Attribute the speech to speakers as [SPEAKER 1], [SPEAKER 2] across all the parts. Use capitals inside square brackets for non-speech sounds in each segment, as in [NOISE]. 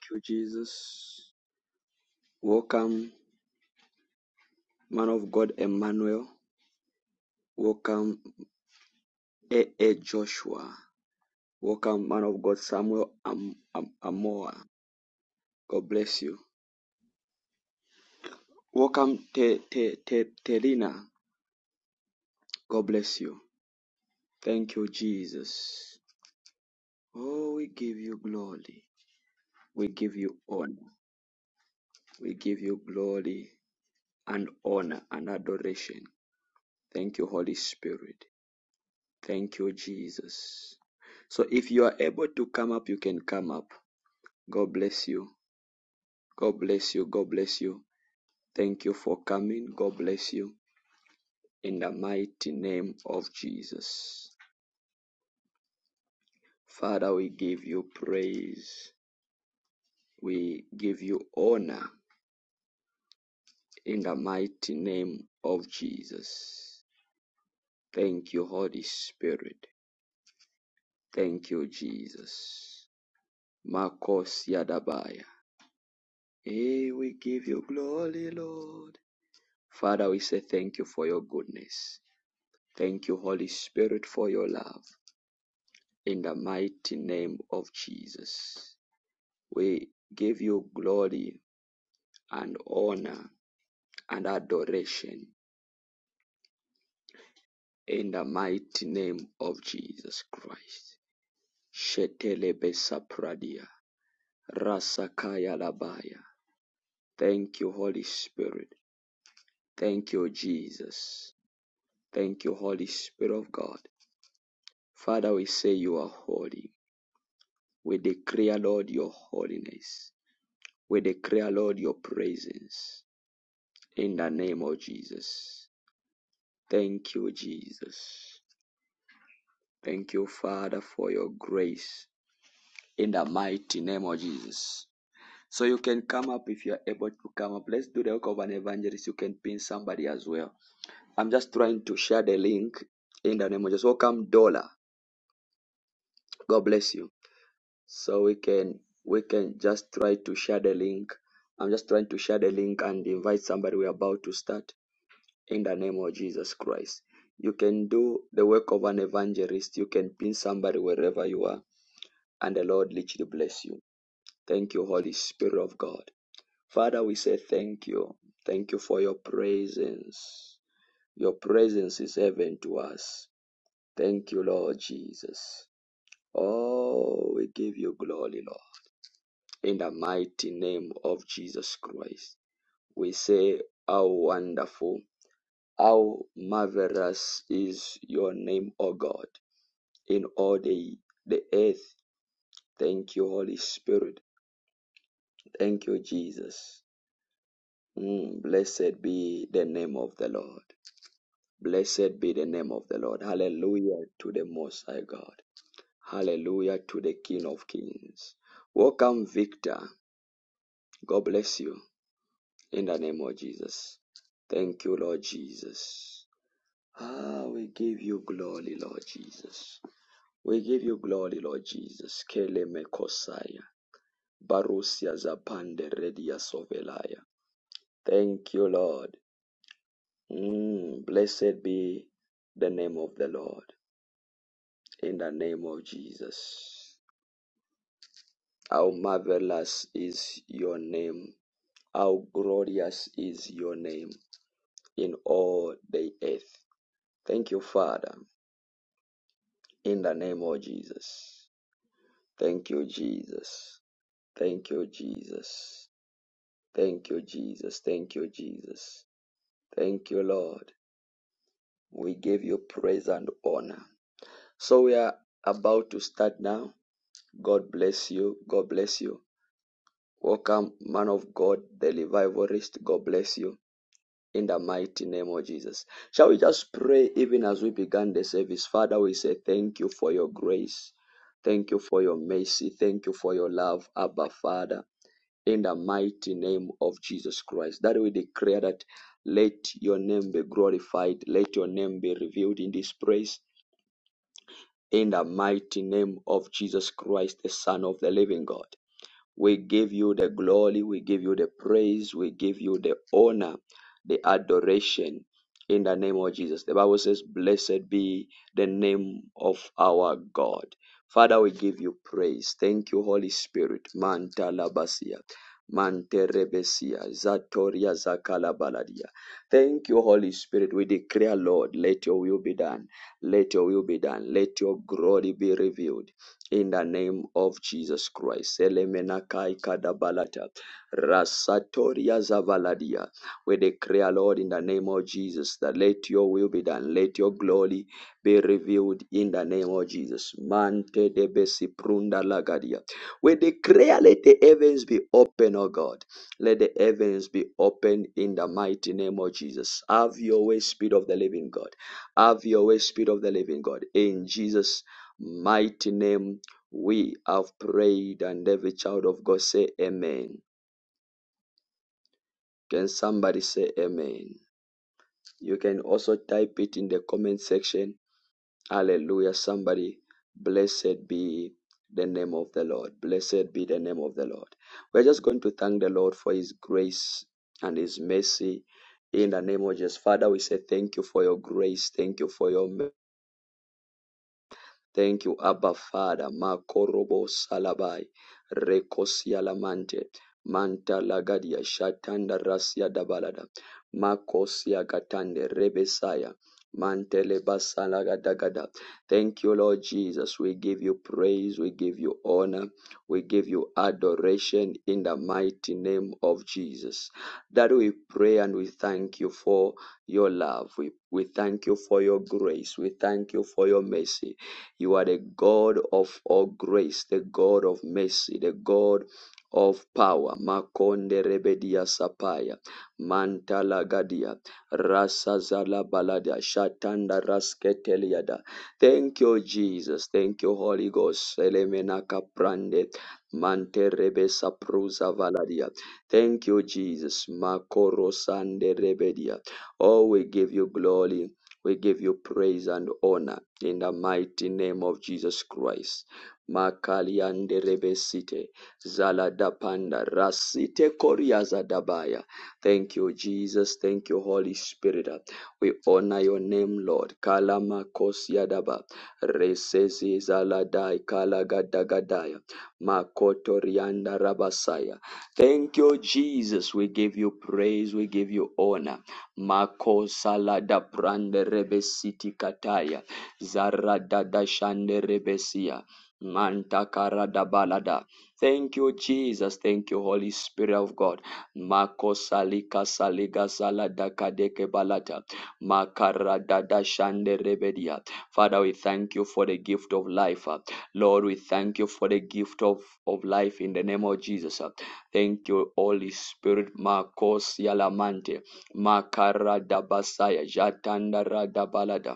[SPEAKER 1] Thank you, Jesus. Welcome, man of God Emmanuel. Welcome, A A Joshua. Welcome, man of God Samuel Am- Am- Amoa. God bless you. Welcome, Te- Te- Te- Terina. God bless you. Thank you, Jesus. Oh, we give you glory. We give you honor. We give you glory and honor and adoration. Thank you, Holy Spirit. Thank you, Jesus. So if you are able to come up, you can come up. God bless you. God bless you. God bless you. Thank you for coming. God bless you. In the mighty name of Jesus. Father, we give you praise. We give you honor in the mighty name of Jesus. Thank you, Holy Spirit. Thank you, Jesus. Marcos Yadabaya. Hey, we give you glory, Lord. Father, we say thank you for your goodness. Thank you, Holy Spirit, for your love. In the mighty name of Jesus, we give you glory and honor and adoration in the mighty name of Jesus Christ. Shetelebe sapradia, rasakaya labaya. Thank you, Holy Spirit. Thank you, Jesus. Thank you, Holy Spirit of God. Father, we say you are holy. We declare, Lord, your holiness. We declare, Lord, your presence in the name of Jesus. Thank you, Jesus. Thank you, Father, for your grace in the mighty name of Jesus. So you can come up if you are able to come up. Let's do the work of an evangelist. You can pin somebody as well. I'm just trying to share the link in the name of Jesus. Welcome, Dollar. God bless you. So we can we can just try to share the link. I'm just trying to share the link and invite somebody. We're about to start in the name of Jesus Christ. You can do the work of an evangelist. You can pin somebody wherever you are, and the Lord literally bless you. Thank you, Holy Spirit of God. Father, we say thank you. Thank you for your presence. Your presence is heaven to us. Thank you, Lord Jesus. Oh, we give you glory, Lord. In the mighty name of Jesus Christ, we say, How wonderful, how marvelous is your name, O God, in all the, the earth. Thank you, Holy Spirit. Thank you, Jesus. Mm, blessed be the name of the Lord. Blessed be the name of the Lord. Hallelujah to the Most High God. Hallelujah to the King of Kings. Welcome, Victor. God bless you. in the name of Jesus. Thank you, Lord Jesus. Ah, we give you glory, Lord Jesus. We give you glory, Lord Jesus. Kele mekosaya. Barusia zapande redia sovelaya. Thank you, Lord. Mm, blessed be the name of the Lord. In the name of Jesus. How marvelous is your name. How glorious is your name in all the earth. Thank you, Father. in the name of Jesus. Thank you, Jesus. Thank you, Jesus. Thank you, Jesus. Thank you, Jesus. Thank you, Lord. We give you praise and honor. So we are about to start now. God bless you. God bless you. Welcome, man of God, the revivalist. God bless you. in the mighty name of Jesus. Shall we just pray even as we began the service? Father, we say thank you for your grace. Thank you for your mercy. Thank you for your love, Abba Father, in the mighty name of Jesus Christ. That we declare that let your name be glorified, let your name be revealed in this praise, in the mighty name of Jesus Christ, the Son of the living God. We give you the glory, we give you the praise, we give you the honor, the adoration in the name of Jesus. The Bible says, Blessed be the name of our God. Father, we give you praise. Thank you, Holy Spirit. Manta labasia. Mante rebesia. Zatoria zakalabaladia. Thank you, Holy Spirit. We declare, Lord, let your will be done. Let your will be done. Let your glory be revealed in the name of Jesus Christ. Elemenakai kadabalata. Rasatoria zavaladia. We declare, Lord, in the name of Jesus, that let your will be done. Let your glory be revealed in the name of Jesus. Mante de besiprunda lagadia. We declare, let the heavens be open, O God. Let the heavens be open in the mighty name of Jesus. Have your way, Spirit of the living God. Have your way, Spirit of the living God. In Jesus' mighty name we have prayed, and every child of God say amen. Can somebody say amen? You can also type it in the comment section. Hallelujah. Somebody, blessed be the name of the Lord. Blessed be the name of the Lord. We're just going to thank the Lord for his grace and his mercy. In the name of Jesus, Father, we say thank you for your grace. Thank you for your mercy. Thank you, Abba Father. Makorobo Salabai. Rekosia Lamante. Manta Lagadia Shatanda Rasia Dabalada. Makosia Gatande Rebesaya. Mantele Basalagadagada. Thank you, Lord Jesus. We give you praise. We give you honor. We give you adoration in the mighty name of Jesus. That we pray and we thank you for your love. We, we thank you for your grace. We thank you for your mercy. You are the God of all grace, the God of mercy, the God of power. Makonde rebedia sapaya, mantala gadia, rasa zala balada, shatanda rasketeliada. Thank you, Jesus. Thank you, Holy Ghost. Elemenaka kaprande, mante rebesa prusa valadia. Thank you, Jesus. Makoro sande rebedia. Oh, we give you glory we give you praise and honor in the mighty name of Jesus Christ. Makaliande rebesite zaladapanda rasite koriazadabaya. Thank you, Jesus. Thank you, Holy Spirit. We honor your name, Lord. Kalama kosiadaba resezi zaladai kalagadagadaya makoto rianda rabasaya. Thank you, Jesus. We give you praise. We give you honor. Mako salada prande rebesiti kataya. Zara dada shande rebesia. Manta karada balada. Thank you, Jesus. Thank you, Holy Spirit of God. Mako salika saliga salada kadeke balata. Makarada da shande rebedia. Father, we thank you for the gift of life. uh. Lord, we thank you for the gift of, of life in the name of Jesus. uh. Thank you, Holy Spirit. Marcos Yalamante. Makara dabasaya jatandara dabalada.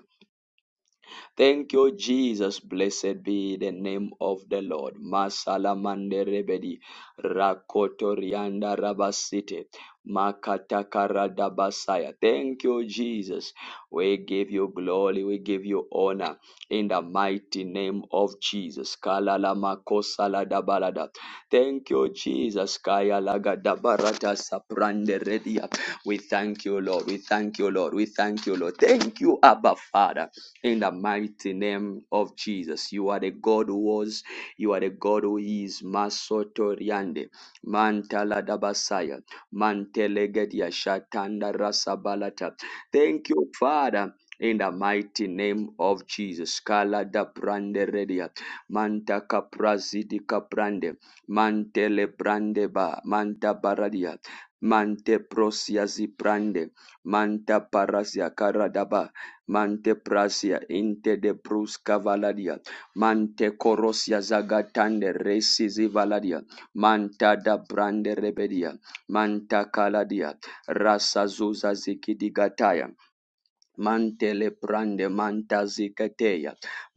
[SPEAKER 1] Thank you, Jesus. Blessed be the name of the Lord. Masalamande rebedi, rakotorianda rabasite, makatakarada basaya. Thank you, Jesus. We give you glory. We give you honor in the mighty name of Jesus. Kalala makosalada dabalada. Thank you, Jesus. Kaya laga lagadabarata saprande redia. We thank you, Lord. We thank you, Lord. We thank you, Lord. Thank you, Abba Father. In the mighty name of Jesus, you are the God who was, you are the God who is. Masotoriande, Mantala Dabasaya, Mantelegedia Shatanda Rasabalata. Thank you, Father. In the mighty name of Jesus, Kala da Prande Redia, Manta Caprazidi Caprande, Mantele Brandeba, Manta Baradia, Mante Prosiazi Prande, Manta Parasia Caradaba, Mante prasia inte de brus valadia. Mante corosia zagatande resisi valadia. Manta da brande rebedia. Manta caladia. Rasa zuza zikidigataya. Mantele prande manta mantesi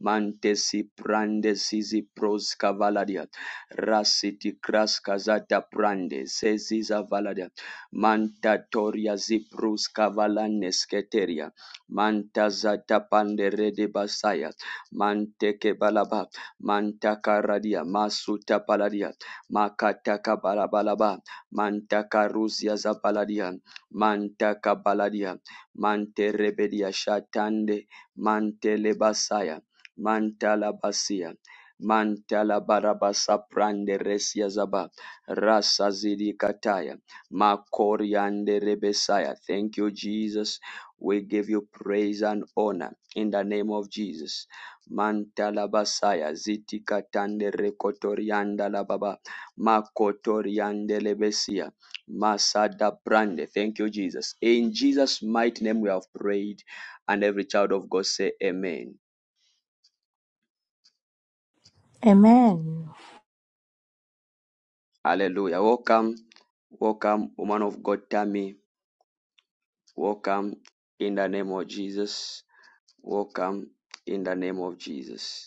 [SPEAKER 1] Mante si prande sisi pros cavaladia. Rasiti cras casata prande sesiza valadia. Manta toria ziprus cavalanes keteria. Manta zata pande rede basaya. Mante balaba. mantakaradia, Masuta paladia. makataka balabalaba, Manta caruzia zapaladia. Manta kabaladia. Manterebedia Shatande Mantelebasaya Mantalabasia Mantalabarabasa Prande Resia Zaba Rasa Zidi Kataya Makoriande Rebesaya. Thank you, Jesus. We give you praise and honor in the name of Jesus. Mantala basaya, Ziti Katande Rekotorianda Lababa Makotoriande Lebesia. Masada Brande. Thank you, Jesus. In Jesus' mighty name we have prayed, and every child of God say amen.
[SPEAKER 2] Amen.
[SPEAKER 1] Hallelujah. Welcome, welcome, woman of God, Tammy. Welcome in the name of Jesus. Welcome in the name of Jesus.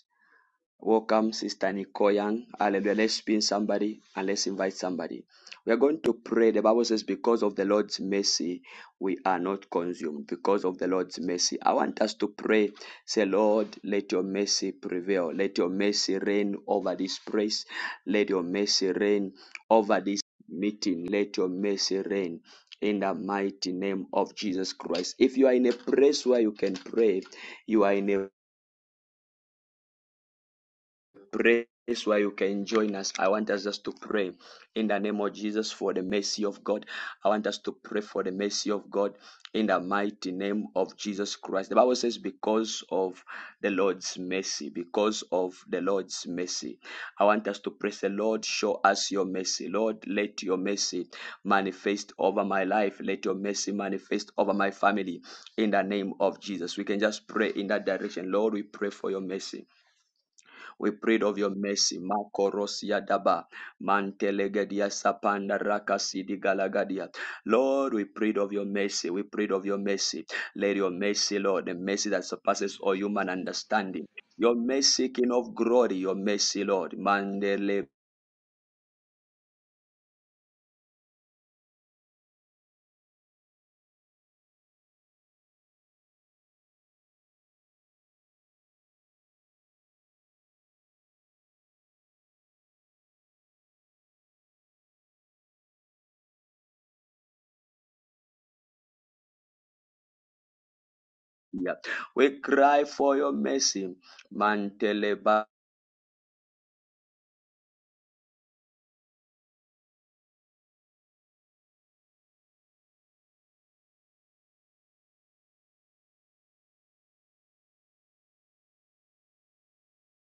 [SPEAKER 1] Welcome, Sister Nikoyan. Hallelujah. Let's pin somebody and let's invite somebody. We are going to pray. The Bible says, Because of the Lord's mercy, we are not consumed. Because of the Lord's mercy. I want us to pray. Say, Lord, let your mercy prevail. Let your mercy reign over this place. Let your mercy reign over this meeting. Let your mercy reign. In the mighty name of Jesus Christ. If you are in a place where you can pray, you are in a place where you can join us. I want us just to pray in the name of Jesus for the mercy of God. I want us to pray for the mercy of God in the mighty name of Jesus Christ. The Bible says, because of the Lord's mercy, because of the Lord's mercy. I want us to praise the Lord, show us your mercy. Lord, let your mercy manifest over my life. Let your mercy manifest over my family in the name of Jesus. We can just pray in that direction. Lord, we pray for your mercy. We prayed of your mercy. Makorosia daba. Mantelegedia sapanda rakasidi galagadia. Lord, we prayed of your mercy. We prayed of your mercy. Let your mercy, Lord, the mercy that surpasses all human understanding. Your mercy, King of glory, your mercy, Lord. Mandele. We cry for your mercy. Mantele ba.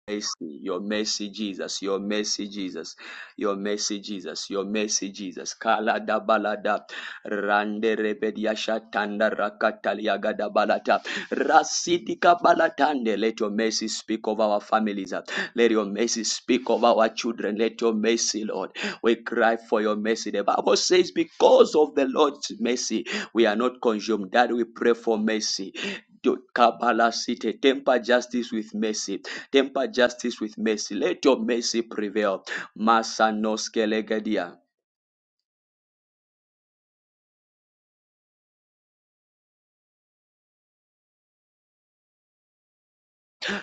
[SPEAKER 1] mercy, your mercy, Jesus, your mercy, Jesus, your mercy, Jesus, your mercy, Jesus. Kala da balada, rande rebedia shatanda rakatalia gada balata, rasitika balatande. Let your mercy speak of our families. uh. Let your mercy speak of our children. Let your mercy, Lord. We cry for your mercy. The Bible says, because of the Lord's mercy, we are not consumed. That we pray for mercy. Do- Kabala City, temper justice with mercy Temper justice with mercy. Let your mercy prevail. Masanoskelegadia.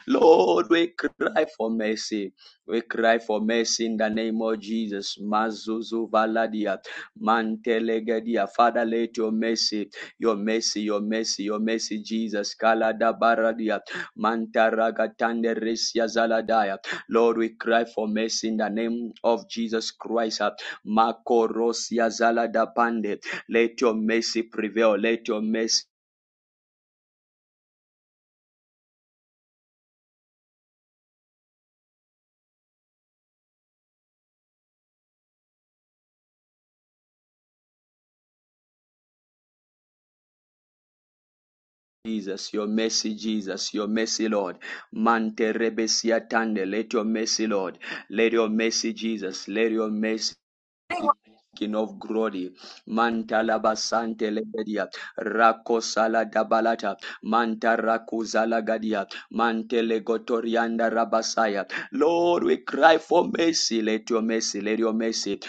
[SPEAKER 1] Lord, we cry for mercy. We cry for mercy in the name of Jesus. Mazuzu valadia, mantelegedia. Father, let your mercy, your mercy, your mercy, your mercy, Jesus. Kalada baradia, mantaragatande resia zaladaya. Lord, we cry for mercy in the name of Jesus Christ. Makorosia zalada pande. Let your mercy prevail. Let your mercy Jesus, your mercy, Jesus, your mercy, Lord. Mante rebesia tande, let your mercy, Lord. Let your mercy, Jesus, let your mercy. King of glory, Mantala Basante Lebedia, Rakosala Dabalata, Manta Rakuzala Gadia, Mantele Gotorianda Rabasaya. Lord, we cry for mercy, let your mercy, let your mercy.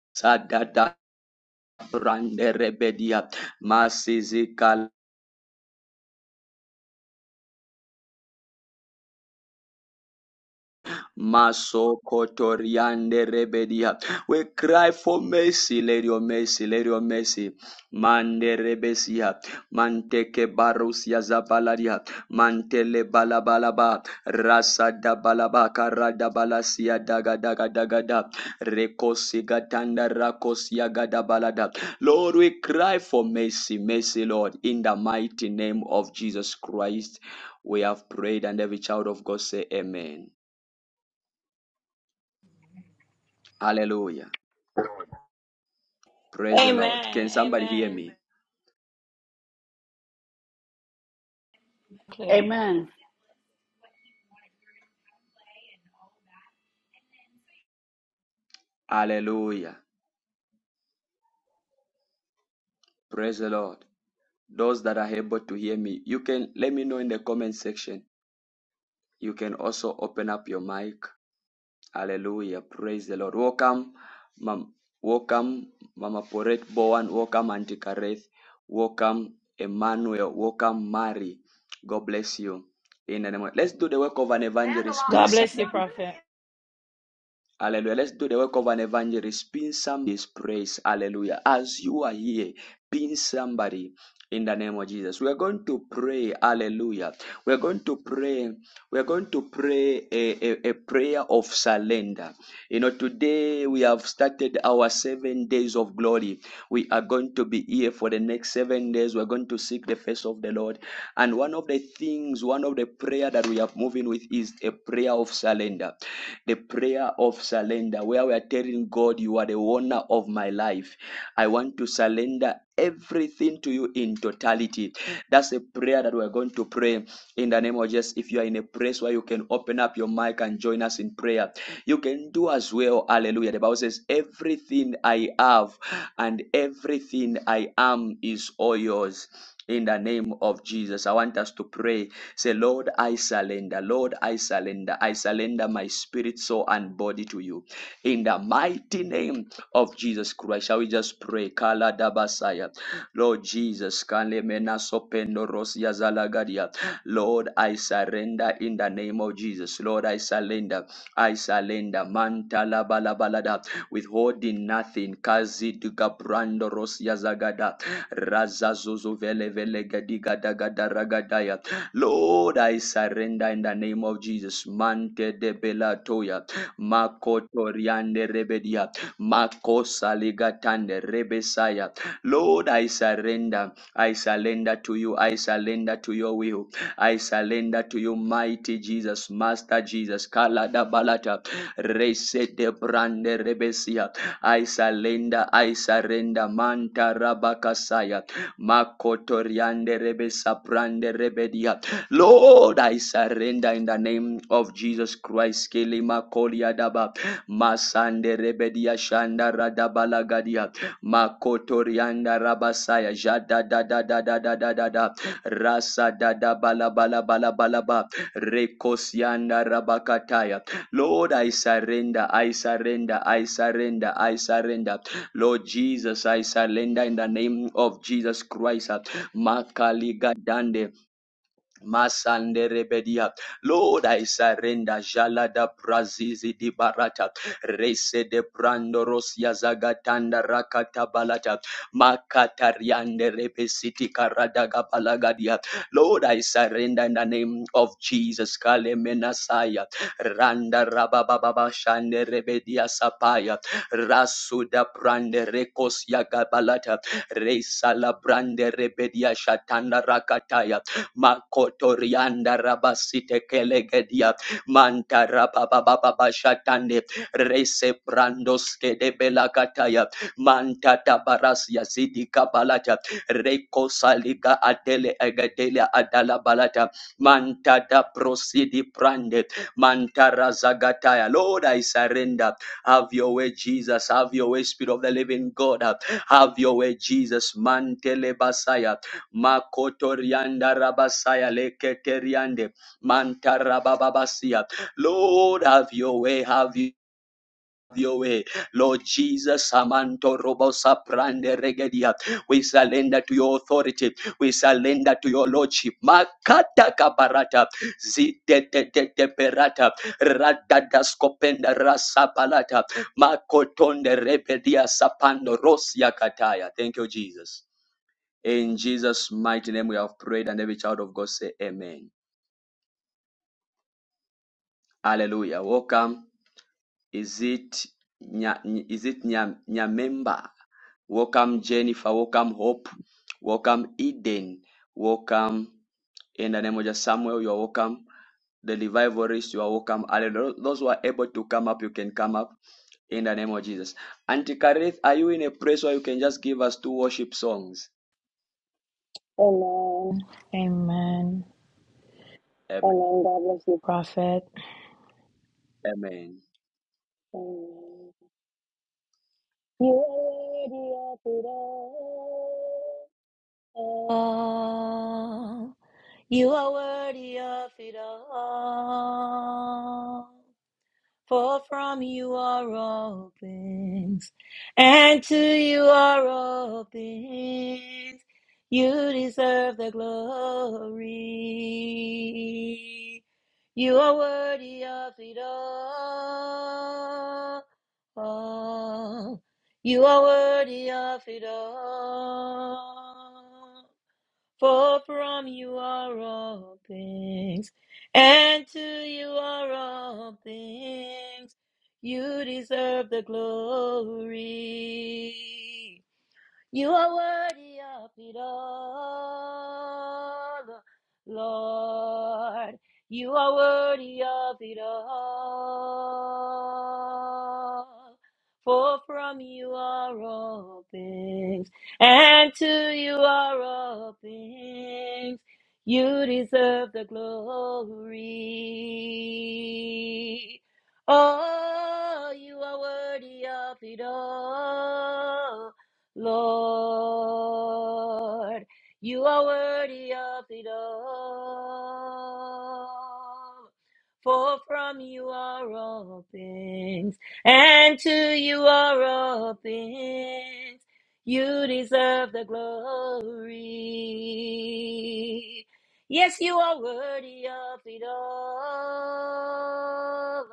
[SPEAKER 1] Masadada Brande Rebedia, Masizika Maso kotoriande rebedia. We cry for mercy, let your mercy, let your mercy. Mande rebesia, manteke barusia zavalaria, mantele balabalaba, rasa da balaba, karada balasia daga daga daga da, rekosi gatanda rakosia gada balada. Lord, we cry for mercy, mercy, Lord, in the mighty name of Jesus Christ. We have prayed, and every child of God say, Amen. Hallelujah. Praise the Lord.
[SPEAKER 3] Amen.
[SPEAKER 1] Can somebody hear
[SPEAKER 3] Amen.
[SPEAKER 1] me?
[SPEAKER 3] Clear.
[SPEAKER 4] Amen.
[SPEAKER 1] Hallelujah. Praise the Lord. Those that are able to hear me, you can let me know in the comment section. You can also open up your mic. Hallelujah. Praise the Lord. Welcome, Mam. Welcome, Mama Poret Bowen. Welcome, Auntie Kareth. Welcome, Emmanuel. Welcome, Mary. God bless you. In the name of- Let's do the work of an evangelist. Pin
[SPEAKER 3] God bless you,
[SPEAKER 1] somebody.
[SPEAKER 3] Prophet.
[SPEAKER 1] Hallelujah. Let's do the work of an evangelist. Pin somebody's praise. Hallelujah. As you are here, pin somebody in the name of Jesus. We are going to pray. Hallelujah. We are going to pray. We are going to pray a, a, a prayer of surrender. You know, today we have started our seven days of glory. We are going to be here for the next seven days. We're going to seek the face of the Lord. And one of the things, one of the prayer that we are moving with is a prayer of surrender. The prayer of surrender, where we are telling God, You are the owner of my life. I want to surrender everything to you in totality. That's a prayer that we're going to pray in the name of Jesus. If you are in a place where you can open up your mic and join us in prayer, you can do as well. Hallelujah. The Bible says, Everything I have and everything I am is all yours in the name of Jesus. I want us to pray. Say, Lord, I surrender. Lord, I surrender. I surrender my spirit, soul, and body to you. In the mighty name of Jesus Christ. Shall we just pray? Kala dabasaya. Lord Jesus, kale mena sopendo rosia zalagadia. Lord, I surrender in the name of Jesus. Lord, I surrender. I surrender. Manta la bala balada. Withholding nothing. Kazi duga brando rosia zagada. Razazuzu vele vele gadiga daga daragadaya. Lord, I surrender in the name of Jesus. Mante de belatoya. Makotoriande rebedia. Makosaligatande rebesaya. Lord, I surrender. I surrender to you. I surrender to your will. I surrender to you, mighty Jesus, Master Jesus. Kalada balata. Resete brande rebesia. I surrender, I surrender. Manta rabakasaya. Makotoriande rebe saprande rebedia. Lord, I surrender in the name of Jesus Christ. Kele makolia daba. Masande rebedia shanda radabalagadia. Makotorianda rabasaya. Jada da da da da da da da da. Rasa da da bala bala bala bala ba. Rekosianda rabakataya. Lord, I surrender, I surrender, I surrender, I surrender. Lord Jesus, I surrender in the name of Jesus Christ. Makaligadande. Masande rebedia. Lord, I surrender. Jalada prazizi di barata. Rese de brando rosia zagatanda rakata balata. Makata riande repesiti karadaga palagadia. Lord, I surrender in the name of Jesus. Kale menasaya. Randa rabababa shande rebedia sapaya. Rasuda brande rekosia gabalata. Resa la brande rebedia shatanda rakataya makotorianda rabasite kelegedia manta babababa shatande rese brandoske de belakataya mantata barasia zidi kabalata reko saliga adele egadele adala balata manta da prosidi prande mantara zagataya lord i surrender have your way jesus have your way spirit of the living god have your way jesus mantele basaya Makotorianda Rabasaya Leketeriande Mantarabababasia. Lord, have your way, have you. Your way, Lord Jesus, Samanto Robosa Prande Regedia. We surrender to your authority. We surrender to your lordship. Makata kaparata, zite te te te perata, radada skopenda rasa palata, makotonde rebedia sapando rosia kataya. Thank you, Jesus. In Jesus' mighty name we have prayed, and every child of God say amen. Hallelujah. Welcome. Is it Nya, is it Nya, Nyamemba? Welcome, Jennifer. Welcome, Hope. Welcome, Eden. Welcome, in the name of Jesus, Samuel. You are welcome. The revivalists, you are welcome. Hallelujah. Those who are able to come up, you can come up in the name of Jesus. Auntie Kareth, are you in a place where you can just give us two worship songs?
[SPEAKER 3] Amen.
[SPEAKER 1] Amen.
[SPEAKER 3] Amen. God bless you, Prophet.
[SPEAKER 1] Amen.
[SPEAKER 3] Amen. You are worthy of it all. You are worthy of it all. For from you are all things, and to you are all things. You deserve the glory. You are worthy of it all. all. You are worthy of it all. For from you are all things, and to you are all things. You deserve the glory. You are worthy of it all, Lord. You are worthy of it all. For from you are all things, and to you are all things. You deserve the glory. Oh, you are worthy of it all. Lord. You are worthy of it all. For from you are all things, and to you are all things. You deserve the glory. Yes, you are worthy of it all,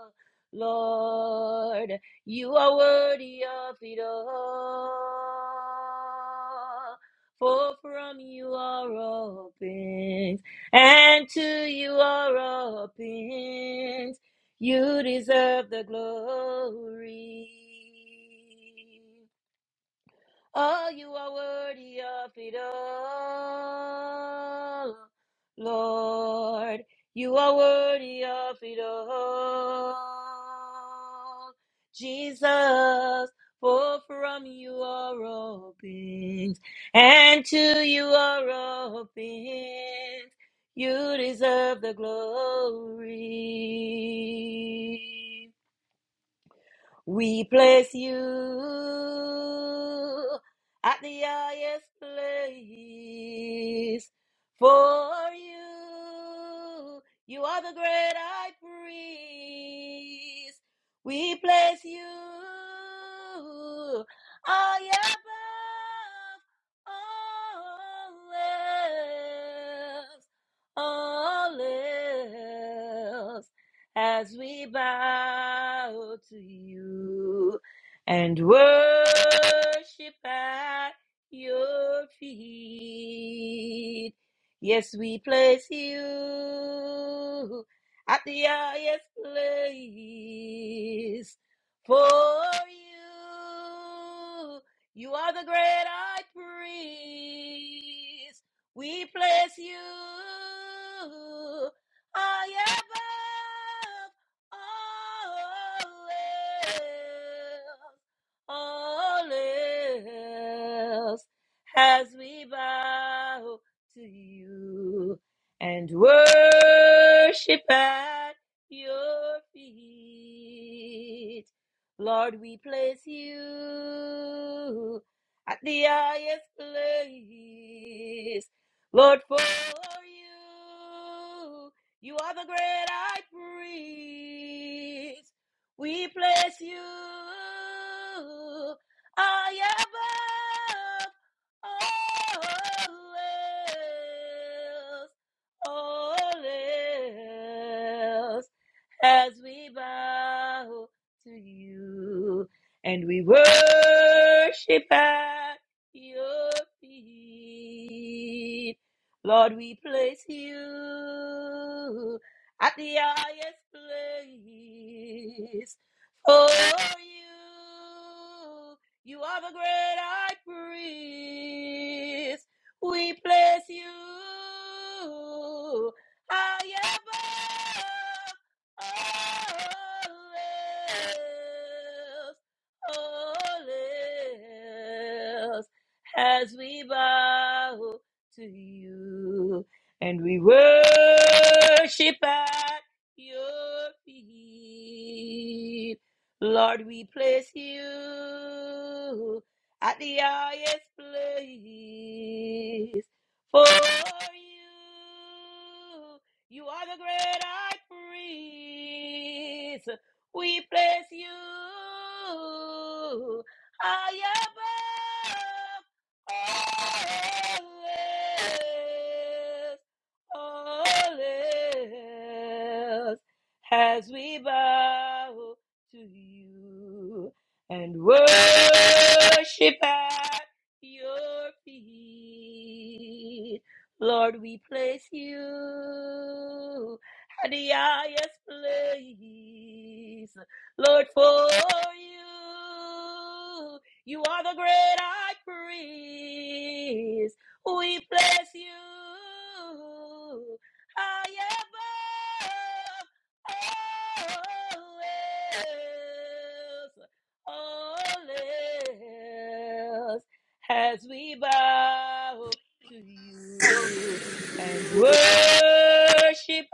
[SPEAKER 3] Lord. You are worthy of it all. For from you are all things, and to you are all things. You deserve the glory. Oh, you are worthy of it all. Lord, you are worthy of it all. Jesus, for from you are all things, and to you are all things. You deserve the glory. We place you at the highest place for you. You are the great high priest. We place you high above all else, all else as we bow to you and worship at your feet. Yes, we place you at the highest place for you. You are the great high priest. We place you I above all else all else as we bow to you and worship at your feet. Lord, we place you at the highest place. Lord, for you, you are the great high priest. We place you high above all else, all else, as we bow to you and we worship at your feet. Lord, we place you at the highest place for you. You are the great high priest. We place you high above all else, all else, as we bow to you and we worship at your feet. Lord, we place you at the highest place. For you, you are the great high priest. We place you high above all else all else as we bow to you and worship at your feet. Lord, we place you at the highest place. Lord, for you, you are the great high priest. We bless you high above all else, all else, as we bow to you and worship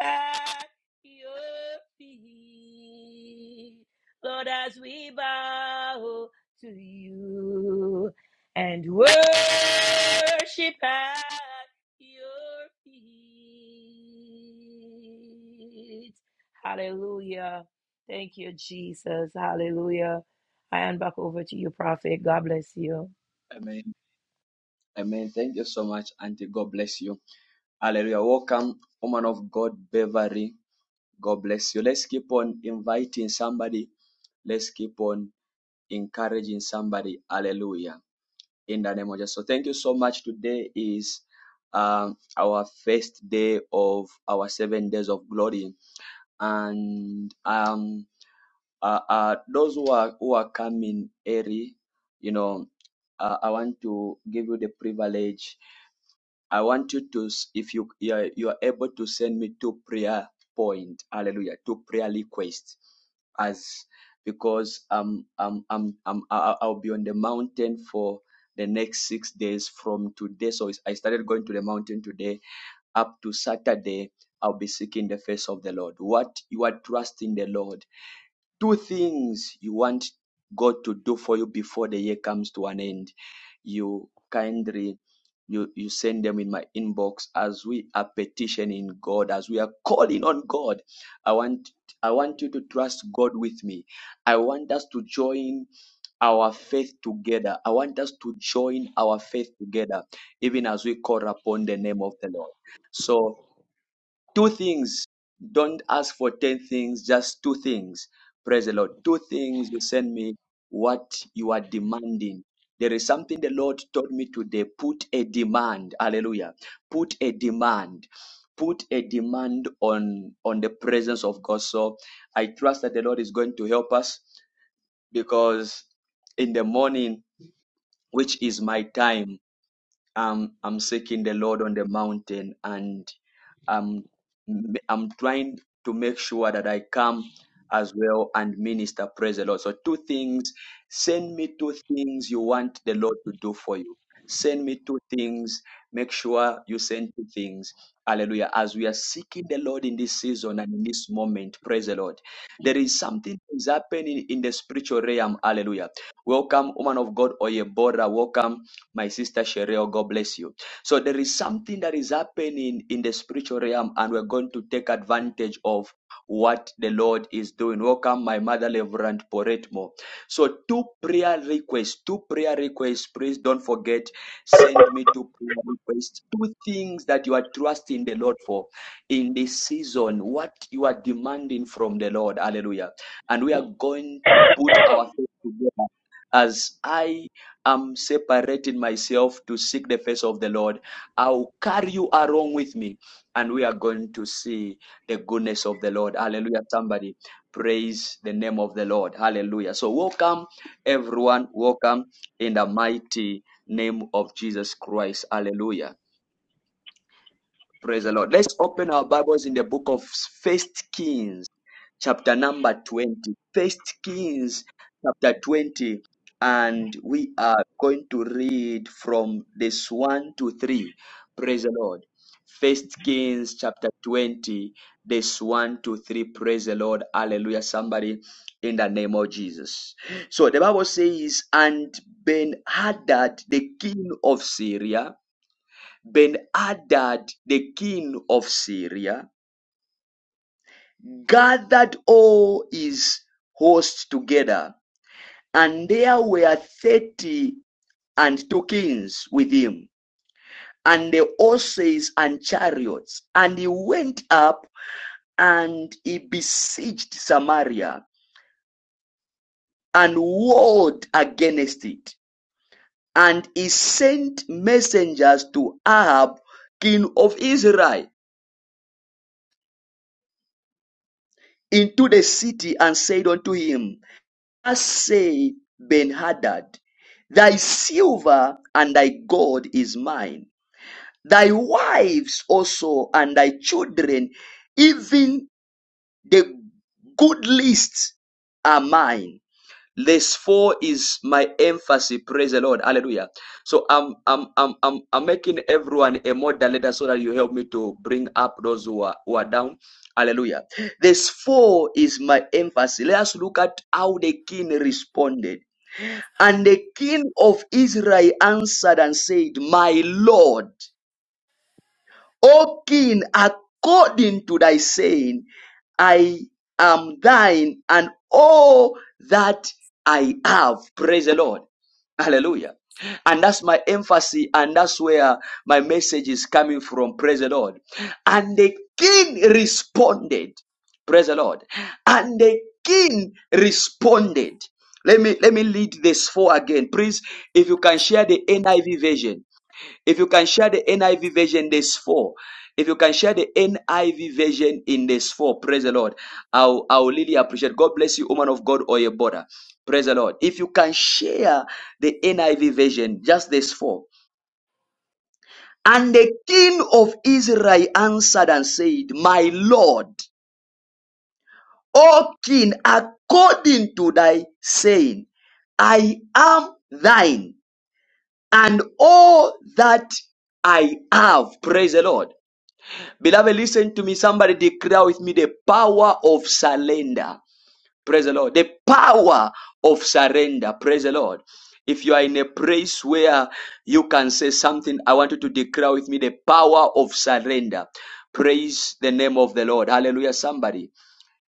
[SPEAKER 3] at your feet. Lord, as we bow to you and worship at your feet. Hallelujah. Thank you, Jesus. Hallelujah. I hand back over to you, Prophet. God bless you.
[SPEAKER 1] Amen. Amen. Thank you so much, Auntie. God bless you. Hallelujah. Welcome, woman of God, Beverly. God bless you. Let's keep on inviting somebody. Let's keep on encouraging somebody. Hallelujah. In the name of Jesus. So thank you so much. Today is um, our first day of our seven days of glory. And um, uh, uh, those who are, who are coming early, you know, uh, I want to give you the privilege I want you to, s- if you you are, you are able to send me two prayer point, hallelujah, two prayer requests, as because um um I'm I'm I- I'll be on the mountain for the next six days from today. So it's- I started going to the mountain today up to Saturday. I'll be seeking the face of the Lord. What you are trusting the Lord two things you want God to do for you before the year comes to an end. You kindly you, you send them in my inbox as we are petitioning God, as we are calling on God. I want I want you to trust God with me. I want us to join our faith together. I want us to join our faith together, even as we call upon the name of the Lord. So Two things. Don't ask for 10 things, just two things. Praise the Lord. Two things you send me what you are demanding. There is something the Lord told me today. Put a demand. Hallelujah. Put a demand. Put a demand on, on the presence of God. So I trust that the Lord is going to help us because in the morning, which is my time um, I'm seeking the Lord on the mountain and I'm, I'm trying to make sure that I come as well and minister. Praise the Lord. So, two things send me two things you want the Lord to do for you. Send me two things. Make sure you send two things. Hallelujah. As we are seeking the Lord in this season and in this moment, praise the Lord. There is something that is happening in the spiritual realm. Hallelujah. Welcome, woman of God, Oyebora. Welcome my sister Cheryl. God bless you. So there is something that is happening in the spiritual realm, and we're going to take advantage of what the Lord is doing. Welcome, my mother, Reverend Poretmo. So two prayer requests, two prayer requests. Please don't forget, send me two prayer requests. Two things that you are trusting the Lord for in this season, what you are demanding from the Lord. Hallelujah. And we are going to put our faith together as I I'm separating myself to seek the face of the Lord. I'll carry you along with me, and we are going to see the goodness of the Lord. Hallelujah. Somebody praise the name of the Lord. Hallelujah. So, welcome, everyone. Welcome in the mighty name of Jesus Christ. Hallelujah. Praise the Lord. Let's open our Bibles in the book of First Kings chapter number 20 first kings chapter 20 and we are going to read from this 1 to 3 praise the lord first kings chapter 20 this 1 to 3 praise the lord hallelujah somebody in the name of jesus so the bible says and ben hadad the king of syria ben hadad the king of syria gathered all his host together, and there were thirty and two kings with him, and the horses and chariots. And he went up and he besieged Samaria and warred against it. And he sent messengers to Ahab, king of Israel, into the city and said unto him, Thus said Ben-Hadad, Thy silver and thy gold is mine, thy wives also and thy children, even the good lists are mine. Verse 4 is my emphasis. Praise the Lord. Hallelujah. So I'm I'm I'm I'm, I'm making everyone a moderator so that you help me to bring up those who are who are down. Hallelujah. Verse 4 is my emphasis. Let us look at how the king responded. And the king of Israel answered and said, My Lord. O King, according to thy saying, I am thine and all that I have. Praise the Lord. Hallelujah. And that's my emphasis, and that's where my message is coming from. Praise the Lord. And the king responded. Praise the Lord. And the king responded. Let me let me lead this for again. Please, if you can share the NIV version. If you can share the NIV version, there's four. If you can share the NIV version in this four, praise the Lord. I'll, I'll really appreciate. God bless you, woman of God or your border. Praise the Lord. If you can share the NIV version, just this four. And the king of Israel answered and said, My Lord, O king, according to thy saying, I am thine, and all that I have. Praise the Lord. Beloved, listen to me. Somebody declare with me the power of surrender. Praise the Lord. The power of surrender. Praise the Lord. If you are in a place where you can say something, I want you to declare with me the power of surrender. Praise the name of the Lord. Hallelujah. Somebody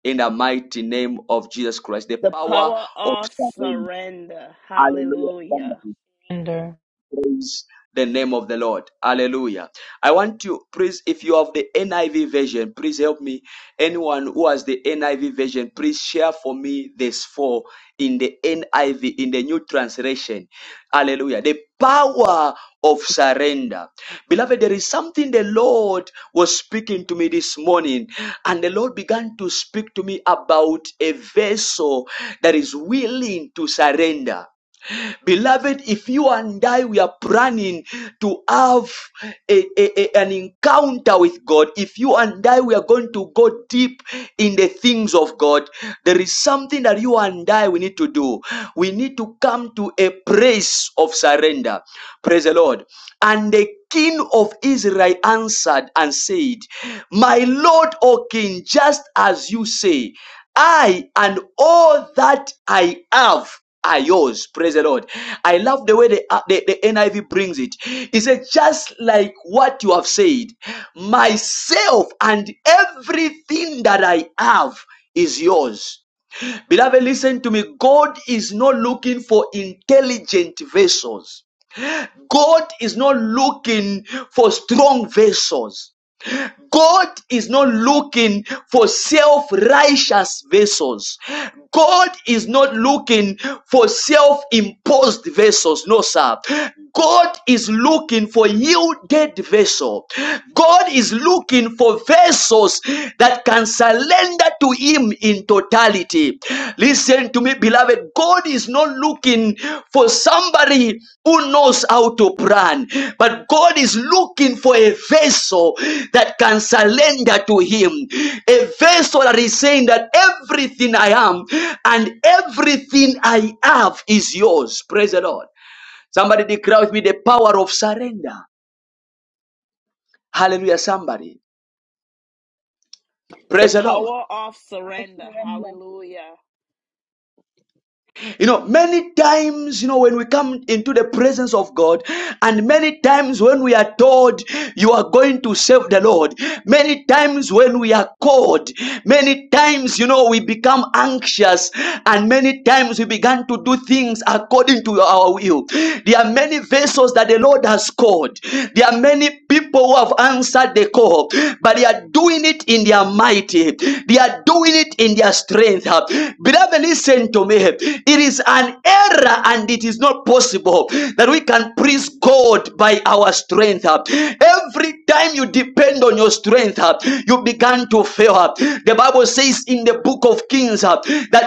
[SPEAKER 1] in the mighty name of Jesus Christ. The
[SPEAKER 5] The
[SPEAKER 1] power
[SPEAKER 5] power
[SPEAKER 1] of
[SPEAKER 5] of
[SPEAKER 1] surrender.
[SPEAKER 5] surrender.
[SPEAKER 1] Hallelujah.
[SPEAKER 5] Hallelujah.
[SPEAKER 1] Somebody.
[SPEAKER 3] Surrender.
[SPEAKER 1] Praise the name of the Lord. Hallelujah. I want to please, if you have the NIV version, please help me. Anyone who has the NIV version, please share for me this four in the NIV, in the new translation. Hallelujah. The power of surrender. Beloved, there is something the Lord was speaking to me this morning, and the Lord began to speak to me about a vessel that is willing to surrender. Beloved, if you and I we are planning to have a, a- a- an encounter with God, if you and I we are going to go deep in the things of God, there is something that you and I we need to do. We need to come to a place of surrender. Praise the Lord. And the king of Israel answered and said, My Lord, O king, just as you say, I and all that I have are yours. Praise the Lord. I love the way the, uh, the, the NIV brings it. It says, just like what you have said, myself and everything that I have is yours. Beloved, listen to me. God is not looking for intelligent vessels. God is not looking for strong vessels. God is not looking for self righteous vessels. God is not looking for self imposed vessels. No, sir. God is looking for yielded vessel. God is looking for vessels that can surrender to Him in totality Listen to me, beloved. God is not looking for somebody who knows how to plan, but God is looking for a vessel that can surrender to Him. A vessel that is saying that everything I am and everything I have is yours. Praise the Lord. Somebody declare with me the power of surrender. Hallelujah, somebody.
[SPEAKER 5] The
[SPEAKER 1] Praise the Lord.
[SPEAKER 5] power of surrender.
[SPEAKER 6] surrender.
[SPEAKER 5] Hallelujah.
[SPEAKER 1] You know, many times, you know, when we come into the presence of God, and many times when we are told you are going to serve the Lord, many times when we are called, many times, you know, we become anxious, and many times we began to do things according to our will. There are many vessels that the Lord has called, there are many people who have answered the call, but they are doing it in their in their might. They are doing it in their strength. Beloved, listen to me. It is an error and it is not possible that we can praise God by our strength. Every time you depend on your strength, you began to fail. The Bible says in the book of Kings that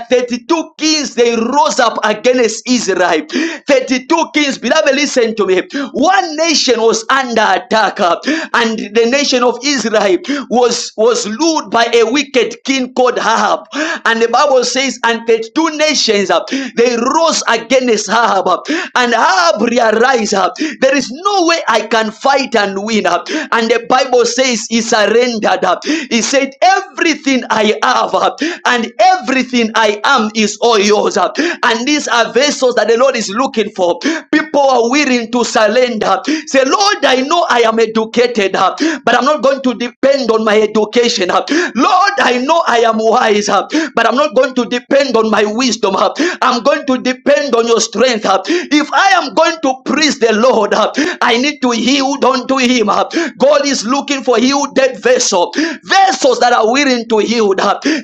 [SPEAKER 1] 32 kings they rose up against Israel. 32 kings, beloved, listen to me one nation was under attack, uh, and the nation of Israel was, was ruled by a wicked king called Ahab. And the Bible says, and the two nations uh, they rose against Ahab, uh, and Ahab realized uh, there is no way I can fight and win. uh, And the Bible says he surrendered. uh, He said, Everything I have uh, and everything I am is all yours. uh, And these are vessels that the Lord is looking for People people are willing to surrender. Say, Lord, I know I am educated, uh, but I'm not going to depend on my education. uh. Lord, I know I am wise, uh, but I'm not going to depend on my wisdom. uh. I'm going to depend on your strength. uh. If I am going to praise the Lord, uh, I need to yield unto Him. uh. God is looking for yielded vessels, vessels that are willing to yield.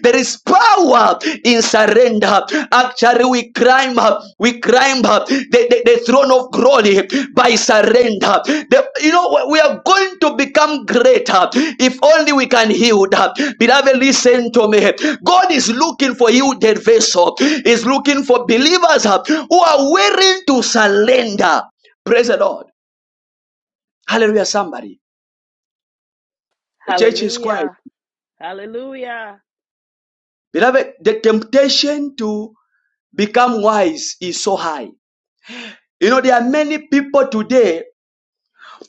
[SPEAKER 1] There is power in surrender. Actually, we climb up, we climb up the, the, the throne of glory by surrender. The- you know, we are going to become greater if only we can yield. Beloved, listen to me. God is looking for yielded vessel, is looking for believers who are willing to surrender. Praise the Lord. Hallelujah, somebody. The church is quiet.
[SPEAKER 5] Hallelujah. Hallelujah.
[SPEAKER 1] Beloved, the temptation to become wise is so high. You know, there are many people today,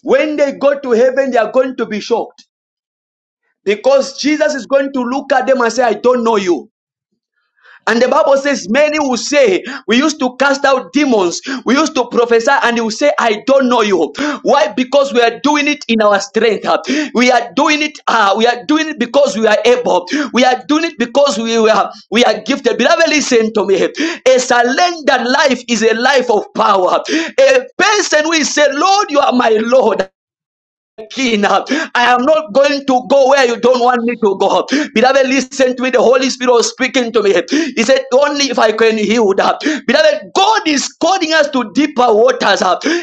[SPEAKER 1] when they go to heaven, they are going to be shocked because Jesus is going to look at them and say, I don't know you. And the Bible says, Many will say, We used to cast out demons, we used to prophesy, and you say, I don't know you. Why? Because we are doing it in our strength. We are doing it, uh, we are doing it because we are able. We are doing it because we are we are gifted. Beloved, listen to me. A surrendered life is a life of power. A person will say, Lord, you are my Lord. King. I am not going to go where you don't want me to go. Beloved, listen to me. The Holy Spirit was speaking to me. He said, Only if I can heal that. Beloved, God is calling us to deeper waters.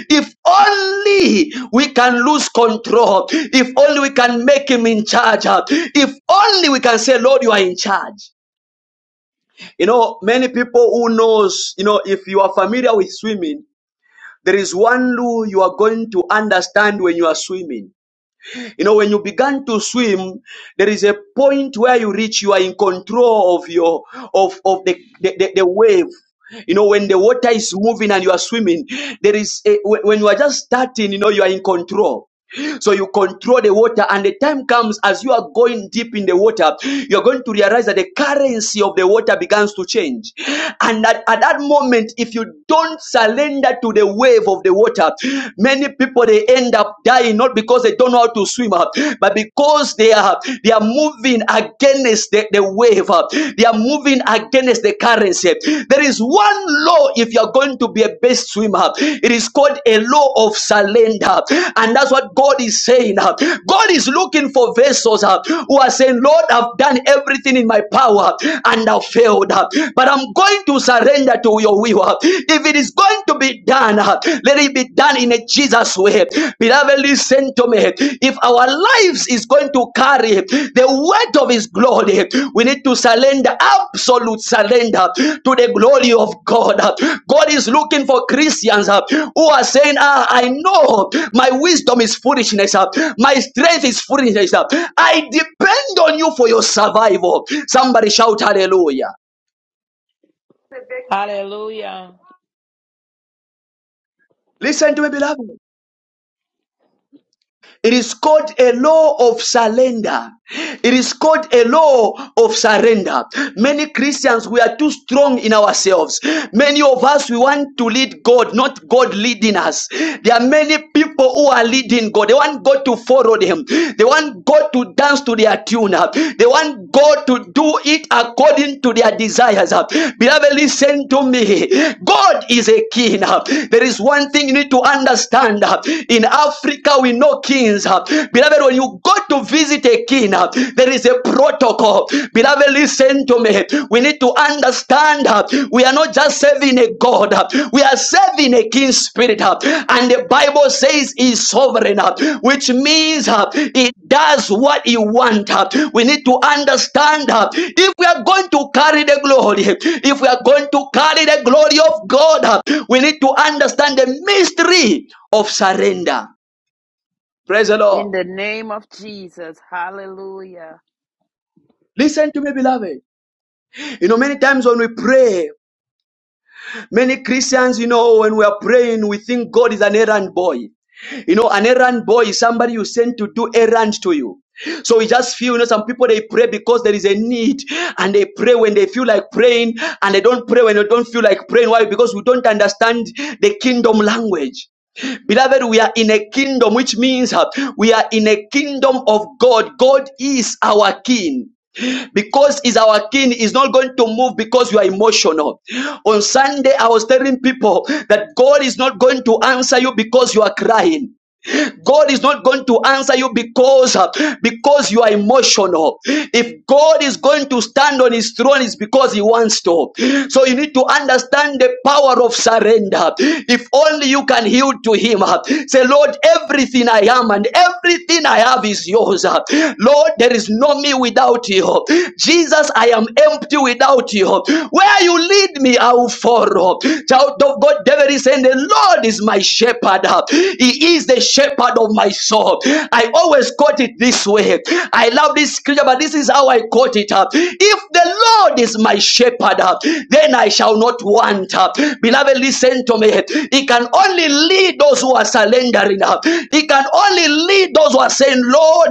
[SPEAKER 1] If only we can lose control. If only we can make Him in charge. If only we can say, Lord, you are in charge. You know, many people who knows, you know, if you are familiar with swimming, there is one rule you are going to understand when you are swimming. You know, when you began to swim, there is a point where you reach, you are in control of your, of, of the, the, the, the wave. You know, when the water is moving and you are swimming, there is a, when when you are just starting, you know, you are in control. So you control the water, and the time comes as you are going deep in the water, you're going to realize that the currency of the water begins to change. And at, at that moment, if you don't surrender to the wave of the water, many people they end up dying not because they don't know how to swim, uh, but because they are they are they are moving against the, the wave. uh, They are moving against the currency. There is one law if you are going to be a best swimmer. It is called a law of surrender. And that's what God is saying. uh, God is looking for vessels uh, who are saying, Lord, I've done everything in my power and I've failed. uh, But I'm going to surrender to your will. uh. If it is going to be done, uh, let it be done done in a Jesus way. Beloved, listen to me. If our lives is going to carry the weight of His glory, we need to surrender, absolute surrender to the glory of God. God is looking for Christians uh, who are saying, ah, I know my wisdom is foolishness, uh, my strength is foolishness. uh, I depend on you for your survival. Somebody shout hallelujah.
[SPEAKER 3] Hallelujah.
[SPEAKER 1] Listen to me, beloved. It is called a law of surrender. It is called a law of surrender. Many Christians, we are too strong in ourselves. Many of us, we want to lead God, not God leading us. There are many people who are leading God. They want God to follow them. They want God to dance to their tune. They want God to do it according to their desires. Beloved, listen to me. God is a king. There is one thing you need to understand. In Africa, we how we know kings. uh, Beloved, when you go to visit a king, uh, there is a protocol. Beloved, listen to me. We need to understand uh, we are not just serving a God, uh, we are serving a king spirit. uh, And the Bible says he is sovereign, uh, which means uh, he does what he wants. We need to understand uh, if we are going to carry the glory, if we are going to carry the glory of God, uh, we need to understand the mystery of surrender. Praise the Lord.
[SPEAKER 5] In the name of Jesus. Hallelujah.
[SPEAKER 1] Listen to me, beloved. You know, many times when we pray, many Christians, you know, when we are praying, we think God is an errand boy. You know, an errand boy is somebody you send to do errands to you. So we just feel, you know, some people they pray because there is a need and they pray when they feel like praying and they don't pray when they don't feel like praying. Why? Because we don't understand the kingdom language. Beloved, we are in a kingdom, which means uh, we are in a kingdom of God. God is our king. Because he's our king, is not going to move because you are emotional. On Sunday, I was telling people that God is not going to answer you because you are crying. God is not going to answer you because uh, because you are emotional. If God is going to stand on his throne, it's because he wants to. So you need to understand the power of surrender. If only you can yield to him. uh, Say, Lord, everything I am and everything I have is yours. uh. Lord, there is no me without you. Jesus, I am empty without you. Where you lead me, me, I will follow. Child of God, David is saying, The Lord is my shepherd. He is the shepherd of my soul. I always quote it this way. I love this scripture, but this is how I quote it. If the Lord is my shepherd, then I shall not want. Beloved, listen to me. He can only lead those who are surrendering. He can only lead those who are saying, Lord,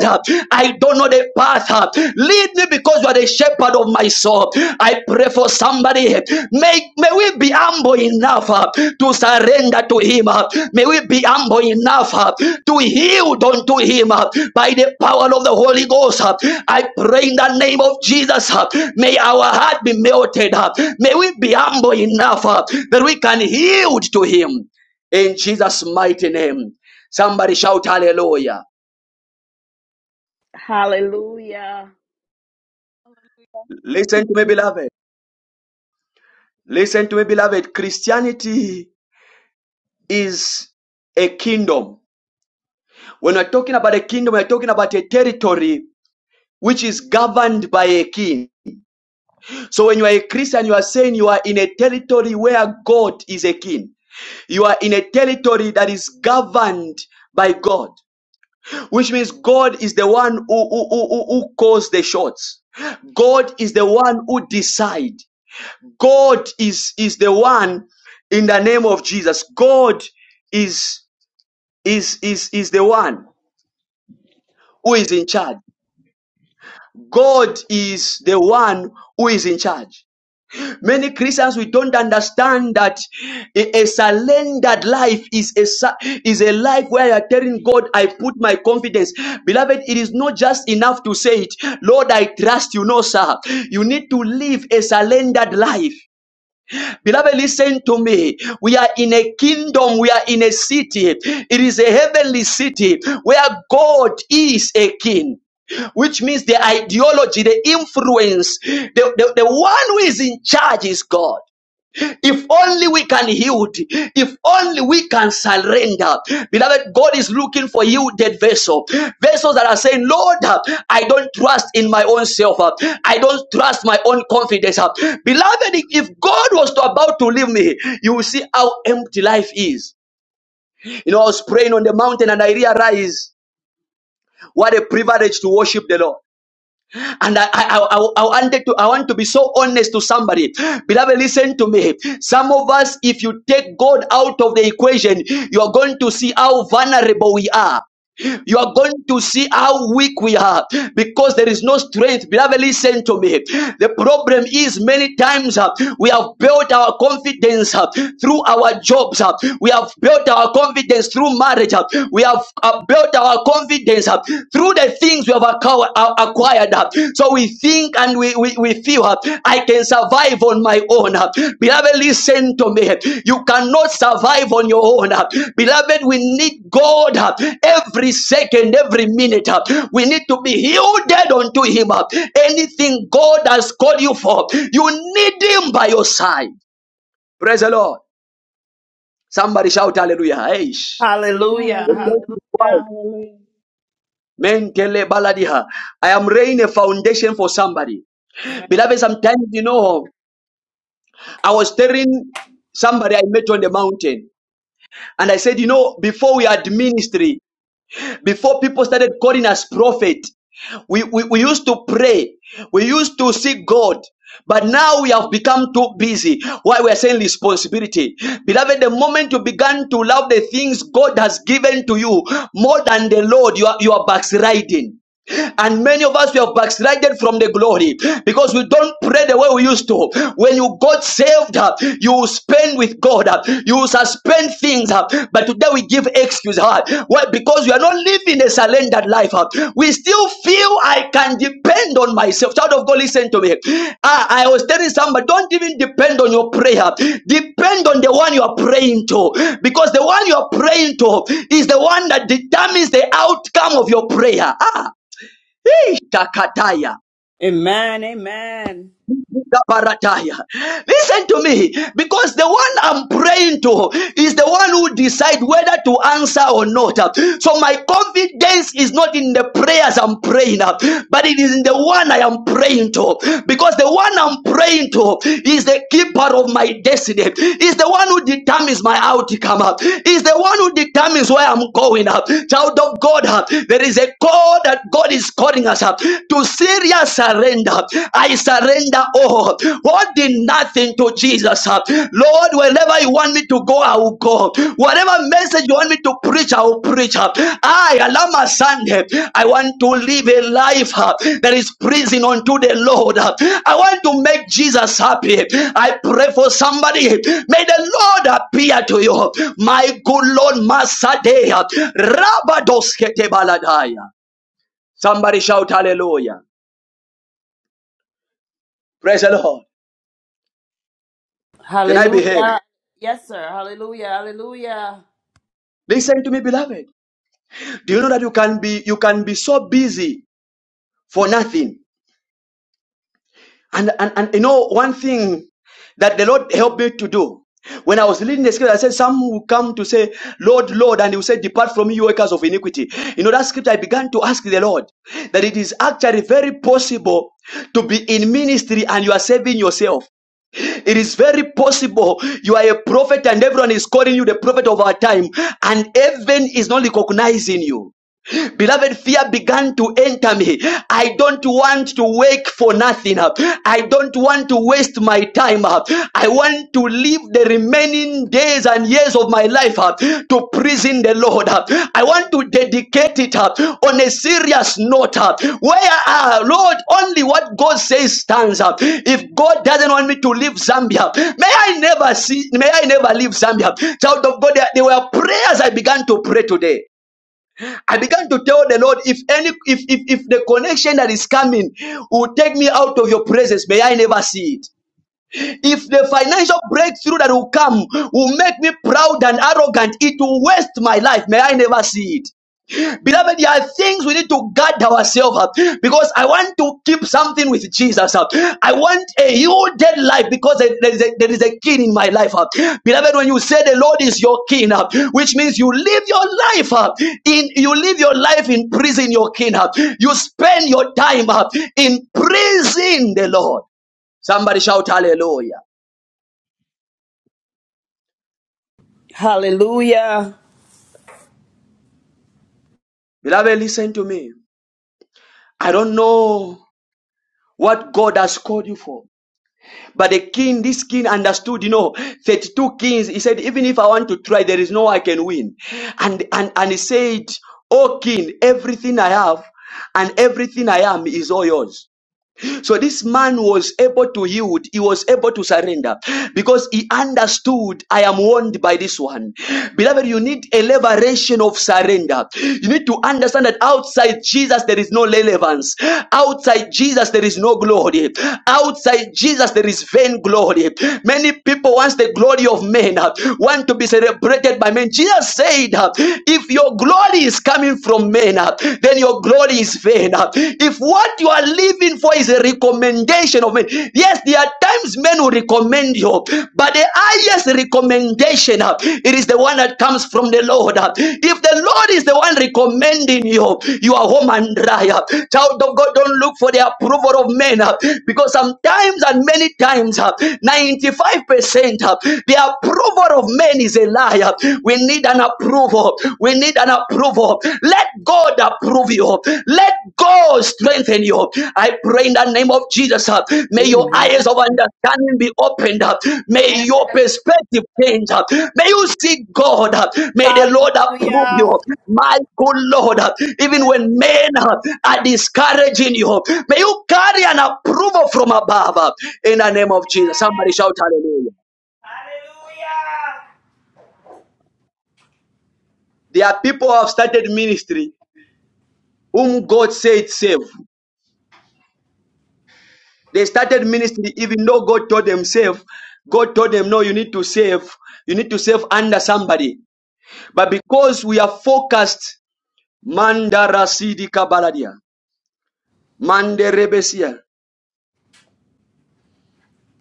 [SPEAKER 1] I I don't know the path. Lead me because you are the shepherd of my soul. I pray for somebody. May, may we be humble enough uh, to surrender to Him. uh. May we be humble enough uh, to yield unto Him uh, by the power of the Holy Ghost. uh. I pray in the name of Jesus. uh, May our heart be melted. uh. May we be humble enough uh, that we can yield to Him. In Jesus' mighty name. Somebody shout hallelujah.
[SPEAKER 5] Hallelujah.
[SPEAKER 1] Listen to me,
[SPEAKER 6] Hallelujah.
[SPEAKER 1] beloved. Listen to me, beloved. Christianity is a kingdom. When we're talking about a kingdom, we're talking about a territory which is governed by a king. So when you are a Christian, you are saying you are in a territory where God is a king. You are in a territory that is governed by God, which means God is the one who, who, who, who calls the shots. God is the one who decides. God is, is the one in the name of Jesus. God is is, is, is the one who is in charge. God is the one who is in charge. Many Christians we don't understand that a, a surrendered life is a su- is a life where you are telling God, I put my confidence. Beloved, it is not just enough to say it, Lord, I trust you. No, sir. You need to live a surrendered life. Beloved, listen to me. We are in a kingdom, we are in a city. It is a heavenly city where God is a king which means the ideology, the influence, the, the, the one who is in charge is God. If only we can yield, if only we can surrender. Beloved, God is looking for yielded vessel. Vessels that are saying, Lord, uh, I don't trust in my own self. uh, I don't trust my own confidence. uh." Beloved, if if God was to about to leave me, you will see how empty life is. You know, I was praying on the mountain and I realized what a privilege to worship the Lord. And I, I, I, I wanted to, I want to be so honest to somebody. Beloved, listen to me. Some of us, if you take God out of the equation, you are going to see how vulnerable we are you are going to see how weak we are because there is no strength. Beloved, listen to me. The problem is many times uh, we have built our confidence uh, through our jobs. uh, we have built our confidence through marriage. uh, we have uh, built our confidence uh, through the things we have acqu- uh, acquired. uh. so we think and we, we, we feel uh, I can survive on my own. uh. Beloved, listen to me. You cannot survive on your own. uh. Beloved, we need God uh, every second, every minute. uh. We need to be yielded unto Him. uh. Anything God has called you for, you need Him by your side. Praise the Lord. Somebody shout hallelujah. Eish.
[SPEAKER 5] Hallelujah.
[SPEAKER 1] The church
[SPEAKER 6] Hallelujah.
[SPEAKER 1] is quiet.
[SPEAKER 5] Hallelujah.
[SPEAKER 6] Hallelujah.
[SPEAKER 1] Menkele baladiha. I am laying a foundation for somebody.
[SPEAKER 5] Amen.
[SPEAKER 1] Beloved, sometimes you know I was telling somebody I met on the mountain, and I said, you know, before we had ministry, before people started calling us prophet, we, we, we used to pray, we used to seek God. But now we have become too busy. Why we are saying responsibility. Beloved, the moment you began to love the things God has given to you more than the Lord, you are, you are backsliding. And many of us we have backslided from the glory because we don't pray the way we used to. When you got saved, uh, you spend with God, uh, you suspend things. uh, But today we give excuse. uh, Why? Because we are not living a surrendered life. uh. We still feel I can depend on myself. Child of God, listen to me. I, I was telling somebody, don't even depend on your prayer. Depend on the one you are praying to, because the one you are praying to is the one that determines the outcome of your prayer. Ah, Hey, Shakataya.
[SPEAKER 5] Amen. Amen.
[SPEAKER 1] Gabarataya. Listen to me, because the one I'm praying to is the one who decides whether to answer or not. So my confidence is not in the prayers I'm praying, but it is in the one I am praying to, because the one I'm praying to is the keeper of my destiny, is the one who determines my outcome, is the one who determines where I'm going. Child of God, there is a call that God is calling us up to see Area surrender. I surrender all. Holding nothing to Jesus. Lord, wherever you want me to go, I will go. Whatever message you want me to preach, I will preach. I, Alama Sunday, I want to live a life uh, that is pleasing unto the Lord. I want to make Jesus happy. I pray for somebody. May the Lord appear to you. My good Lord, Masadea. Rabadoskete baladaya. Somebody shout hallelujah. Praise the Lord. Can I be heard?
[SPEAKER 5] Hallelujah. Yes, sir. Hallelujah. Hallelujah.
[SPEAKER 1] Listen to me, beloved. Do you know that you can be you can be so busy for nothing? And and, and you know one thing that the Lord helped me to do. When I was leading the scripture, I said, Some will come to say, Lord, Lord, and he will say, Depart from me, you workers of iniquity. You know, that scripture, I began to ask the Lord that it is actually very possible to be in ministry and you are saving yourself. It is very possible you are a prophet and everyone is calling you the prophet of our time, and heaven is not recognizing you. Beloved, fear began to enter me. I don't want to wake for nothing. I don't want to waste my time. I want to live the remaining days and years of my life to praising the Lord. I want to dedicate it on a serious note where, uh, Lord, only what God says stands. If God doesn't want me to leave Zambia, may I never see, may I never leave Zambia. Child of God, there there were prayers I began to pray today. I began to tell the Lord, if any, if, if, if the connection that is coming will take me out of your presence, may I never see it. If the financial breakthrough that will come will make me proud and arrogant, it will waste my life, may I never see it. Beloved, there are things we need to guard ourselves up because I want to keep something with Jesus up. I want a yielded life because there is a, there is a king in my life up. Beloved, when you say the Lord is your king up, which means you live your life up in you live your life in prison, your king up. You spend your time up in prison, the Lord. Somebody shout hallelujah.
[SPEAKER 5] Hallelujah.
[SPEAKER 1] Beloved, listen to me. I don't know what God has called you for. But the king, this king understood, you know, 32 kings. He said, even if I want to try, there is no way I can win. And, and, and he said, Oh king, everything I have and everything I am is all yours. So this man was able to yield, he was able to surrender because he understood I am warned by this one. Beloved, you need a liberation of surrender. You need to understand that outside Jesus there is no relevance. Outside Jesus there is no glory. Outside Jesus there is vain glory. Many people want the glory of men, uh, want to be celebrated by men. Jesus said, uh, if your glory is coming from men, uh, then your glory is vain. If what you are living for is a recommendation of men, yes, there are times men will recommend you, but the highest recommendation, uh, it is the one that comes from the Lord. uh. If the Lord is the one recommending you, you are home and dry. uh. Child of God, don't look for the approval of men uh, because sometimes and many times, uh, 95% uh, the approval of men is a liar. We need an approval. We need an approval. Let God approve you. Let God strengthen you. I pray in the name of Jesus. uh, May your eyes of understanding be opened up. May
[SPEAKER 5] Yes.
[SPEAKER 1] your perspective change up. May you see God. uh, May the Lord approve you.
[SPEAKER 5] Hallelujah.
[SPEAKER 1] My good Lord, uh, even when men uh, are discouraging you, may you carry an approval from above. uh, In the name of Jesus. Somebody shout hallelujah.
[SPEAKER 5] Hallelujah.
[SPEAKER 1] There are people who have started ministry whom God said save. They started ministry even though God told them save. God told them, no, you need to save. You need to save under somebody. But because we are focused, Mandara Sidi Kabaladia, Manderebesia,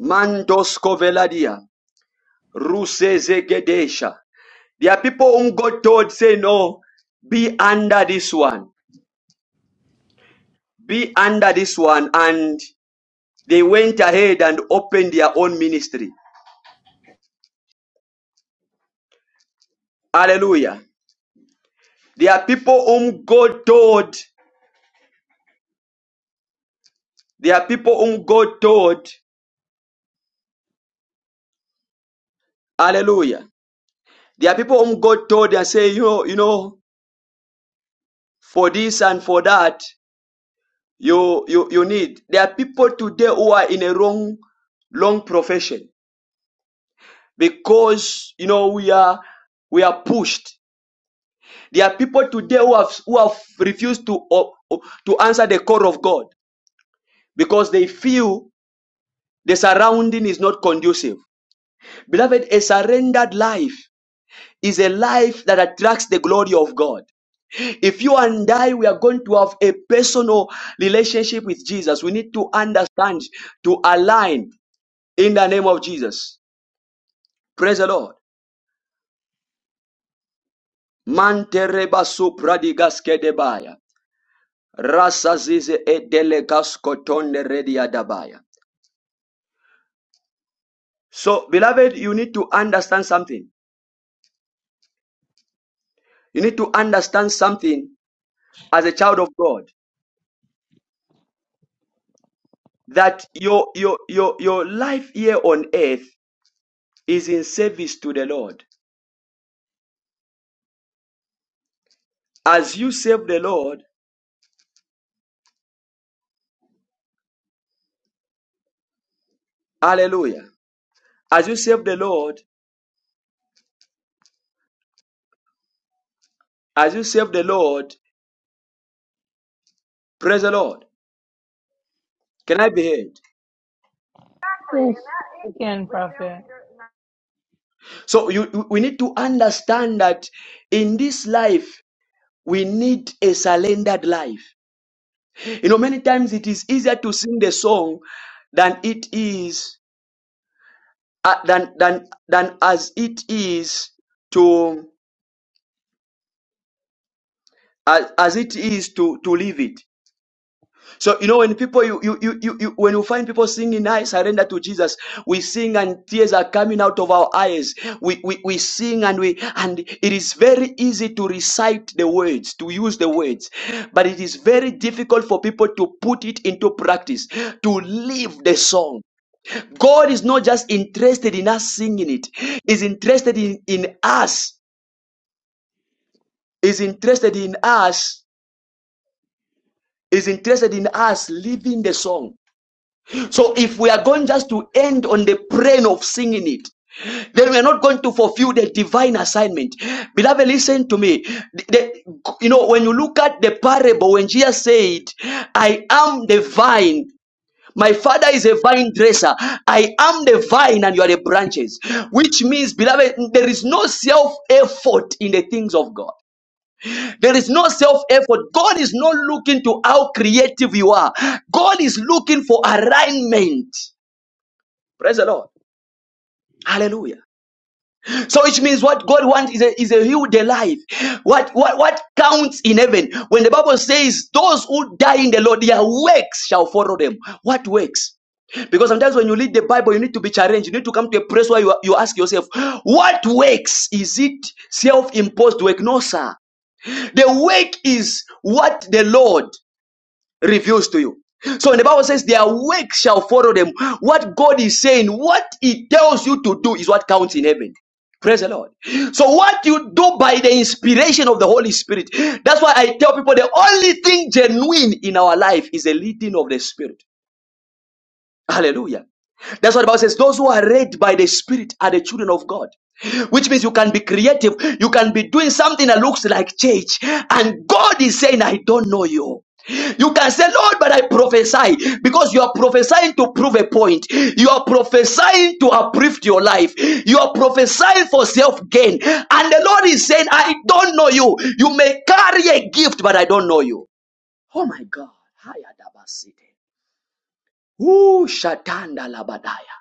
[SPEAKER 1] Mandosko Veladia, Ruse Zegedesha. There are people whom God told, say, no, be under this one. Be under this one. And they went ahead and opened their own ministry. Hallelujah. There are people whom God told. There are people whom God told. Hallelujah. There are people whom God told and say, you know, you know, for this and for that, you you you need. There are people today who are in a wrong, wrong profession because you know we are we are pushed. There are people today who have who have refused to o- to answer the call of God because they feel the surrounding is not conducive. Beloved, a surrendered life. is a life that attracts the glory of God. If you and I, we are going to have a personal relationship with Jesus. We need to understand, to align in the name of Jesus. Praise the Lord. Mantereba supradigas kedebaya. Rasa edelegas kotonde rediadabaya. So, beloved, you need to understand something. You need to understand something as a child of God that your your your your life here on earth is in service to the Lord. As you serve the Lord, hallelujah. As you serve the Lord, as you serve the Lord, praise the Lord. Can I be heard?
[SPEAKER 3] Exactly. And
[SPEAKER 6] Yes.
[SPEAKER 3] that is Again, with them Prophet. leaders.
[SPEAKER 1] So you, we need to understand that in this life, we need a surrendered life. You know, many times it is easier to sing the song than it is uh, than than than as it is to as, as it is to to live it. So you know when people you you you, you, you when you find people singing I surrender to Jesus, we sing and tears are coming out of our eyes. We, we we sing and we and it is very easy to recite the words, to use the words, but it is very difficult for people to put it into practice, to live the song. God is not just interested in us singing it, is interested in, in us, is interested in us, is interested in us living the song. So if we are going just to end on the plane of singing it, then we are not going to fulfill the divine assignment. Beloved, listen to me. The- the- you know, when you look at the parable, when Jesus said, I am the vine. My father is a vine dresser. I am the vine and you are the branches. Which means, beloved, there is no self effort in the things of God. There is no self effort. God is not looking to how creative you are. God is looking for alignment. Praise the Lord. Hallelujah. So it means what God wants is a, is a hidden life. What, what, what counts in heaven? When the Bible says, those who die in the Lord, their works shall follow them. What works? Because sometimes when you read the Bible, you need to be challenged. You need to come to a place where you, you ask yourself, what works? Is it self imposed work? No, sir. The work is what the Lord reveals to you. So when the Bible says their work shall follow them, what God is saying, what He tells you to do is what counts in heaven. Praise the Lord. So what you do by the inspiration of the Holy Spirit, that's why I tell people the only thing genuine in our life is the leading of the Spirit. Hallelujah. That's what the Bible says. Those who are led by the Spirit are the children of God. Which means you can be creative. You can be doing something that looks like church. And God is saying, I don't know you. You can say, Lord, but I prophesy because you are prophesying to prove a point. You are prophesying to uplift your life. You are prophesying for self gain. And the Lord is saying, I don't know you. You may carry a gift, but I don't know you. Oh my God. Ooh, Shatanda Labadaya.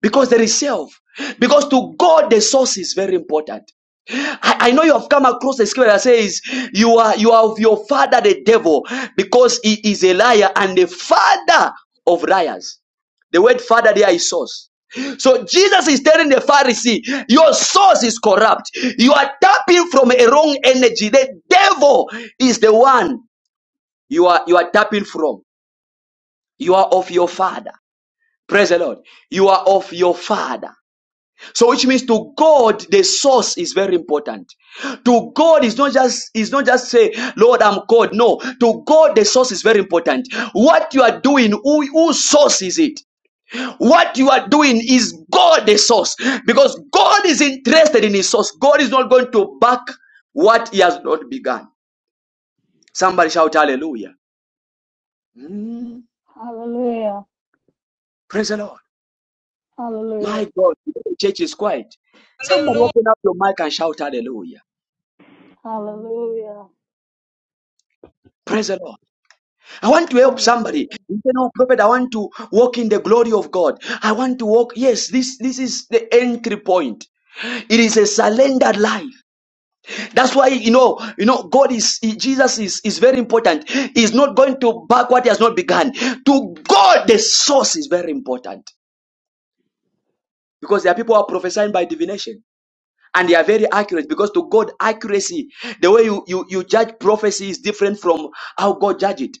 [SPEAKER 1] Because there is self. Because to God the source is very important. I, I know you have come across the scripture that says you are you are of your father the devil because he is a liar and the father of liars. The word father there is source. So Jesus is telling the Pharisee, your source is corrupt. You are tapping from a wrong energy. The devil is the one you are you are tapping from. You are of your father. Praise the Lord. You are of your father. So which means to God, the source is very important. To God is not just is not just say, Lord, I'm God. No, to God the source is very important. What you are doing, who, whose source is it? What you are doing is God the source. Because God is interested in his source. God is not going to back what he has not begun. Somebody shout hallelujah. Mm,
[SPEAKER 6] Hallelujah.
[SPEAKER 1] praise the Lord.
[SPEAKER 6] Hallelujah.
[SPEAKER 1] My God, the church is quiet. Somebody open up your mic and shout hallelujah.
[SPEAKER 7] Mm.
[SPEAKER 6] Hallelujah.
[SPEAKER 1] Praise the Lord. I want to help somebody.
[SPEAKER 6] Hallelujah.
[SPEAKER 1] You know, prophet, I want to walk in the glory of God. I want to walk. Yes, this, this is the entry point. It is a surrendered life. That's why, you know, you know, God is, Jesus is, is very important. He's not going to back what he has not begun. To God, the source is very important. Because there are people who are prophesying by divination. and they are very accurate because to God accuracy the way you, you you judge prophecy is different from how God judges it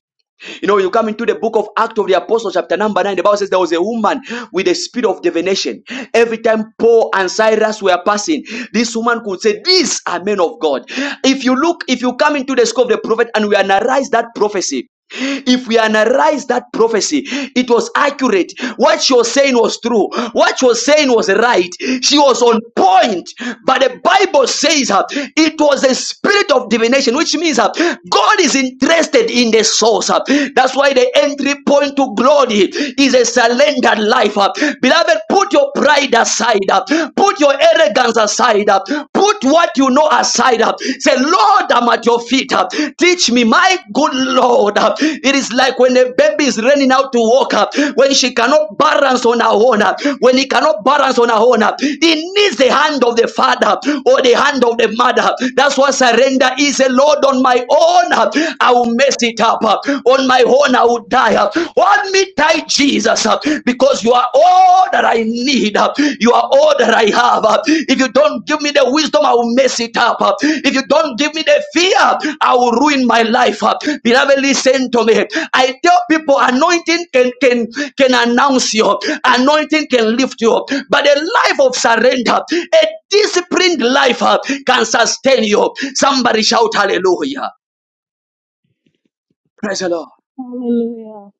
[SPEAKER 1] you know, you come into the book of Acts of the Apostles, chapter number 9, the Bible says there was a woman with a spirit of divination. Every time Paul and Cyrus were passing, this woman could say, These are men of God. If you look, if you come into the scope of the prophet and we analyze that prophecy, if we analyze that prophecy, it was accurate. What she was saying was true. What she was saying was right. She was on point. But the Bible says uh, it was a spirit of divination, which means uh, God is interested in the in the source. uh. That's why the entry point to glory is a surrendered life. uh. Beloved, put your pride aside, uh. put your arrogance aside, uh. put what you know aside. uh. Say, Lord, I'm at your feet. uh. Teach me, my good Lord. uh. It is like when a baby baby is learning how to walk up, when she cannot balance on her own, uh, when he cannot balance on her own, uh, he needs the hand of the father or the hand of the mother. That's what surrender is. A Lord, on my own, uh, I will mess it up. uh, On my own, I will die. uh, Hold me tight, Jesus, uh, because you are all that I need. uh, You are all that I have. If you don't give me the wisdom, I will mess it up. If you don't give me the fear, I will ruin my life. Beloved, listen to me. I tell people anointing can, can, can announce you, anointing can lift you up. But a life of surrender, a disciplined life uh, can sustain you. Somebody shout hallelujah. Praise the Lord.
[SPEAKER 6] Hallelujah.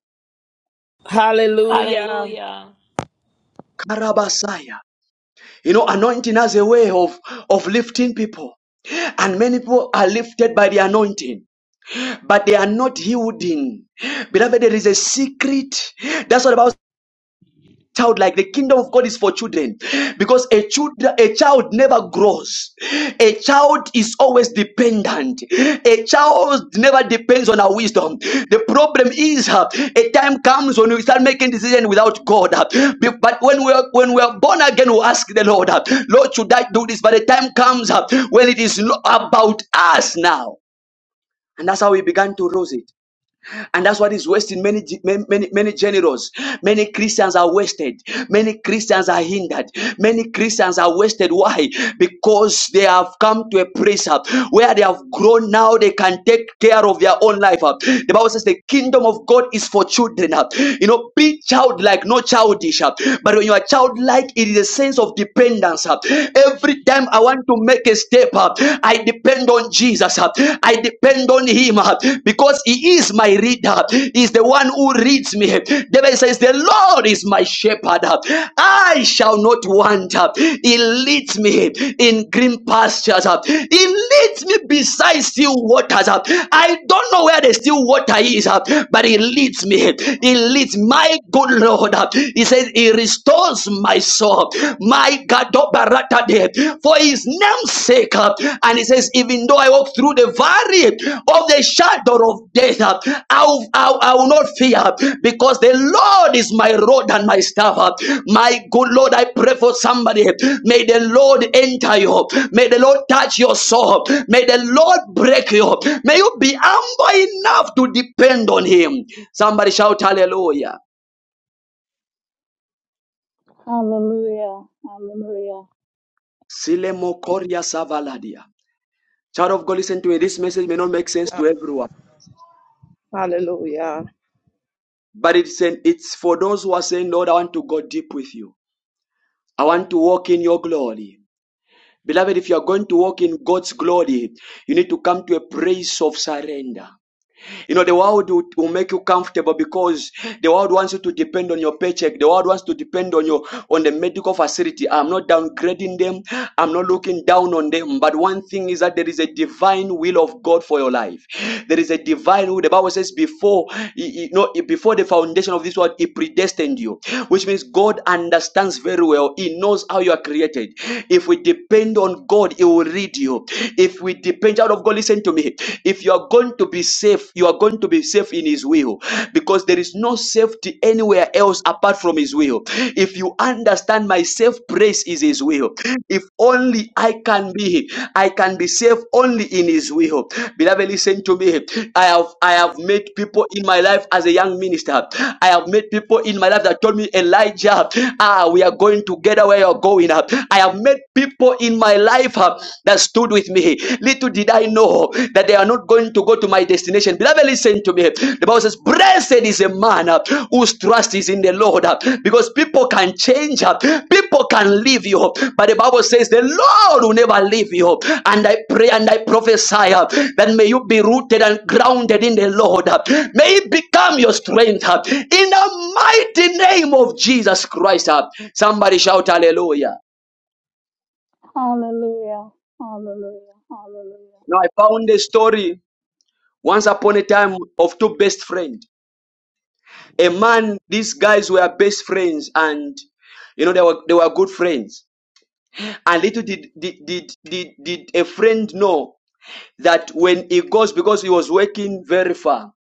[SPEAKER 5] Hallelujah.
[SPEAKER 3] Hallelujah.
[SPEAKER 1] Karabasaya. You know, anointing has a way of, of lifting people. And many people are lifted by the anointing. but they are not yielding. Beloved, there is a secret. That's what about child like the kingdom of god is for children because a child a child never grows a child is always dependent a child never depends on our wisdom the problem is uh, a time comes when we start making decisions without god uh, be- but when we are when we are born again we ask the lord uh, lord should i do this but the time comes up when it is not about us now and that's how we began to lose it and that's what is wasting many many many, generals many christians are wasted many christians are hindered many christians are wasted why because they have come to a place uh, where they have grown now they can take care of their own life uh. the bible says the kingdom of god is for children uh. you know be childlike not childish uh. but when you are childlike it is a sense of dependence uh. every time i want to make a step up i depend depend on Jesus. uh, I depend on him uh, because he is my reader. He is the one who reads me. David says, The Lord is my shepherd. I shall not want. He leads me in green pastures. He leads me beside still waters. I don't know where the still water is, but he leads me. He leads my good Lord. He says, He restores my soul. My Gadobaratade. For his name's sake, uh, and he says, Even though I walk through the valley of the shadow of death, uh, I will, I will I will not fear because the Lord is my rod and my staff. uh. My good Lord, I pray for somebody. May the Lord enter you, may the Lord touch your soul, may the Lord break you, may you be humble enough to depend on Him. Somebody shout hallelujah.
[SPEAKER 6] Hallelujah. Hallelujah.
[SPEAKER 1] Silemo Savaladia. Child of God, listen to me. This message may not make sense to everyone,
[SPEAKER 8] Hallelujah.
[SPEAKER 1] but it's an, it's for those who are saying, Lord, I want to go deep with you. I want to walk in your glory. Beloved, if you are going to walk in God's glory, you need to come to a place of surrender. You know, the world will, will make you comfortable because the world wants you to depend on your paycheck. The world wants to depend on your on the medical facility. I'm not downgrading them. I'm not looking down on them. But one thing is that there is a divine will of God for your life. There is a divine will. The Bible says before you know before the foundation of this world, He predestined you, which means God understands very well. He knows how you are created. If we depend on God, He will lead you. If we depend out of God, listen listen to me. If you are going to be safe, you are going to be safe in His will because there is no safety anywhere else apart from His will. If you understand my safe place is His will, if only I can be, I can be safe only in His will. Beloved, listen to me. I have I have met people in my life as a young minister. I have met people in my life that told me, Elijah, ah, we are going together where you're going. I have met people in my life. ah, that stood with me. Little did I know that they are not going to go to my destination. Beloved, listen to me. The Bible says, Blessed is a man uh, whose trust is in the Lord uh, because people can change, uh, people can leave you. But the Bible says, The Lord will never leave you. And I pray and I prophesy uh, that may you be rooted and grounded in the Lord. uh, May it become your strength uh, in the mighty name of Jesus Christ. uh. Somebody shout hallelujah.
[SPEAKER 6] Hallelujah. Hallelujah. Hallelujah.
[SPEAKER 1] Now I found a story Once upon a time of two best friends. A man, these guys were best friends and you know they were they were good friends. And little did did did did, did a friend know that when he goes because he was working very far,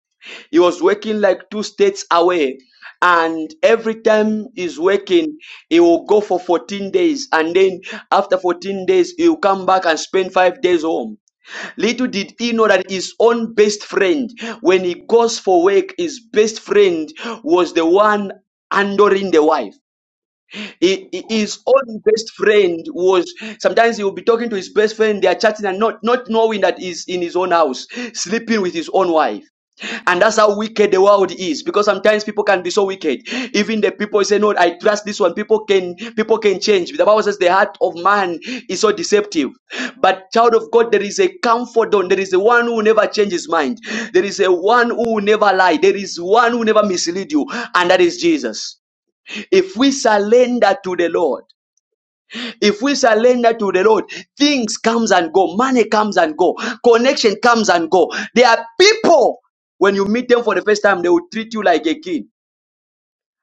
[SPEAKER 1] he was working like two states away. And every time he's working, he will go for 14 days. And then after 14 days, he'll come back and spend five days home. Little did he know that his own best friend, when he goes for work, his best friend was the one handling the wife. He- he- his own best friend was sometimes he will be talking to his best friend, they are chatting and not, not knowing that he's in his own house, sleeping with his own wife. And that's how wicked the world is. Because sometimes people can be so wicked. Even the people say, No, I trust this one. People can people can change. The Bible says the heart of man is so deceptive. But child of God, there is a comfort on. There is a one who never changes his mind. There is a one who will never lie. There is one who never mislead you, and that is Jesus. If we surrender to the Lord, if we surrender to the Lord, things comes and go, money comes and go, connection comes and go. There are people when you meet them for the first time, they will treat you like a king,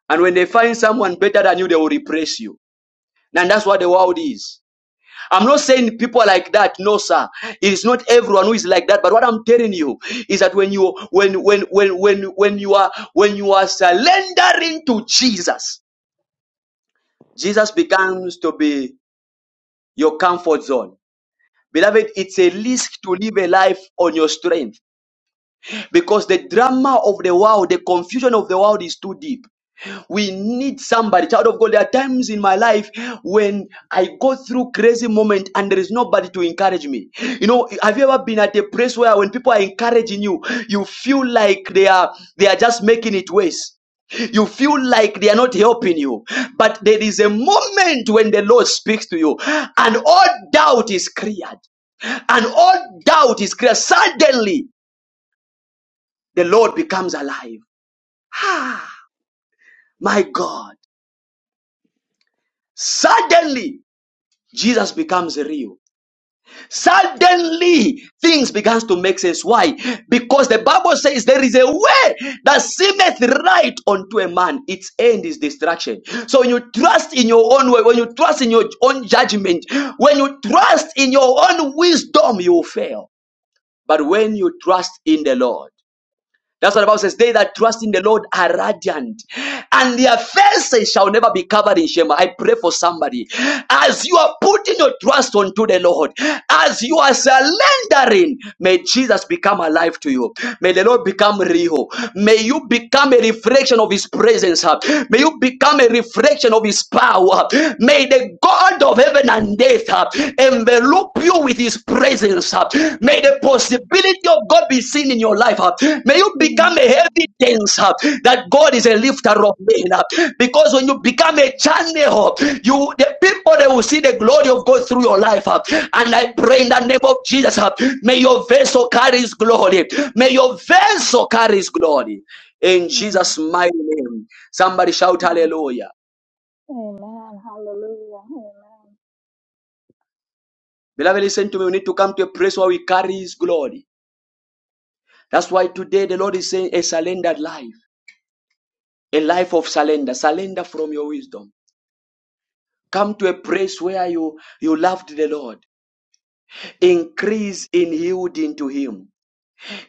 [SPEAKER 1] and when they find someone better than you, they will repress you. And that's what the world is. I'm not saying people are like that. No, sir. It is not everyone who is like that. But what I'm telling you is that when you when when when when when you are when you are surrendering to Jesus, Jesus becomes to be your comfort zone. Beloved, it's a risk to live a life on your strength because the drama of the world, the confusion of the world is too deep. We need somebody, child of God. There are times in my life when I go through crazy moment and there is nobody to encourage me. You know, have you ever been at a place where when people are encouraging you, you feel like they are they are just making it worse. You feel like they are not helping you, but there is a moment when the Lord speaks to you, and all doubt is cleared, and all doubt is cleared. Suddenly, the Lord becomes alive. Ah, my God! Suddenly. Jesus becomes real. Suddenly, things begins to make sense. Why? Because the Bible says there is a way that seemeth right unto a man. Its end is destruction. So when you trust in your own way, when you trust in your own judgment, when you trust in your own wisdom, you will fail. But when you trust in the Lord, that's what the Bible says. They that trust in the Lord are radiant, and their faces shall never be covered in shame. I pray for somebody. As you are putting your trust onto the Lord, as you are surrendering, may Jesus become alive to you. May the Lord become real. May you become a reflection of His presence. huh? May you become a reflection of His power. May the God of heaven and death huh, envelop you with his presence. uh. May the
[SPEAKER 6] Amen.
[SPEAKER 1] possibility of God be seen in your life. uh. May you become a
[SPEAKER 6] Amen.
[SPEAKER 1] evidence uh, that God is a lifter of men. uh. Because when you become a
[SPEAKER 6] Amen.
[SPEAKER 1] channel, uh, you the people they will see the glory of God through your life. uh. And I pray in the name of Jesus, uh, may your vessel carry his glory. May your vessel carry his glory. In
[SPEAKER 6] Amen.
[SPEAKER 1] Jesus' mighty name. Somebody shout hallelujah.
[SPEAKER 6] Amen. Hallelujah. Amen.
[SPEAKER 1] Beloved, listen to me. We need to come to a place where we carry his glory. That's why today the Lord is saying a surrendered life, a life of surrender, surrender from your wisdom. Come to a place where you, you loved the Lord. Increase in yielding to Him.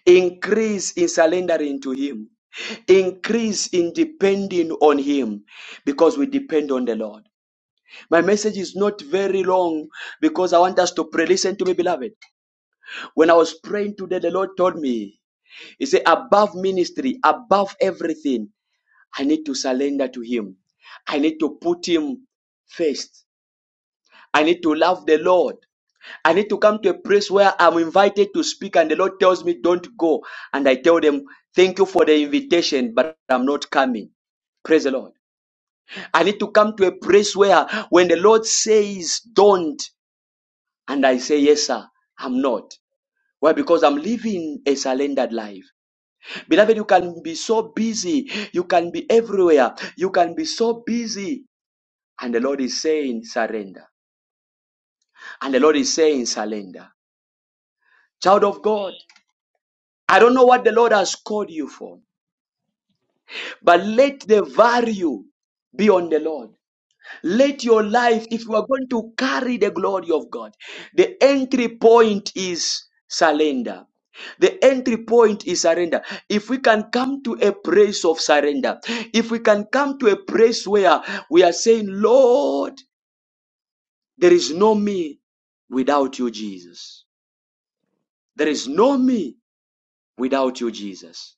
[SPEAKER 1] Increase in surrendering to Him. Increase in depending on Him because we depend on the Lord. My message is not very long because I want us to pray. Listen to me, beloved. When I was praying today, the Lord told me, He said, above ministry, above everything, I need to surrender to Him. I need to put Him first. I need to love the Lord. I need to come to a place where I'm invited to speak, and the Lord tells me, Don't go. And I tell them, Thank you for the invitation, but I'm not coming. Praise the Lord. I need to come to a place where when the Lord says, Don't, and I say, Yes, sir, I'm not. Why? Because I'm living a surrendered life. Beloved, you can be so busy. You can be everywhere. You can be so busy And the Lord is saying, surrender. And the Lord is saying, surrender. Child of God, I don't know what the Lord has called you for, but let the value be on the Lord. Let your life, if you are going to carry the glory of God, the entry point is surrender. The entry point is surrender. If we can come to a place of surrender, if we can come to a place where we are saying, Lord, there is no me without you, Jesus. There is no me without you, Jesus.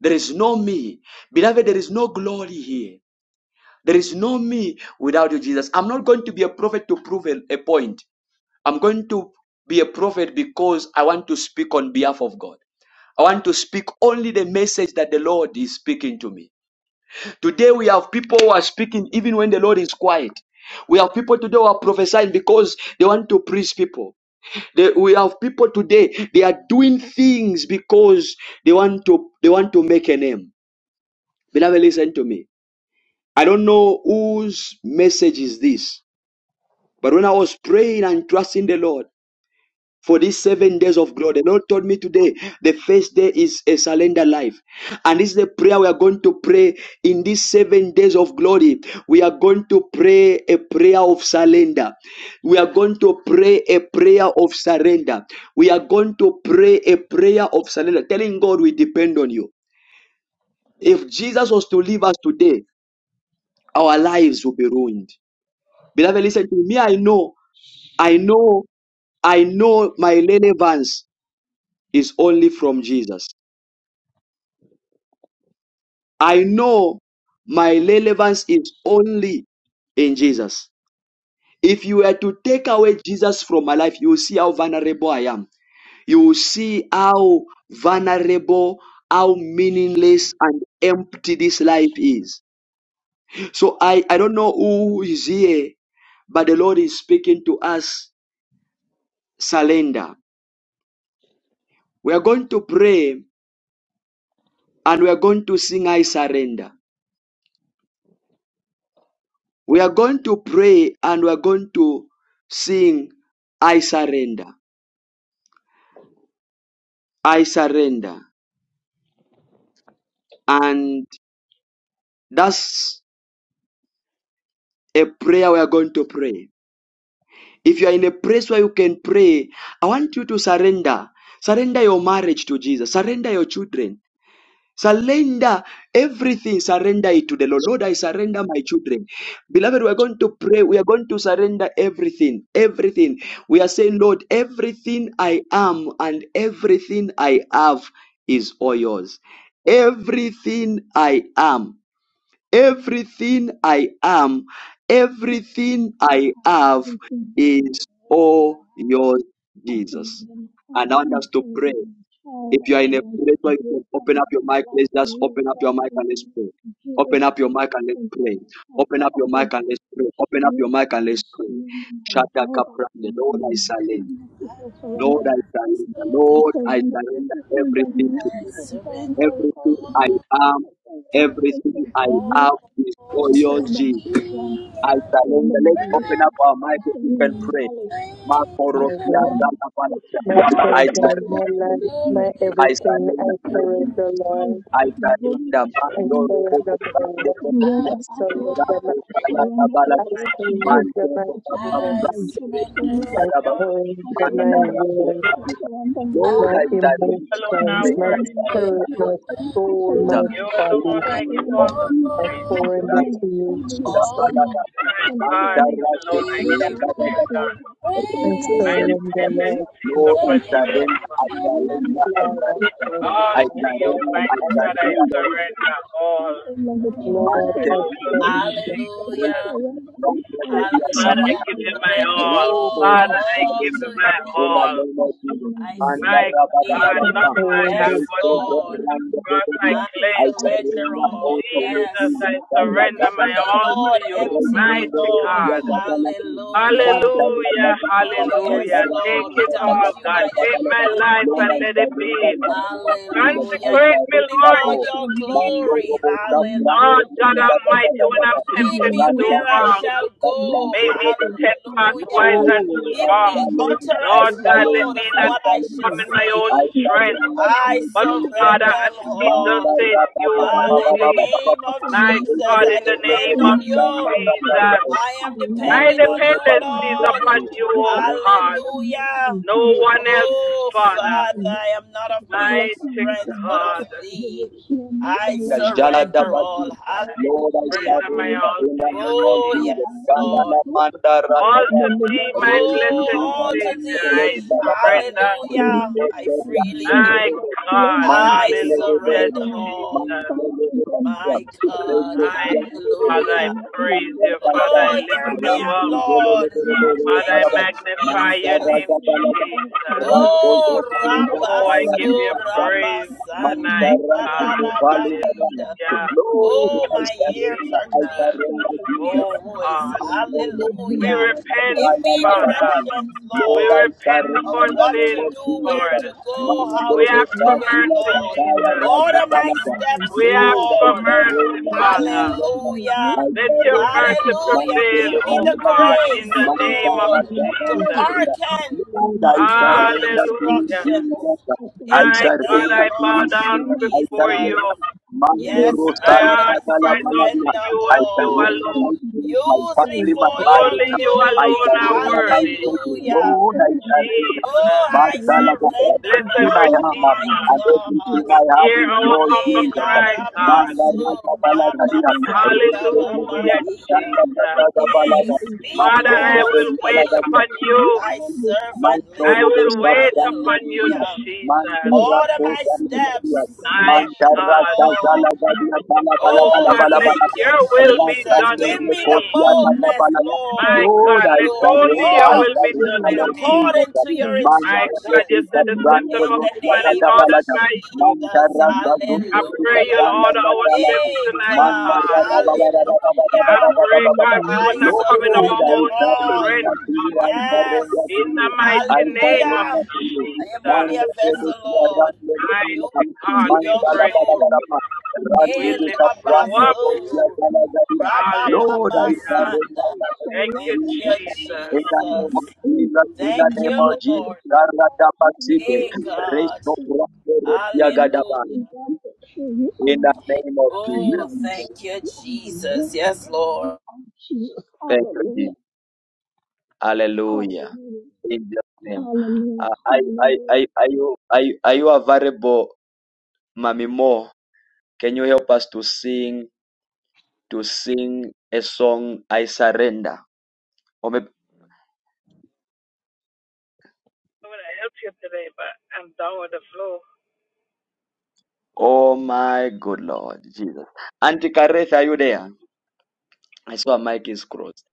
[SPEAKER 1] There is no me. Beloved, there is no glory here. There is no me without you, Jesus. I'm not going to be a prophet to prove a, a point. I'm going to be a prophet because I want to speak on behalf of God. I want to speak only the message that the Lord is speaking to me. Today we have people who are speaking even when the Lord is quiet. We have people today who are prophesying because they want to preach people. They, we have people today, they are doing things because they want to they want to make a name. Beloved, listen to me. I don't know whose message is this, but when I was praying and trusting the Lord, for these seven days of glory. The Lord told me today, the first day is a surrender life. And this is the prayer we are going to pray in these seven days of glory. We are going to pray a prayer of surrender. We are going to pray a prayer of surrender. We are going to pray a prayer of surrender, telling God we depend on you. If Jesus was to leave us today, our lives will be ruined. Beloved, listen to me. I know, I know, I know my relevance is only from Jesus. I know my relevance is only in Jesus. If you were to take away Jesus from my life, you will see how vulnerable I am. You will see how vulnerable, how meaningless and empty this life is. So I, I don't know who is here, but the Lord is speaking to us surrender. We are going to pray and we are going to sing I surrender. We are going to pray and we are going to sing, I surrender. I surrender. And that's a prayer we are going to pray. If you are in a place where you can pray, I want you to surrender. Surrender your marriage to Jesus. Surrender your children. Surrender everything, surrender it to the Lord. Lord, I surrender my children. Beloved, we are going to pray. We are going to surrender everything. Everything. We are saying, Lord, everything I am and everything I have is all yours. Everything I am, everything I am, everything I have
[SPEAKER 6] Everything,
[SPEAKER 1] is
[SPEAKER 6] everything I
[SPEAKER 1] all
[SPEAKER 6] have.
[SPEAKER 1] yours,
[SPEAKER 6] I
[SPEAKER 1] Jesus.
[SPEAKER 6] surrender my
[SPEAKER 1] And I want
[SPEAKER 6] husband, I
[SPEAKER 1] us to pray.
[SPEAKER 6] surrender my child,
[SPEAKER 1] If
[SPEAKER 6] I
[SPEAKER 1] you are in a
[SPEAKER 6] surrender
[SPEAKER 1] place
[SPEAKER 6] to
[SPEAKER 1] where you
[SPEAKER 6] you,
[SPEAKER 1] can
[SPEAKER 6] God,
[SPEAKER 1] open up your
[SPEAKER 6] my
[SPEAKER 1] mic,
[SPEAKER 6] life
[SPEAKER 1] let's
[SPEAKER 6] to
[SPEAKER 1] just
[SPEAKER 6] you,
[SPEAKER 1] open up your
[SPEAKER 6] God,
[SPEAKER 1] mic
[SPEAKER 6] in
[SPEAKER 1] and
[SPEAKER 6] the
[SPEAKER 1] let's
[SPEAKER 6] name
[SPEAKER 1] pray.
[SPEAKER 6] of
[SPEAKER 1] Open
[SPEAKER 6] Jesus.
[SPEAKER 1] up your mic and
[SPEAKER 6] I'm
[SPEAKER 1] let's
[SPEAKER 6] the God
[SPEAKER 1] pray.
[SPEAKER 6] that has
[SPEAKER 1] Open
[SPEAKER 6] no
[SPEAKER 1] up your
[SPEAKER 6] other
[SPEAKER 1] mic and
[SPEAKER 6] God
[SPEAKER 1] let's pray.
[SPEAKER 6] but
[SPEAKER 1] Open up your
[SPEAKER 6] you.
[SPEAKER 1] mic and
[SPEAKER 6] I
[SPEAKER 1] let's pray.
[SPEAKER 6] surrender my
[SPEAKER 1] Shada
[SPEAKER 6] job, I
[SPEAKER 1] kaprande. Lord, I
[SPEAKER 6] surrender my
[SPEAKER 1] surrender.
[SPEAKER 6] finances, I surrender
[SPEAKER 1] Lord, I
[SPEAKER 6] my home.
[SPEAKER 1] surrender.
[SPEAKER 6] I
[SPEAKER 1] Lord, I
[SPEAKER 6] surrender
[SPEAKER 1] surrender
[SPEAKER 6] everything that
[SPEAKER 1] everything to
[SPEAKER 6] needs
[SPEAKER 5] I
[SPEAKER 6] to
[SPEAKER 1] you.
[SPEAKER 6] be done, oh
[SPEAKER 5] surrender
[SPEAKER 6] God,
[SPEAKER 1] Everything
[SPEAKER 6] in
[SPEAKER 1] I
[SPEAKER 6] this
[SPEAKER 5] all,
[SPEAKER 6] house.
[SPEAKER 1] am,
[SPEAKER 6] I surrender it
[SPEAKER 1] everything
[SPEAKER 6] all
[SPEAKER 1] I
[SPEAKER 6] to
[SPEAKER 5] all
[SPEAKER 6] you.
[SPEAKER 1] have is
[SPEAKER 5] all
[SPEAKER 1] all
[SPEAKER 6] I
[SPEAKER 1] yours,
[SPEAKER 5] to
[SPEAKER 6] surrender
[SPEAKER 1] Jesus.
[SPEAKER 6] my strength,
[SPEAKER 5] thee.
[SPEAKER 1] I
[SPEAKER 6] I
[SPEAKER 1] salute.
[SPEAKER 6] surrender my
[SPEAKER 1] Let's open up
[SPEAKER 6] wisdom,
[SPEAKER 1] our minds.
[SPEAKER 6] I
[SPEAKER 1] if you
[SPEAKER 6] surrender
[SPEAKER 1] can
[SPEAKER 6] my
[SPEAKER 1] pray.
[SPEAKER 6] knowledge. I
[SPEAKER 9] my
[SPEAKER 1] Makorosia
[SPEAKER 9] will,
[SPEAKER 6] surrender my soul to
[SPEAKER 1] Zanapalaya.
[SPEAKER 6] you,
[SPEAKER 9] my
[SPEAKER 6] marriage
[SPEAKER 1] I
[SPEAKER 6] to you,
[SPEAKER 5] our
[SPEAKER 9] children,
[SPEAKER 6] and
[SPEAKER 9] my
[SPEAKER 1] surrender to you,
[SPEAKER 9] life, my
[SPEAKER 1] Jesus.
[SPEAKER 6] love
[SPEAKER 5] Savior.
[SPEAKER 6] you,
[SPEAKER 1] I
[SPEAKER 6] Lord in the name of Jesus.
[SPEAKER 9] everything.
[SPEAKER 1] surrender
[SPEAKER 6] I
[SPEAKER 9] I
[SPEAKER 1] to you,
[SPEAKER 6] surrender
[SPEAKER 1] Jesus
[SPEAKER 6] my
[SPEAKER 9] surrender, Lord.
[SPEAKER 6] family, both
[SPEAKER 1] aikaenda
[SPEAKER 9] I
[SPEAKER 1] mandoro
[SPEAKER 6] externally
[SPEAKER 9] surrender
[SPEAKER 1] huko
[SPEAKER 9] my
[SPEAKER 1] pande
[SPEAKER 9] life.
[SPEAKER 6] and
[SPEAKER 1] zote
[SPEAKER 5] I
[SPEAKER 6] walk
[SPEAKER 9] I
[SPEAKER 1] pia
[SPEAKER 5] surrender
[SPEAKER 6] an outlaw
[SPEAKER 9] surrender
[SPEAKER 5] all.
[SPEAKER 6] Father.
[SPEAKER 9] my
[SPEAKER 1] rapo
[SPEAKER 6] I
[SPEAKER 1] sala
[SPEAKER 9] life.
[SPEAKER 6] surrender
[SPEAKER 1] kabala
[SPEAKER 6] it
[SPEAKER 9] I
[SPEAKER 6] all to you.
[SPEAKER 9] surrender
[SPEAKER 1] mante
[SPEAKER 9] my
[SPEAKER 6] I
[SPEAKER 1] papa
[SPEAKER 6] surrender
[SPEAKER 5] I
[SPEAKER 9] mind.
[SPEAKER 6] my
[SPEAKER 1] brani
[SPEAKER 6] job, I
[SPEAKER 5] surrender.
[SPEAKER 1] kiti
[SPEAKER 6] surrender my
[SPEAKER 9] I
[SPEAKER 10] You
[SPEAKER 1] baraba
[SPEAKER 6] hope, I
[SPEAKER 9] surrender my
[SPEAKER 6] surrender my
[SPEAKER 1] mantara
[SPEAKER 9] will,
[SPEAKER 6] fears,
[SPEAKER 1] kosa
[SPEAKER 6] I
[SPEAKER 1] kisa
[SPEAKER 6] surrender my
[SPEAKER 1] Lord
[SPEAKER 9] my
[SPEAKER 1] I
[SPEAKER 6] anxiety
[SPEAKER 1] surrender my
[SPEAKER 6] to
[SPEAKER 10] alone are
[SPEAKER 6] you
[SPEAKER 9] emotions,
[SPEAKER 1] strength
[SPEAKER 9] my
[SPEAKER 6] in
[SPEAKER 1] I
[SPEAKER 10] worthy.
[SPEAKER 6] the name of
[SPEAKER 1] surrender
[SPEAKER 9] spirit, my
[SPEAKER 1] Lord
[SPEAKER 6] Jesus.
[SPEAKER 1] I lift
[SPEAKER 6] I
[SPEAKER 9] soul,
[SPEAKER 1] you
[SPEAKER 9] my
[SPEAKER 6] surrender
[SPEAKER 5] I
[SPEAKER 10] Yours
[SPEAKER 6] myself,
[SPEAKER 1] up
[SPEAKER 9] body.
[SPEAKER 10] alone
[SPEAKER 6] I
[SPEAKER 10] I
[SPEAKER 1] in the
[SPEAKER 10] can
[SPEAKER 1] name
[SPEAKER 6] surrender
[SPEAKER 1] of
[SPEAKER 6] my
[SPEAKER 10] follow.
[SPEAKER 5] surrender
[SPEAKER 9] I
[SPEAKER 6] home,
[SPEAKER 1] Jesus
[SPEAKER 6] I
[SPEAKER 9] surrender
[SPEAKER 6] surrender
[SPEAKER 1] mantara
[SPEAKER 9] to
[SPEAKER 6] my
[SPEAKER 9] you,
[SPEAKER 1] kiti
[SPEAKER 6] family, I
[SPEAKER 9] Jesus.
[SPEAKER 1] kabala
[SPEAKER 6] surrender
[SPEAKER 5] all.
[SPEAKER 6] my
[SPEAKER 5] all
[SPEAKER 6] husband, I
[SPEAKER 10] God,
[SPEAKER 6] surrender
[SPEAKER 10] you
[SPEAKER 6] my
[SPEAKER 1] mantara
[SPEAKER 10] alone
[SPEAKER 6] child,
[SPEAKER 10] I
[SPEAKER 1] kiti
[SPEAKER 6] oh
[SPEAKER 10] can
[SPEAKER 5] Be
[SPEAKER 6] God,
[SPEAKER 10] depend
[SPEAKER 5] my
[SPEAKER 6] into
[SPEAKER 1] baraba
[SPEAKER 10] on.
[SPEAKER 6] your hand. I
[SPEAKER 9] I
[SPEAKER 6] surrender my
[SPEAKER 10] My
[SPEAKER 9] surrender,
[SPEAKER 6] marriage, oh
[SPEAKER 5] precious
[SPEAKER 10] dependence
[SPEAKER 9] Lord
[SPEAKER 6] God,
[SPEAKER 10] is
[SPEAKER 9] Jesus.
[SPEAKER 1] Lord
[SPEAKER 10] upon
[SPEAKER 1] I
[SPEAKER 6] into
[SPEAKER 10] you.
[SPEAKER 6] your hand.
[SPEAKER 1] surrender
[SPEAKER 6] I
[SPEAKER 1] I
[SPEAKER 5] Savior,
[SPEAKER 6] surrender,
[SPEAKER 1] surrender I
[SPEAKER 6] oh
[SPEAKER 9] Lord, I
[SPEAKER 6] God,
[SPEAKER 1] surrender
[SPEAKER 5] my
[SPEAKER 6] my
[SPEAKER 10] All
[SPEAKER 1] I
[SPEAKER 9] surrender.
[SPEAKER 10] to you,
[SPEAKER 9] Lord,
[SPEAKER 6] finances,
[SPEAKER 1] surrender,
[SPEAKER 6] oh
[SPEAKER 1] I
[SPEAKER 10] mighty
[SPEAKER 9] I
[SPEAKER 6] God, the
[SPEAKER 10] God, I
[SPEAKER 9] surrender.
[SPEAKER 1] surrender,
[SPEAKER 6] things,
[SPEAKER 1] Lord.
[SPEAKER 6] oh God.
[SPEAKER 10] surrender
[SPEAKER 6] Father,
[SPEAKER 10] all.
[SPEAKER 6] in the name of Jesus,
[SPEAKER 9] Lord,
[SPEAKER 1] Mante
[SPEAKER 6] in
[SPEAKER 9] I
[SPEAKER 6] the name of
[SPEAKER 9] surrender.
[SPEAKER 6] Jesus, I
[SPEAKER 10] Jesus.
[SPEAKER 5] Hallelujah,
[SPEAKER 6] surrender it
[SPEAKER 1] longer
[SPEAKER 6] all
[SPEAKER 1] ready
[SPEAKER 6] to
[SPEAKER 1] as
[SPEAKER 10] Father,
[SPEAKER 1] summer
[SPEAKER 10] I
[SPEAKER 6] you,
[SPEAKER 5] hallelujah.
[SPEAKER 6] O
[SPEAKER 10] give
[SPEAKER 1] coming.
[SPEAKER 10] you my
[SPEAKER 6] God.
[SPEAKER 5] Surrender
[SPEAKER 10] all.
[SPEAKER 1] Oh,
[SPEAKER 5] all,
[SPEAKER 6] I
[SPEAKER 10] Father,
[SPEAKER 1] I'm
[SPEAKER 10] I
[SPEAKER 1] sorry.
[SPEAKER 5] all
[SPEAKER 10] give
[SPEAKER 6] surrender
[SPEAKER 10] you
[SPEAKER 5] to
[SPEAKER 6] my
[SPEAKER 10] my
[SPEAKER 1] In
[SPEAKER 6] all.
[SPEAKER 1] the
[SPEAKER 5] thee.
[SPEAKER 10] all.
[SPEAKER 1] name
[SPEAKER 6] I
[SPEAKER 1] of Jesus.
[SPEAKER 6] surrender my
[SPEAKER 5] I freely
[SPEAKER 1] Manda
[SPEAKER 6] day.
[SPEAKER 10] My
[SPEAKER 1] raba
[SPEAKER 6] I
[SPEAKER 1] raba
[SPEAKER 5] give.
[SPEAKER 10] God,
[SPEAKER 9] Thank
[SPEAKER 6] surrender
[SPEAKER 1] raba.
[SPEAKER 10] nothing
[SPEAKER 6] my
[SPEAKER 10] I
[SPEAKER 1] The
[SPEAKER 6] spirit.
[SPEAKER 10] have
[SPEAKER 5] Yes,
[SPEAKER 1] day
[SPEAKER 10] but
[SPEAKER 1] so
[SPEAKER 6] I
[SPEAKER 1] God
[SPEAKER 10] to the
[SPEAKER 5] Lord.
[SPEAKER 6] surrender
[SPEAKER 1] brand the
[SPEAKER 6] my
[SPEAKER 10] cross
[SPEAKER 1] baby.
[SPEAKER 10] I
[SPEAKER 5] I
[SPEAKER 6] finances.
[SPEAKER 1] I
[SPEAKER 10] cling.
[SPEAKER 6] I
[SPEAKER 5] surrender
[SPEAKER 1] surrender
[SPEAKER 6] surrender my
[SPEAKER 1] all
[SPEAKER 5] all.
[SPEAKER 1] to
[SPEAKER 6] hope.
[SPEAKER 1] you,
[SPEAKER 10] Jesus,
[SPEAKER 5] Yes.
[SPEAKER 10] I
[SPEAKER 1] Jesus.
[SPEAKER 6] Father, I
[SPEAKER 1] Barra
[SPEAKER 6] give
[SPEAKER 10] surrender
[SPEAKER 5] Strip
[SPEAKER 6] it
[SPEAKER 1] raba
[SPEAKER 10] my
[SPEAKER 6] all
[SPEAKER 5] me,
[SPEAKER 6] to
[SPEAKER 1] raba.
[SPEAKER 10] all
[SPEAKER 6] you
[SPEAKER 10] to
[SPEAKER 5] Lord.
[SPEAKER 10] you,
[SPEAKER 6] in
[SPEAKER 1] Right
[SPEAKER 5] Empty
[SPEAKER 6] the
[SPEAKER 5] me,
[SPEAKER 1] in the
[SPEAKER 6] name
[SPEAKER 10] mighty
[SPEAKER 5] Lord.
[SPEAKER 6] of
[SPEAKER 1] Rosia
[SPEAKER 10] God.
[SPEAKER 6] Jesus.
[SPEAKER 1] Zabalaki.
[SPEAKER 6] Make me
[SPEAKER 5] Hallelujah.
[SPEAKER 6] answer
[SPEAKER 1] Manda raba
[SPEAKER 6] what
[SPEAKER 10] Hallelujah,
[SPEAKER 6] you
[SPEAKER 1] raba
[SPEAKER 6] want me to
[SPEAKER 5] Oh,
[SPEAKER 1] raba.
[SPEAKER 5] yes,
[SPEAKER 6] do.
[SPEAKER 10] hallelujah. Take
[SPEAKER 5] Lord.
[SPEAKER 6] Lord,
[SPEAKER 10] it
[SPEAKER 6] you
[SPEAKER 5] Without
[SPEAKER 10] all,
[SPEAKER 5] you,
[SPEAKER 6] are
[SPEAKER 10] God.
[SPEAKER 5] I
[SPEAKER 6] my
[SPEAKER 5] am
[SPEAKER 10] Take my
[SPEAKER 6] shepherd,
[SPEAKER 10] life
[SPEAKER 6] and
[SPEAKER 1] Lord,
[SPEAKER 10] and
[SPEAKER 1] I
[SPEAKER 6] I
[SPEAKER 5] nothing.
[SPEAKER 10] let it
[SPEAKER 6] know
[SPEAKER 10] be.
[SPEAKER 6] that
[SPEAKER 1] surrender in
[SPEAKER 6] you
[SPEAKER 1] the name of
[SPEAKER 6] are
[SPEAKER 1] Jesus.
[SPEAKER 6] my
[SPEAKER 1] I
[SPEAKER 5] Hallelujah.
[SPEAKER 6] shepherd.
[SPEAKER 10] Consecrate me,
[SPEAKER 5] Use me
[SPEAKER 1] surrender
[SPEAKER 10] Lord,
[SPEAKER 5] for
[SPEAKER 6] I
[SPEAKER 1] all.
[SPEAKER 10] to
[SPEAKER 6] shall
[SPEAKER 5] your
[SPEAKER 6] know
[SPEAKER 10] thee.
[SPEAKER 1] Mando
[SPEAKER 6] that
[SPEAKER 5] glory.
[SPEAKER 6] I
[SPEAKER 1] robota
[SPEAKER 6] am no
[SPEAKER 1] grande
[SPEAKER 10] Lord God
[SPEAKER 6] lacking
[SPEAKER 5] Hallelujah.
[SPEAKER 1] da da
[SPEAKER 6] in
[SPEAKER 1] da
[SPEAKER 10] Almighty,
[SPEAKER 1] da
[SPEAKER 10] when
[SPEAKER 1] da da.
[SPEAKER 10] I'm
[SPEAKER 6] will
[SPEAKER 5] Lead
[SPEAKER 10] tempted
[SPEAKER 5] me
[SPEAKER 10] to do
[SPEAKER 6] lead me
[SPEAKER 5] where I
[SPEAKER 1] Rasando
[SPEAKER 6] in the
[SPEAKER 10] wrong,
[SPEAKER 5] shall
[SPEAKER 1] robota
[SPEAKER 6] path of your
[SPEAKER 5] go.
[SPEAKER 10] make
[SPEAKER 1] grande da
[SPEAKER 10] me
[SPEAKER 1] da da.
[SPEAKER 6] will
[SPEAKER 10] steadfast, wise,
[SPEAKER 5] Hallelujah.
[SPEAKER 6] quickly
[SPEAKER 1] Oh,
[SPEAKER 10] and
[SPEAKER 6] me
[SPEAKER 5] Give me
[SPEAKER 10] strong.
[SPEAKER 6] and will
[SPEAKER 1] Altalena,
[SPEAKER 10] Lord
[SPEAKER 5] utterance,
[SPEAKER 6] pasture me.
[SPEAKER 10] God, let
[SPEAKER 5] Lord,
[SPEAKER 6] My
[SPEAKER 1] Altalena,
[SPEAKER 10] me
[SPEAKER 5] of
[SPEAKER 10] not
[SPEAKER 6] fever
[SPEAKER 5] what I
[SPEAKER 6] and
[SPEAKER 5] should
[SPEAKER 1] Altalena.
[SPEAKER 10] come
[SPEAKER 6] my
[SPEAKER 10] in my
[SPEAKER 6] blood.
[SPEAKER 10] own
[SPEAKER 5] say.
[SPEAKER 6] You
[SPEAKER 10] strength,
[SPEAKER 1] Altalena
[SPEAKER 6] pasture
[SPEAKER 5] I
[SPEAKER 6] on
[SPEAKER 1] to
[SPEAKER 10] but Father,
[SPEAKER 1] Jesus.
[SPEAKER 10] I
[SPEAKER 5] surrender
[SPEAKER 6] I am
[SPEAKER 10] speak
[SPEAKER 6] not
[SPEAKER 10] those
[SPEAKER 1] Manda
[SPEAKER 5] all.
[SPEAKER 10] things
[SPEAKER 6] ill.
[SPEAKER 1] rapa
[SPEAKER 10] you
[SPEAKER 6] I
[SPEAKER 1] da da da
[SPEAKER 5] Father,
[SPEAKER 6] am not
[SPEAKER 1] da
[SPEAKER 5] in
[SPEAKER 1] da
[SPEAKER 5] the
[SPEAKER 10] only.
[SPEAKER 1] da da
[SPEAKER 6] lacking.
[SPEAKER 5] name
[SPEAKER 1] da.
[SPEAKER 5] of
[SPEAKER 6] I am
[SPEAKER 10] My
[SPEAKER 6] never
[SPEAKER 5] Jesus,
[SPEAKER 10] God,
[SPEAKER 1] Cristo
[SPEAKER 5] I
[SPEAKER 10] in
[SPEAKER 1] de
[SPEAKER 10] the
[SPEAKER 1] la
[SPEAKER 6] lacking.
[SPEAKER 10] name
[SPEAKER 5] depend
[SPEAKER 6] In
[SPEAKER 1] María,
[SPEAKER 10] of
[SPEAKER 6] the
[SPEAKER 5] on
[SPEAKER 6] name
[SPEAKER 5] you.
[SPEAKER 1] Santa
[SPEAKER 6] of
[SPEAKER 1] Rapa
[SPEAKER 6] Jesus,
[SPEAKER 1] da.
[SPEAKER 10] Jesus,
[SPEAKER 5] I
[SPEAKER 6] I
[SPEAKER 5] am
[SPEAKER 6] am not
[SPEAKER 10] my
[SPEAKER 5] dependent
[SPEAKER 1] Mando
[SPEAKER 6] sick.
[SPEAKER 5] on you,
[SPEAKER 6] I
[SPEAKER 10] dependence
[SPEAKER 1] robota
[SPEAKER 6] am
[SPEAKER 10] is
[SPEAKER 6] not
[SPEAKER 5] Lord.
[SPEAKER 10] upon
[SPEAKER 6] lacking.
[SPEAKER 10] you, O
[SPEAKER 1] grande.
[SPEAKER 10] God.
[SPEAKER 5] Hallelujah.
[SPEAKER 10] No one else,
[SPEAKER 6] my
[SPEAKER 5] Oh,
[SPEAKER 6] Father and
[SPEAKER 10] Father.
[SPEAKER 5] Father,
[SPEAKER 6] my
[SPEAKER 5] I
[SPEAKER 6] God,
[SPEAKER 5] am not of
[SPEAKER 6] I
[SPEAKER 5] my
[SPEAKER 6] call
[SPEAKER 5] own
[SPEAKER 6] upon
[SPEAKER 10] Mighty
[SPEAKER 6] you
[SPEAKER 5] strength, but of
[SPEAKER 6] tonight.
[SPEAKER 10] God,
[SPEAKER 6] You will
[SPEAKER 5] thee.
[SPEAKER 6] hear me
[SPEAKER 5] I
[SPEAKER 6] and
[SPEAKER 1] Linda,
[SPEAKER 6] let me
[SPEAKER 1] Jala
[SPEAKER 6] and
[SPEAKER 5] surrender
[SPEAKER 6] do it.
[SPEAKER 1] Dabati.
[SPEAKER 5] all.
[SPEAKER 6] I, I,
[SPEAKER 1] Lord, I
[SPEAKER 5] Hallelujah.
[SPEAKER 10] render
[SPEAKER 6] I,
[SPEAKER 1] surrender
[SPEAKER 10] my
[SPEAKER 6] I,
[SPEAKER 10] all
[SPEAKER 1] in
[SPEAKER 10] to
[SPEAKER 1] the
[SPEAKER 10] you,
[SPEAKER 1] name of
[SPEAKER 5] Oh,
[SPEAKER 6] I I
[SPEAKER 5] yes,
[SPEAKER 10] Jesus.
[SPEAKER 1] Jesus.
[SPEAKER 6] am
[SPEAKER 1] Kalala
[SPEAKER 5] Lord.
[SPEAKER 6] hoping that
[SPEAKER 1] Manda
[SPEAKER 6] the
[SPEAKER 10] All
[SPEAKER 1] Rakata.
[SPEAKER 10] to thee,
[SPEAKER 6] Lord
[SPEAKER 10] my
[SPEAKER 6] is
[SPEAKER 10] blessed
[SPEAKER 5] Oh, all
[SPEAKER 6] opening
[SPEAKER 5] to
[SPEAKER 6] us
[SPEAKER 1] Rekikikalambo
[SPEAKER 10] Savior, I
[SPEAKER 5] thee.
[SPEAKER 6] into this
[SPEAKER 1] Rekikalaba.
[SPEAKER 6] prayer
[SPEAKER 10] surrender.
[SPEAKER 6] in the
[SPEAKER 5] Hallelujah.
[SPEAKER 6] name
[SPEAKER 5] I
[SPEAKER 6] of
[SPEAKER 1] Rekoteriambo
[SPEAKER 5] freely give.
[SPEAKER 10] My
[SPEAKER 6] Jesus, let
[SPEAKER 1] Rebebe.
[SPEAKER 10] God,
[SPEAKER 6] me
[SPEAKER 5] I
[SPEAKER 1] Mantele
[SPEAKER 6] reflect in the
[SPEAKER 10] hallelujah,
[SPEAKER 1] Rebebe.
[SPEAKER 5] surrender
[SPEAKER 6] living room.
[SPEAKER 5] all.
[SPEAKER 10] Jesus.
[SPEAKER 6] Father,
[SPEAKER 1] Mantele
[SPEAKER 6] oh God, my
[SPEAKER 1] Rebebe.
[SPEAKER 5] My
[SPEAKER 6] petition,
[SPEAKER 5] God.
[SPEAKER 6] Lord
[SPEAKER 10] I,
[SPEAKER 6] God, my
[SPEAKER 1] Rekotiambo
[SPEAKER 6] complaint
[SPEAKER 10] Father,
[SPEAKER 1] Rebebe.
[SPEAKER 6] to
[SPEAKER 10] I
[SPEAKER 5] Hallelujah.
[SPEAKER 6] your
[SPEAKER 10] praise
[SPEAKER 1] Manda
[SPEAKER 6] ears.
[SPEAKER 10] you,
[SPEAKER 1] Kalaba.
[SPEAKER 10] Father, I
[SPEAKER 5] Oh,
[SPEAKER 6] Father,
[SPEAKER 5] here
[SPEAKER 10] lift
[SPEAKER 6] I'm
[SPEAKER 10] you
[SPEAKER 5] I am,
[SPEAKER 1] Rasi
[SPEAKER 10] up.
[SPEAKER 6] moving. I
[SPEAKER 1] Rebebe
[SPEAKER 5] Lord.
[SPEAKER 6] surrender it
[SPEAKER 1] Rebebe
[SPEAKER 6] all
[SPEAKER 10] Father,
[SPEAKER 5] Thank
[SPEAKER 10] I
[SPEAKER 6] things
[SPEAKER 1] Kalaba.
[SPEAKER 5] you,
[SPEAKER 6] to your hands.
[SPEAKER 10] magnify
[SPEAKER 1] Manta
[SPEAKER 10] your
[SPEAKER 6] I
[SPEAKER 5] Jesus.
[SPEAKER 10] name,
[SPEAKER 1] Raga
[SPEAKER 6] surrender
[SPEAKER 1] Kalaba.
[SPEAKER 6] all to
[SPEAKER 10] Jesus.
[SPEAKER 6] you.
[SPEAKER 1] Rasko
[SPEAKER 6] I
[SPEAKER 5] Oh,
[SPEAKER 1] Jokali
[SPEAKER 6] surrender all
[SPEAKER 10] Oh, I
[SPEAKER 6] to
[SPEAKER 10] give
[SPEAKER 6] you.
[SPEAKER 10] you
[SPEAKER 5] Rabaso,
[SPEAKER 6] I
[SPEAKER 1] Zakaya
[SPEAKER 10] praise
[SPEAKER 6] surrender all
[SPEAKER 1] Lord,
[SPEAKER 6] to
[SPEAKER 5] Rabasandra,
[SPEAKER 1] I
[SPEAKER 10] tonight,
[SPEAKER 6] you. Of
[SPEAKER 10] God.
[SPEAKER 6] myself and
[SPEAKER 5] Rabahida.
[SPEAKER 6] my
[SPEAKER 10] Hallelujah.
[SPEAKER 6] nothing. My Father,
[SPEAKER 5] Oh,
[SPEAKER 6] I
[SPEAKER 5] my
[SPEAKER 1] surrender,
[SPEAKER 5] ears
[SPEAKER 6] surrender
[SPEAKER 5] are
[SPEAKER 6] all
[SPEAKER 1] I
[SPEAKER 6] my
[SPEAKER 5] glued
[SPEAKER 10] Jesus.
[SPEAKER 1] surrender,
[SPEAKER 6] strength.
[SPEAKER 5] to
[SPEAKER 6] You
[SPEAKER 5] your
[SPEAKER 1] Jesus.
[SPEAKER 10] Oh,
[SPEAKER 6] are
[SPEAKER 5] voice.
[SPEAKER 10] God.
[SPEAKER 6] my
[SPEAKER 1] Mando, Lord,
[SPEAKER 10] We
[SPEAKER 5] Hallelujah.
[SPEAKER 6] vision.
[SPEAKER 10] repent,
[SPEAKER 6] Father,
[SPEAKER 5] Give me
[SPEAKER 6] oh God,
[SPEAKER 10] Father.
[SPEAKER 6] you are
[SPEAKER 5] directions,
[SPEAKER 10] We
[SPEAKER 1] Lord, I
[SPEAKER 5] Lord,
[SPEAKER 10] repent
[SPEAKER 1] surrender
[SPEAKER 6] into
[SPEAKER 10] of
[SPEAKER 5] of
[SPEAKER 10] our
[SPEAKER 1] in the
[SPEAKER 5] what
[SPEAKER 1] name
[SPEAKER 5] to
[SPEAKER 10] sins,
[SPEAKER 1] of
[SPEAKER 5] do, where
[SPEAKER 10] Lord.
[SPEAKER 1] Jesus.
[SPEAKER 6] your
[SPEAKER 5] to
[SPEAKER 6] hands, oh
[SPEAKER 5] go, how
[SPEAKER 1] Mando
[SPEAKER 10] We
[SPEAKER 6] Lord.
[SPEAKER 5] to
[SPEAKER 1] de
[SPEAKER 10] ask for
[SPEAKER 5] do it,
[SPEAKER 1] Fatila
[SPEAKER 10] mercy,
[SPEAKER 5] Lord.
[SPEAKER 6] Father,
[SPEAKER 1] Kataya
[SPEAKER 10] Jesus.
[SPEAKER 1] Raka
[SPEAKER 5] Order my
[SPEAKER 1] Palaka.
[SPEAKER 5] steps,
[SPEAKER 10] We ask
[SPEAKER 1] Lord, I
[SPEAKER 10] for
[SPEAKER 5] Lord.
[SPEAKER 10] mercy,
[SPEAKER 1] surrender
[SPEAKER 10] Father.
[SPEAKER 1] Jesus. I
[SPEAKER 5] Hallelujah.
[SPEAKER 10] Let your
[SPEAKER 1] surrender.
[SPEAKER 10] mercy
[SPEAKER 5] Hallelujah.
[SPEAKER 10] prevail,
[SPEAKER 1] Mantele
[SPEAKER 5] Give me
[SPEAKER 10] oh
[SPEAKER 6] I
[SPEAKER 5] the
[SPEAKER 1] Balgaria.
[SPEAKER 10] God, in the
[SPEAKER 5] grace,
[SPEAKER 10] name of
[SPEAKER 1] Mantara
[SPEAKER 5] Lord, to
[SPEAKER 10] Jesus.
[SPEAKER 1] Gabalagaria.
[SPEAKER 5] hearken
[SPEAKER 1] Lord, I
[SPEAKER 5] unto your
[SPEAKER 1] surrender to you,
[SPEAKER 10] Hallelujah.
[SPEAKER 5] instructions
[SPEAKER 1] Jesus. I
[SPEAKER 5] in
[SPEAKER 10] My
[SPEAKER 5] the
[SPEAKER 10] God,
[SPEAKER 1] surrender
[SPEAKER 5] name
[SPEAKER 10] I
[SPEAKER 1] to
[SPEAKER 5] of
[SPEAKER 10] bow
[SPEAKER 1] you,
[SPEAKER 10] down
[SPEAKER 1] Jesus. I
[SPEAKER 10] before
[SPEAKER 5] Jesus.
[SPEAKER 1] surrender.
[SPEAKER 10] you.
[SPEAKER 1] Mando
[SPEAKER 5] Yes,
[SPEAKER 10] I
[SPEAKER 1] Rosale
[SPEAKER 5] Lord, I
[SPEAKER 10] ask
[SPEAKER 1] Padala
[SPEAKER 10] myself to
[SPEAKER 1] Paladia.
[SPEAKER 5] surrender
[SPEAKER 10] you
[SPEAKER 1] I
[SPEAKER 10] and you
[SPEAKER 5] all.
[SPEAKER 1] surrender
[SPEAKER 10] alone.
[SPEAKER 1] my faith, my
[SPEAKER 5] Use me
[SPEAKER 1] family, my
[SPEAKER 5] for your
[SPEAKER 10] Only
[SPEAKER 1] marriage.
[SPEAKER 10] you
[SPEAKER 1] I
[SPEAKER 5] glory.
[SPEAKER 10] alone are
[SPEAKER 1] surrender my
[SPEAKER 6] Thank
[SPEAKER 10] worthy.
[SPEAKER 6] you.
[SPEAKER 1] children.
[SPEAKER 6] If you
[SPEAKER 5] Hallelujah.
[SPEAKER 1] Lord, I
[SPEAKER 6] turn and
[SPEAKER 1] surrender.
[SPEAKER 6] speak,
[SPEAKER 5] Oh,
[SPEAKER 10] Jesus,
[SPEAKER 6] I
[SPEAKER 5] I
[SPEAKER 6] surrender
[SPEAKER 1] Masalaga,
[SPEAKER 6] it all to
[SPEAKER 5] surrender
[SPEAKER 10] blessed
[SPEAKER 6] you,
[SPEAKER 1] everything I
[SPEAKER 6] O
[SPEAKER 5] all,
[SPEAKER 1] am
[SPEAKER 6] God,
[SPEAKER 1] uh,
[SPEAKER 5] my
[SPEAKER 6] in the
[SPEAKER 10] Redeemer,
[SPEAKER 1] and
[SPEAKER 6] name of
[SPEAKER 1] everything
[SPEAKER 5] God.
[SPEAKER 6] Jesus.
[SPEAKER 1] I
[SPEAKER 6] I
[SPEAKER 1] have
[SPEAKER 10] hear
[SPEAKER 1] is
[SPEAKER 10] our
[SPEAKER 6] surrender
[SPEAKER 1] yours,
[SPEAKER 10] humble
[SPEAKER 5] E
[SPEAKER 1] Jesus.
[SPEAKER 5] la
[SPEAKER 6] and
[SPEAKER 10] cry,
[SPEAKER 6] to all my
[SPEAKER 10] God.
[SPEAKER 1] Manda
[SPEAKER 6] you
[SPEAKER 5] rabaso
[SPEAKER 1] Raja
[SPEAKER 6] Father,
[SPEAKER 1] Palagadia.
[SPEAKER 6] in the
[SPEAKER 5] rabasanda
[SPEAKER 1] Rende
[SPEAKER 6] heavens, I will
[SPEAKER 1] Mugala
[SPEAKER 10] Hallelujah,
[SPEAKER 6] really
[SPEAKER 1] Manda
[SPEAKER 5] rabahida.
[SPEAKER 6] surrender
[SPEAKER 10] Jesus.
[SPEAKER 6] it
[SPEAKER 1] Raja
[SPEAKER 6] all to
[SPEAKER 5] Hey,
[SPEAKER 6] you,
[SPEAKER 1] Palaga.
[SPEAKER 6] O God.
[SPEAKER 5] speak,
[SPEAKER 10] Father,
[SPEAKER 1] Manda
[SPEAKER 10] I
[SPEAKER 6] Father,
[SPEAKER 5] Lord,
[SPEAKER 1] Raja
[SPEAKER 10] will
[SPEAKER 6] everything
[SPEAKER 10] wait
[SPEAKER 5] speak.
[SPEAKER 1] Palagadia.
[SPEAKER 10] upon
[SPEAKER 6] to
[SPEAKER 10] you.
[SPEAKER 6] you, O
[SPEAKER 5] Thy
[SPEAKER 6] God, will come.
[SPEAKER 1] Lord,
[SPEAKER 5] servant
[SPEAKER 1] I
[SPEAKER 10] I
[SPEAKER 1] surrender,
[SPEAKER 6] Father,
[SPEAKER 10] will
[SPEAKER 5] listeneth.
[SPEAKER 6] in the
[SPEAKER 10] wait
[SPEAKER 6] heavens, I
[SPEAKER 10] upon you,
[SPEAKER 6] will
[SPEAKER 5] Hallelujah.
[SPEAKER 6] come and
[SPEAKER 10] Jesus.
[SPEAKER 6] you.
[SPEAKER 5] Order
[SPEAKER 6] I
[SPEAKER 5] my
[SPEAKER 6] have no other
[SPEAKER 5] steps.
[SPEAKER 6] God
[SPEAKER 10] My
[SPEAKER 6] but
[SPEAKER 5] Yes,
[SPEAKER 6] you.
[SPEAKER 10] God.
[SPEAKER 6] I
[SPEAKER 5] Lord.
[SPEAKER 6] come to the cross. I
[SPEAKER 10] Oh
[SPEAKER 5] Oh,
[SPEAKER 6] come
[SPEAKER 10] God,
[SPEAKER 6] to
[SPEAKER 10] let
[SPEAKER 6] the
[SPEAKER 5] thank you,
[SPEAKER 6] cross.
[SPEAKER 10] your
[SPEAKER 6] I
[SPEAKER 10] will
[SPEAKER 6] come
[SPEAKER 10] be
[SPEAKER 6] to the
[SPEAKER 5] Jesus.
[SPEAKER 10] done in
[SPEAKER 5] Give me
[SPEAKER 6] cross.
[SPEAKER 10] me.
[SPEAKER 5] the
[SPEAKER 6] I need to
[SPEAKER 5] boldness,
[SPEAKER 6] come to
[SPEAKER 10] My
[SPEAKER 6] the
[SPEAKER 5] Lord,
[SPEAKER 10] God,
[SPEAKER 6] cross.
[SPEAKER 10] let
[SPEAKER 5] to
[SPEAKER 6] Thank
[SPEAKER 10] only your
[SPEAKER 1] I
[SPEAKER 5] walk
[SPEAKER 10] will be done
[SPEAKER 1] surrender,
[SPEAKER 5] in
[SPEAKER 10] in
[SPEAKER 1] Lord
[SPEAKER 10] me.
[SPEAKER 1] Jesus.
[SPEAKER 5] accordance to your
[SPEAKER 10] My God, you
[SPEAKER 5] instructions.
[SPEAKER 10] said the
[SPEAKER 1] Lord,
[SPEAKER 10] steps of a
[SPEAKER 5] In the
[SPEAKER 10] good man is
[SPEAKER 5] name of
[SPEAKER 10] ordered by
[SPEAKER 1] I
[SPEAKER 10] you.
[SPEAKER 5] Jesus,
[SPEAKER 10] I pray you'll
[SPEAKER 5] hallelujah.
[SPEAKER 10] order our steps
[SPEAKER 5] Hey,
[SPEAKER 10] tonight,
[SPEAKER 5] God,
[SPEAKER 10] God.
[SPEAKER 5] hallelujah.
[SPEAKER 1] surrender
[SPEAKER 10] I pray,
[SPEAKER 1] to
[SPEAKER 10] God, we
[SPEAKER 5] I
[SPEAKER 10] will not come in our
[SPEAKER 5] surrender
[SPEAKER 10] own
[SPEAKER 5] all.
[SPEAKER 10] strength.
[SPEAKER 1] you, I surrender
[SPEAKER 5] Yes,
[SPEAKER 1] to
[SPEAKER 10] In the
[SPEAKER 1] you. Lord,
[SPEAKER 10] mighty
[SPEAKER 1] I
[SPEAKER 10] name
[SPEAKER 1] surrender
[SPEAKER 10] of
[SPEAKER 1] my
[SPEAKER 5] hallelujah.
[SPEAKER 1] life to
[SPEAKER 5] I am only
[SPEAKER 10] Jesus,
[SPEAKER 5] a
[SPEAKER 1] Jesus.
[SPEAKER 5] vessel,
[SPEAKER 6] you
[SPEAKER 5] Lord. Use
[SPEAKER 10] mighty
[SPEAKER 6] who
[SPEAKER 5] me
[SPEAKER 6] can
[SPEAKER 10] God,
[SPEAKER 5] to
[SPEAKER 6] do
[SPEAKER 10] we
[SPEAKER 5] your
[SPEAKER 10] praise
[SPEAKER 5] glory.
[SPEAKER 6] exceeding
[SPEAKER 10] you. We
[SPEAKER 6] abundantly
[SPEAKER 5] Hey,
[SPEAKER 10] lift you
[SPEAKER 6] above
[SPEAKER 10] up.
[SPEAKER 6] all
[SPEAKER 5] Rabasu,
[SPEAKER 6] that I ask of
[SPEAKER 10] Hallelujah.
[SPEAKER 6] think. I
[SPEAKER 5] Rabababasanda.
[SPEAKER 10] Thank you,
[SPEAKER 5] Thank
[SPEAKER 6] surrender
[SPEAKER 5] you,
[SPEAKER 6] everything
[SPEAKER 10] Jesus.
[SPEAKER 1] In the
[SPEAKER 6] to
[SPEAKER 1] name of
[SPEAKER 5] Jesus.
[SPEAKER 6] you, O
[SPEAKER 1] Jesus,
[SPEAKER 6] God,
[SPEAKER 1] in the
[SPEAKER 6] in the
[SPEAKER 5] Thank
[SPEAKER 1] name
[SPEAKER 5] you,
[SPEAKER 1] of
[SPEAKER 6] name of
[SPEAKER 1] Jesus,
[SPEAKER 5] Lord.
[SPEAKER 6] Jesus. I
[SPEAKER 5] Hey,
[SPEAKER 1] Karadabasite,
[SPEAKER 5] God,
[SPEAKER 6] have no other God but you. I have no
[SPEAKER 5] hallelujah.
[SPEAKER 1] Restobrandorosiagadaba.
[SPEAKER 6] other God but you. You are
[SPEAKER 1] in the
[SPEAKER 6] my,
[SPEAKER 1] name of
[SPEAKER 6] you
[SPEAKER 1] Jesus.
[SPEAKER 5] Oh,
[SPEAKER 6] are my life.
[SPEAKER 5] thank you,
[SPEAKER 6] You are my God.
[SPEAKER 5] Jesus. Yes,
[SPEAKER 6] and the
[SPEAKER 5] Lord.
[SPEAKER 6] name of Jesus.
[SPEAKER 1] Thank you,
[SPEAKER 6] Hallelujah.
[SPEAKER 1] Jesus. Hallelujah.
[SPEAKER 6] Hallelujah.
[SPEAKER 1] In Jesus' name.
[SPEAKER 6] Hallelujah.
[SPEAKER 1] Uh, Are, are,
[SPEAKER 6] Hallelujah.
[SPEAKER 1] are, are you, are, you, are you available, Mami Mo? Can you help us to sing to sing a song I surrender? Or maybe,
[SPEAKER 10] I want to help you today, but I'm down with the flow.
[SPEAKER 1] oh my good Lord Jesus. Auntie Kareth, are you there? I saw her mic is crossed.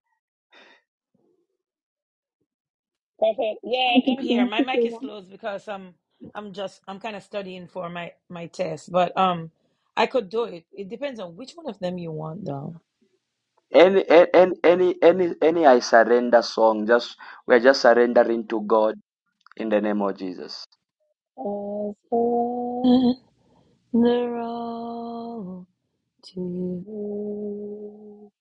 [SPEAKER 3] Prophet.
[SPEAKER 6] I
[SPEAKER 3] Yeah,
[SPEAKER 6] just
[SPEAKER 3] I'm here.
[SPEAKER 6] thank
[SPEAKER 3] My
[SPEAKER 6] you
[SPEAKER 3] mic is closed because I'm I'm just I'm kind of studying for my my test, but um I could do it. It depends on which one of them you want though.
[SPEAKER 1] Any
[SPEAKER 3] As
[SPEAKER 1] any any any any I surrender song. Just we're just surrendering to God in the name of Jesus.
[SPEAKER 3] surrender all to you.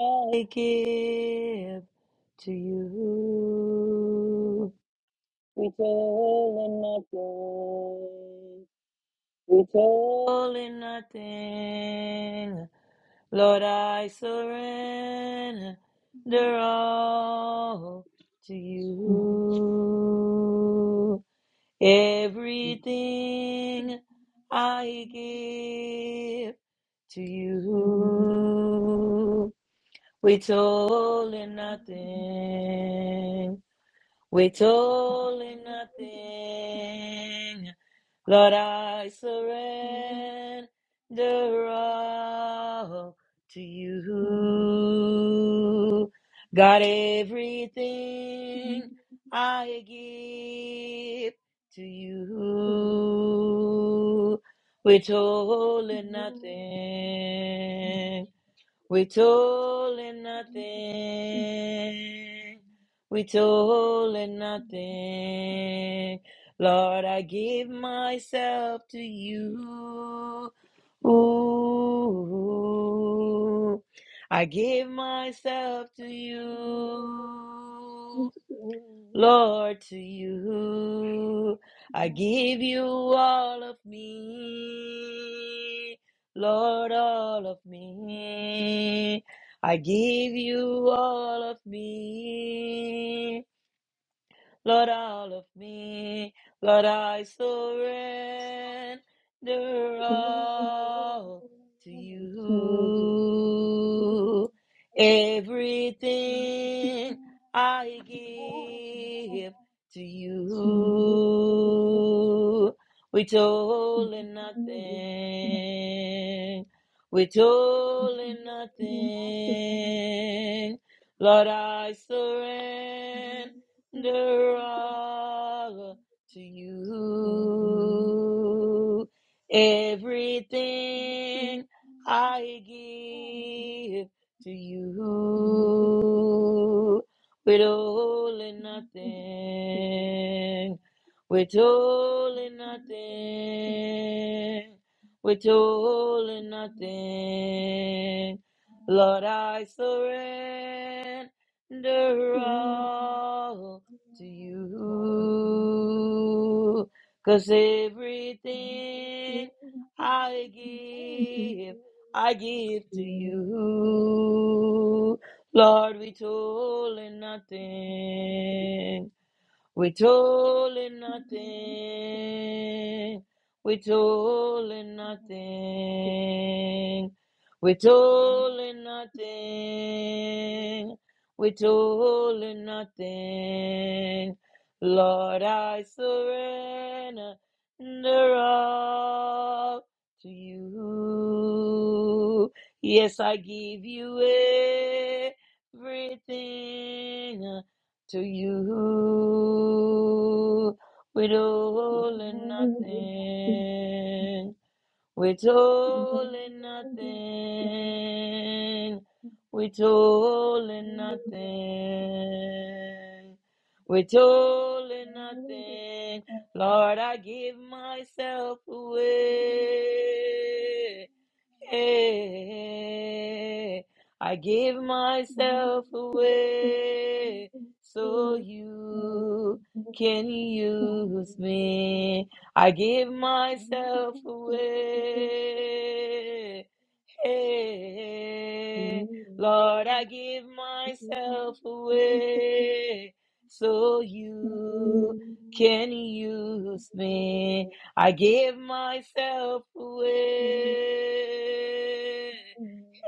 [SPEAKER 3] Everything I give to you. We toil in nothing. We toil in nothing. Lord, I surrender all to
[SPEAKER 6] for
[SPEAKER 3] you. Everything I give to
[SPEAKER 6] one.
[SPEAKER 3] you. We told in nothing. With all and nothing, Lord, I surrender all to
[SPEAKER 6] Thank
[SPEAKER 3] you. God, everything I give to you. With all and nothing. We told him nothing. We told him nothing. Lord, I give myself to you. Ooh, I give myself to you. Lord, to you I give you all of me. Lord, all of me. I give you all of me. Lord, all of me, Lord, I surrender all to
[SPEAKER 6] you.
[SPEAKER 3] you. Everything I give to you, withholding nothing, withholding nothing. Lord, I surrender surrender all to you. Everything I give to
[SPEAKER 6] Thank you.
[SPEAKER 3] you, withholding nothing, withholding nothing, withholding nothing. Lord, I surrender all to you, 'cause everything I give, I give to you. Lord, we told nothing. Withholding nothing, withholding nothing, withholding nothing, withholding nothing. Lord, I surrender all to you. Yes, I give you everything to you with all withholding nothing, with all withholding nothing, with all withholding nothing, with all withholding nothing. Lord, I give myself away. Hey, I give
[SPEAKER 6] Thank
[SPEAKER 3] myself away so you can use me. I give myself away Hey, Lord, I give myself away so you can use me. I give myself away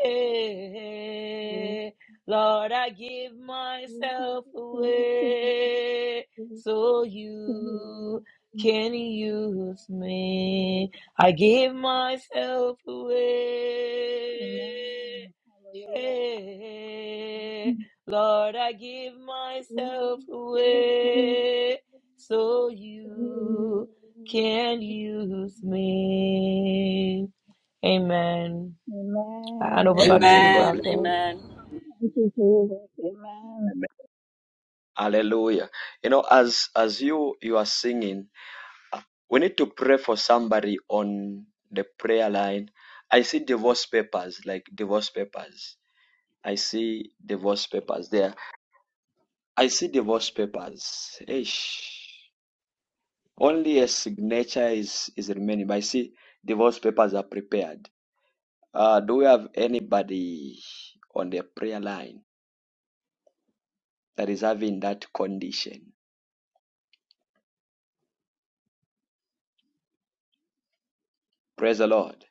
[SPEAKER 3] away. Lord, I give myself away so you can use me. I give myself away. Lord, I give myself away so you can use
[SPEAKER 6] you.
[SPEAKER 3] me. Amen. I hand over back to you,
[SPEAKER 1] Amen. God bless.
[SPEAKER 5] Amen.
[SPEAKER 3] Prophet.
[SPEAKER 5] Amen.
[SPEAKER 6] Thank you, Jesus. Amen.
[SPEAKER 1] Amen. Hallelujah. You know, as as you you are singing, we need to pray for somebody on the prayer line. I see divorce papers, like divorce papers I see divorce papers there. I see divorce papers. Eish. Only a signature is, is remaining, but I see divorce papers are prepared. Uh, do we have anybody on the prayer line that is having that condition? Praise the Lord.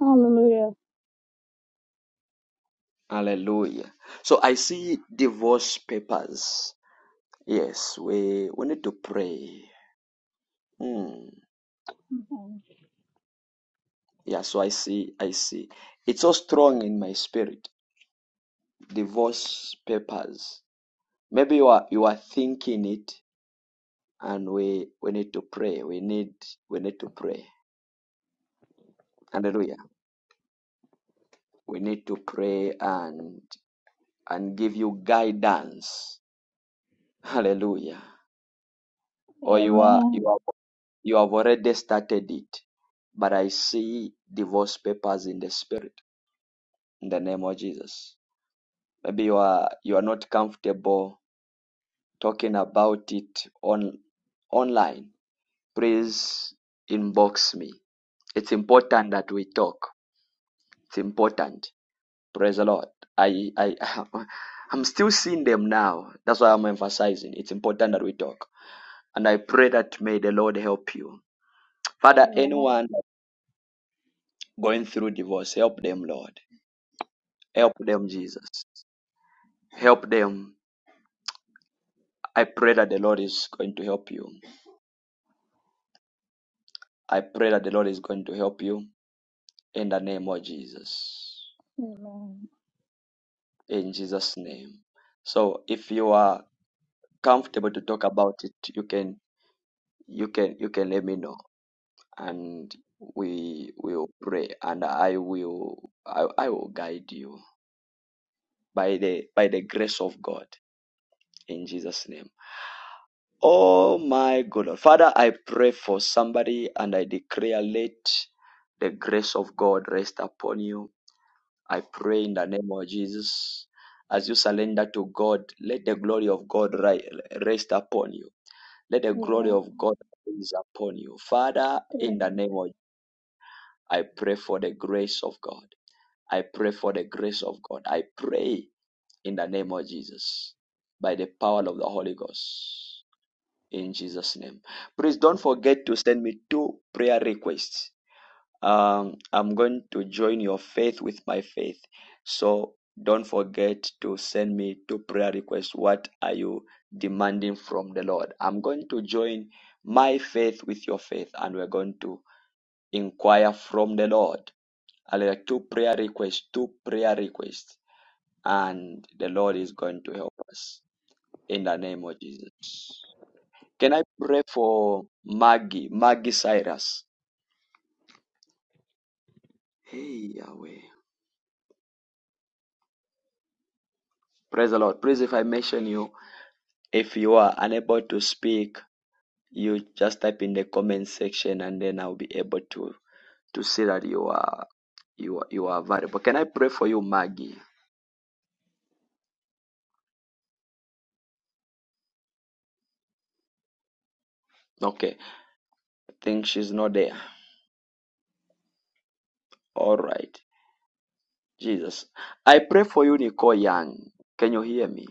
[SPEAKER 6] Hallelujah.
[SPEAKER 1] Hallelujah. So I see divorce papers. Yes, we, we need to pray. Hmm.
[SPEAKER 6] Amen.
[SPEAKER 1] Yeah, so I see, I see. It's so strong in my spirit. Divorce papers Maybe you are you are thinking it, and we we need to pray. We need we need to pray. Hallelujah. We need to pray and and give you guidance. Hallelujah. Or you are
[SPEAKER 6] Amen.
[SPEAKER 1] you are you have already started it, but I see divorce papers in the spirit in the name of Jesus. Maybe you are you are not comfortable talking about it on online. Please inbox me. It's important that we talk. It's important. Praise the Lord. I, I, [LAUGHS] I'm still seeing them now. That's why I'm emphasizing. It's important that we talk. And I pray that may the Lord help you. Father, anyone going through divorce, help them, Lord. Help them, Jesus. Help them. I pray that the Lord is going to help you. I pray that the Lord is going to help you in the name of Jesus.
[SPEAKER 6] Amen.
[SPEAKER 1] In Jesus' name. So if you are comfortable to talk about it, you can you can you can let me know and we will pray and I will I, I will guide you by the by the grace of God in Jesus name. Oh my good Lord. Father, I pray for somebody and I declare let the grace of God rest upon you. I pray in the name of Jesus. As you surrender to God, let the glory of God ri- rest upon you. Let the glory
[SPEAKER 6] Amen.
[SPEAKER 1] of God rise upon you. Father, in the
[SPEAKER 6] Amen.
[SPEAKER 1] name of I pray for the grace of God. I pray for the grace of God. I pray in the name of Jesus by the power of the Holy Ghost. In Jesus' name. Please don't forget to send me two prayer requests. Um, I'm going to join your faith with my faith. So don't forget to send me two prayer requests. What are you demanding from the Lord? I'm going to join my faith with your faith, and we're going to Inquire from the Lord. Hallelujah. Two prayer requests, two prayer requests, and the Lord is going to help us in the name of Jesus. Can I pray for Maggie, Maggie Cyrus? Hey, Yahweh. Praise the Lord. Please, if I mention you, if you are unable to speak, you just type in the comment section and then I'll be able to to see that you are you are you are available. Can I pray for you, Maggie? Okay. I think she's not there. All right. Jesus. I pray for you, Nicole Young. Can you hear me?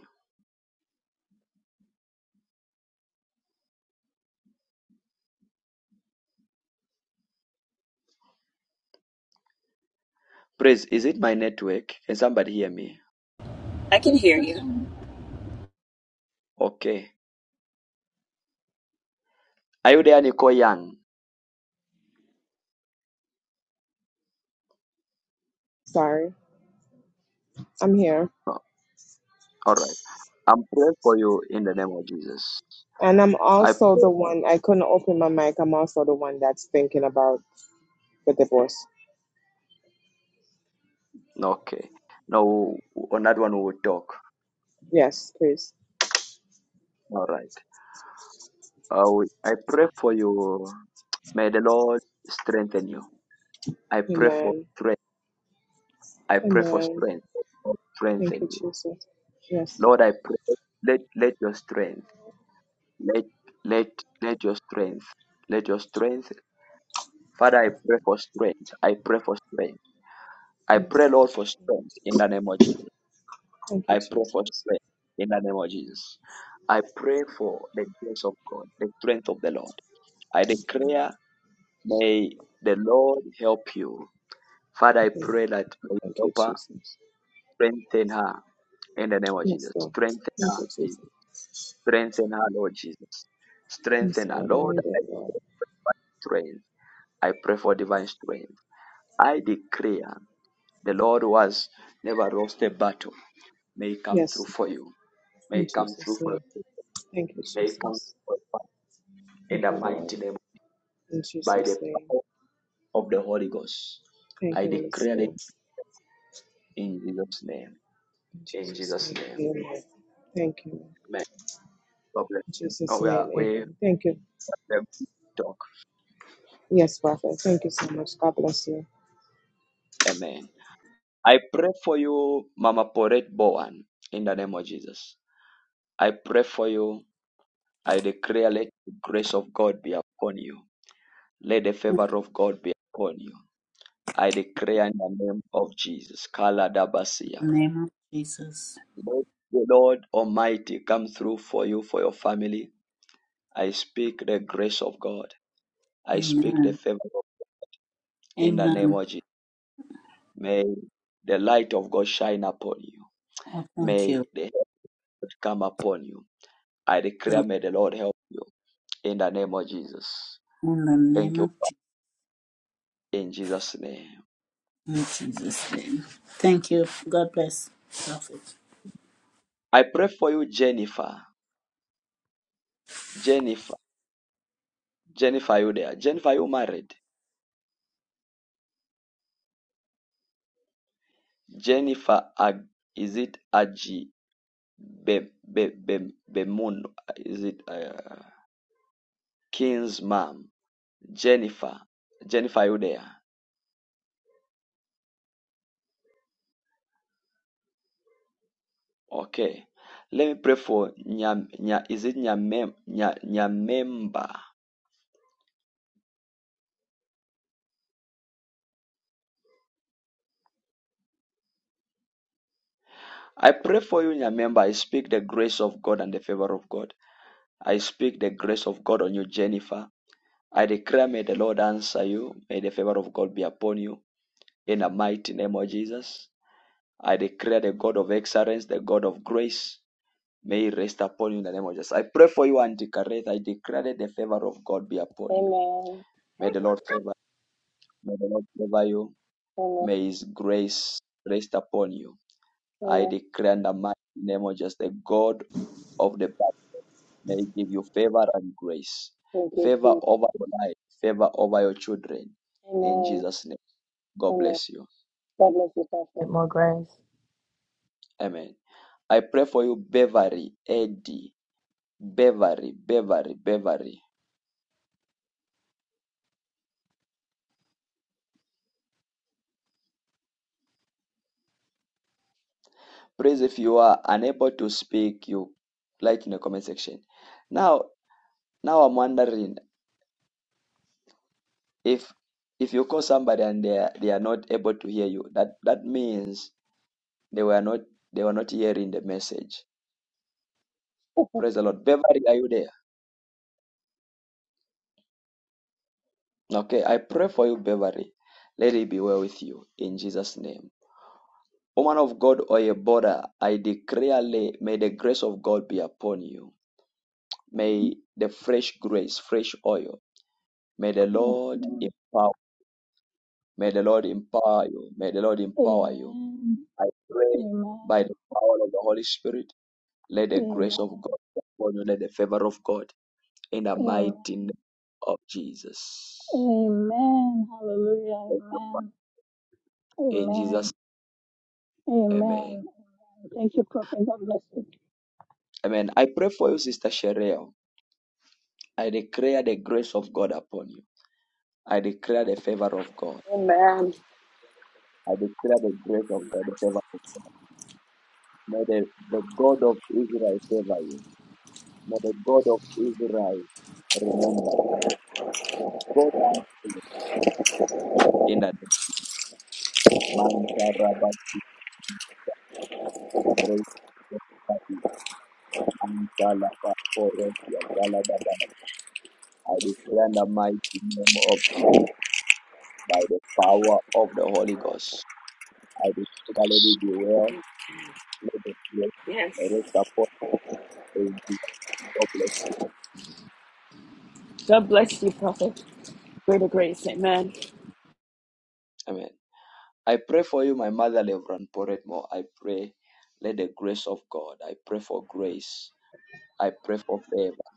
[SPEAKER 1] Praise. Is it my network? Can somebody hear me?
[SPEAKER 6] This
[SPEAKER 5] Hear you.
[SPEAKER 6] becomes
[SPEAKER 1] Okay. Are you there, Nicole Young?
[SPEAKER 8] Sorry, I'm here.
[SPEAKER 1] No. All right. I'm praying for you in the name of Jesus.
[SPEAKER 8] And I'm
[SPEAKER 1] I
[SPEAKER 8] also
[SPEAKER 1] pray.
[SPEAKER 8] the one, I couldn't open my mic. I'm also the one that's thinking about the divorce.
[SPEAKER 1] Okay. Now, on that one, we will talk.
[SPEAKER 8] Yes, please.
[SPEAKER 1] All right. Uh, we- I pray for you. May the Lord strengthen you. I pray for
[SPEAKER 8] Amen.
[SPEAKER 1] strength. I pray for
[SPEAKER 8] Amen.
[SPEAKER 1] strength.
[SPEAKER 8] Thank
[SPEAKER 1] Strengthen
[SPEAKER 8] you,
[SPEAKER 1] you
[SPEAKER 8] Jesus. Yes.
[SPEAKER 1] Lord, I pray, let, let your strength, let, let, let your strength, let your strength. Father, I pray for strength. I pray for strength. I pray,
[SPEAKER 8] Yes.
[SPEAKER 1] Lord, for strength in the name of Jesus.
[SPEAKER 8] Thank you,
[SPEAKER 1] I pray for
[SPEAKER 8] Jesus.
[SPEAKER 1] strength in the name of Jesus. I pray for the grace of God, the strength of the Lord. I declare, may the Lord help you. Father, I
[SPEAKER 8] Thank you, Lord.
[SPEAKER 1] pray that may
[SPEAKER 8] Thank you,
[SPEAKER 1] help her,
[SPEAKER 8] Jesus.
[SPEAKER 1] strengthen her in the name of
[SPEAKER 8] Yes,
[SPEAKER 1] Jesus.
[SPEAKER 8] Lord.
[SPEAKER 1] Strengthen her,
[SPEAKER 8] Thank you,
[SPEAKER 1] Jesus.
[SPEAKER 8] Jesus.
[SPEAKER 1] Strengthen her, Lord Jesus.
[SPEAKER 8] Yes,
[SPEAKER 1] Strengthen her,
[SPEAKER 8] Lord. I
[SPEAKER 1] Lord.
[SPEAKER 8] need
[SPEAKER 1] I
[SPEAKER 8] it,
[SPEAKER 1] pray
[SPEAKER 8] Lord.
[SPEAKER 1] for divine strength. I pray for divine strength. I declare the Lord who has never lost a battle may come through
[SPEAKER 8] Yes.
[SPEAKER 1] for you. May
[SPEAKER 8] In
[SPEAKER 1] come through
[SPEAKER 8] Jesus'
[SPEAKER 1] for
[SPEAKER 8] name.
[SPEAKER 1] you.
[SPEAKER 8] Thank you,
[SPEAKER 1] May come
[SPEAKER 8] Jesus.
[SPEAKER 1] through for you. in
[SPEAKER 8] Thank
[SPEAKER 1] the
[SPEAKER 8] you, Lord.
[SPEAKER 1] mighty name
[SPEAKER 8] In
[SPEAKER 1] by the
[SPEAKER 8] Jesus' name.
[SPEAKER 1] power of the Holy Ghost.
[SPEAKER 8] Thank
[SPEAKER 1] I
[SPEAKER 8] you, Holy
[SPEAKER 1] declare it
[SPEAKER 8] Spirit.
[SPEAKER 1] in Jesus' name.
[SPEAKER 8] In
[SPEAKER 1] In
[SPEAKER 8] Jesus'
[SPEAKER 1] Jesus'
[SPEAKER 8] name,
[SPEAKER 1] name.
[SPEAKER 8] amen. Thank you. In
[SPEAKER 1] Amen. God bless. Now
[SPEAKER 8] Jesus'
[SPEAKER 1] we are
[SPEAKER 8] name,
[SPEAKER 1] we have
[SPEAKER 8] amen. Thank you.
[SPEAKER 1] a good talk.
[SPEAKER 8] Yes, Prophet. Thank you so much. God bless you.
[SPEAKER 1] Amen. I pray for you, Mama Porette Bowen, in the name of Jesus. I pray for you. I declare let the grace of God be upon you. Let the favor of God be upon you. I declare in the name of Jesus. Kala Dabasia.
[SPEAKER 4] In the name of Jesus.
[SPEAKER 1] Let the Lord Almighty come through for you, for your family. I speak the grace of God. I speak the
[SPEAKER 4] Amen.
[SPEAKER 1] favor of God in the name
[SPEAKER 4] Amen.
[SPEAKER 1] of Jesus. May the light of God shine upon you.
[SPEAKER 4] Oh, thank
[SPEAKER 1] May
[SPEAKER 4] you.
[SPEAKER 1] the help of God come upon you. I declare,
[SPEAKER 4] In
[SPEAKER 1] may the Lord help you in the name of Jesus.
[SPEAKER 4] the
[SPEAKER 1] Thank
[SPEAKER 4] name
[SPEAKER 1] you
[SPEAKER 4] of
[SPEAKER 1] Father,
[SPEAKER 4] Je-
[SPEAKER 1] in Jesus' name.
[SPEAKER 4] in Jesus' name. Thank you. God bless. Prophet.
[SPEAKER 1] I pray for you, Jennifer. Jennifer, Jennifer, you there? Jennifer, you married? Jennifer, Ag- is it Aji Be, Be, Be, Bemun? Is it uh, King's mom? Jennifer, Jennifer, you there? Okay. Let me pray for Nya, Nya is it Nyamem, Nya, Nyamemba? I pray for you, Nyamemba. I speak the grace of God and the favor of God. I speak the grace of God on you, Jennifer. I declare, may the Lord answer you. May the favor of God be upon you. In the mighty name of Jesus, I declare the God of excellence, the God of grace, may he rest upon you in the name of Jesus. I pray for you, Auntie Kareth. I declare that the favor of God be upon you.
[SPEAKER 3] Amen.
[SPEAKER 1] May the Lord favor. May the Lord favor you.
[SPEAKER 3] Amen.
[SPEAKER 1] May His grace rest upon you. I
[SPEAKER 3] Amen.
[SPEAKER 1] declare in the mighty name of Jesus, the God of the May He give you favor and grace.
[SPEAKER 3] Thank you,
[SPEAKER 1] Favor
[SPEAKER 3] Jesus.
[SPEAKER 1] over your life, favor over your children. In
[SPEAKER 3] Amen.
[SPEAKER 1] Jesus' name, God
[SPEAKER 3] Amen.
[SPEAKER 1] bless you.
[SPEAKER 3] God bless you, Prophet. More grace.
[SPEAKER 1] Amen. I pray for you, Beverly, Eddie, Beverly, Beverly, Beverly. Please, if you are unable to speak, you like in the comment section. Now, now I'm wondering if if you call somebody and they are, they are not able to hear you, that that means they were not they were not hearing the message. Praise the Lord. Beverly, are you there? Okay, I pray for you, Beverly. Let it be well with you in Jesus' name. Woman of God or a I declare, lay- may the grace of God be upon you. May the fresh grace, fresh oil, may the
[SPEAKER 6] yes,
[SPEAKER 1] Lord
[SPEAKER 6] Lord.
[SPEAKER 1] empower. May the Lord empower you. May the Lord empower you.
[SPEAKER 6] Amen.
[SPEAKER 1] I pray by
[SPEAKER 6] Amen.
[SPEAKER 1] the power of the Holy Spirit, let the grace of
[SPEAKER 6] Amen.
[SPEAKER 1] God be upon you, let the favor of God in the
[SPEAKER 6] Amen.
[SPEAKER 1] mighty name of Jesus.
[SPEAKER 6] Amen. Hallelujah.
[SPEAKER 1] Thank you, Father.
[SPEAKER 6] Amen.
[SPEAKER 1] In
[SPEAKER 6] Amen.
[SPEAKER 1] Jesus, name, Amen.
[SPEAKER 6] Amen. Thank you, Prophet. God bless you.
[SPEAKER 1] Amen. I pray for you, Sister Sherelle. I declare the grace of God upon you. I declare the favor of God.
[SPEAKER 11] Amen.
[SPEAKER 1] I declare the grace of God, the favor of God. May the, the God of Israel favor you. May the God of Israel remember you. Go down to you in that Mantarabati I declare the mighty name of Jesus by the power of the Holy Ghost. I declare, let it be well Let the bless
[SPEAKER 11] Yes.
[SPEAKER 1] rest upon you. God bless you.
[SPEAKER 11] God bless you, Prophet. Greater grace. Amen.
[SPEAKER 1] Amen. I pray for you, my mother, Reverend Poretmo. I pray, let the grace of God. I pray for grace. I pray for favor.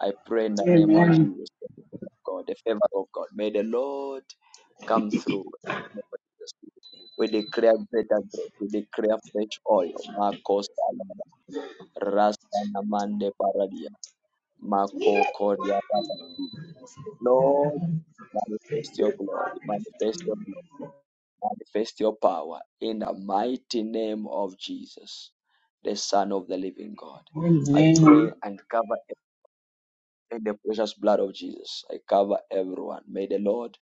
[SPEAKER 1] I pray in the name of
[SPEAKER 10] Amen.
[SPEAKER 1] Jesus. the favor of God, the favor of God. May the Lord come through. in the name of Jesus. We declare greater grace. We declare fresh oil. Marcos Rasta Namande Paradia. Mako Koria Paradia. Lord, Manifest your glory, manifest your glory, manifest your power in the mighty name of Jesus, the Son of the Living God. I pray
[SPEAKER 10] Amen.
[SPEAKER 1] and cover in the precious blood of Jesus. I cover everyone. May the Lord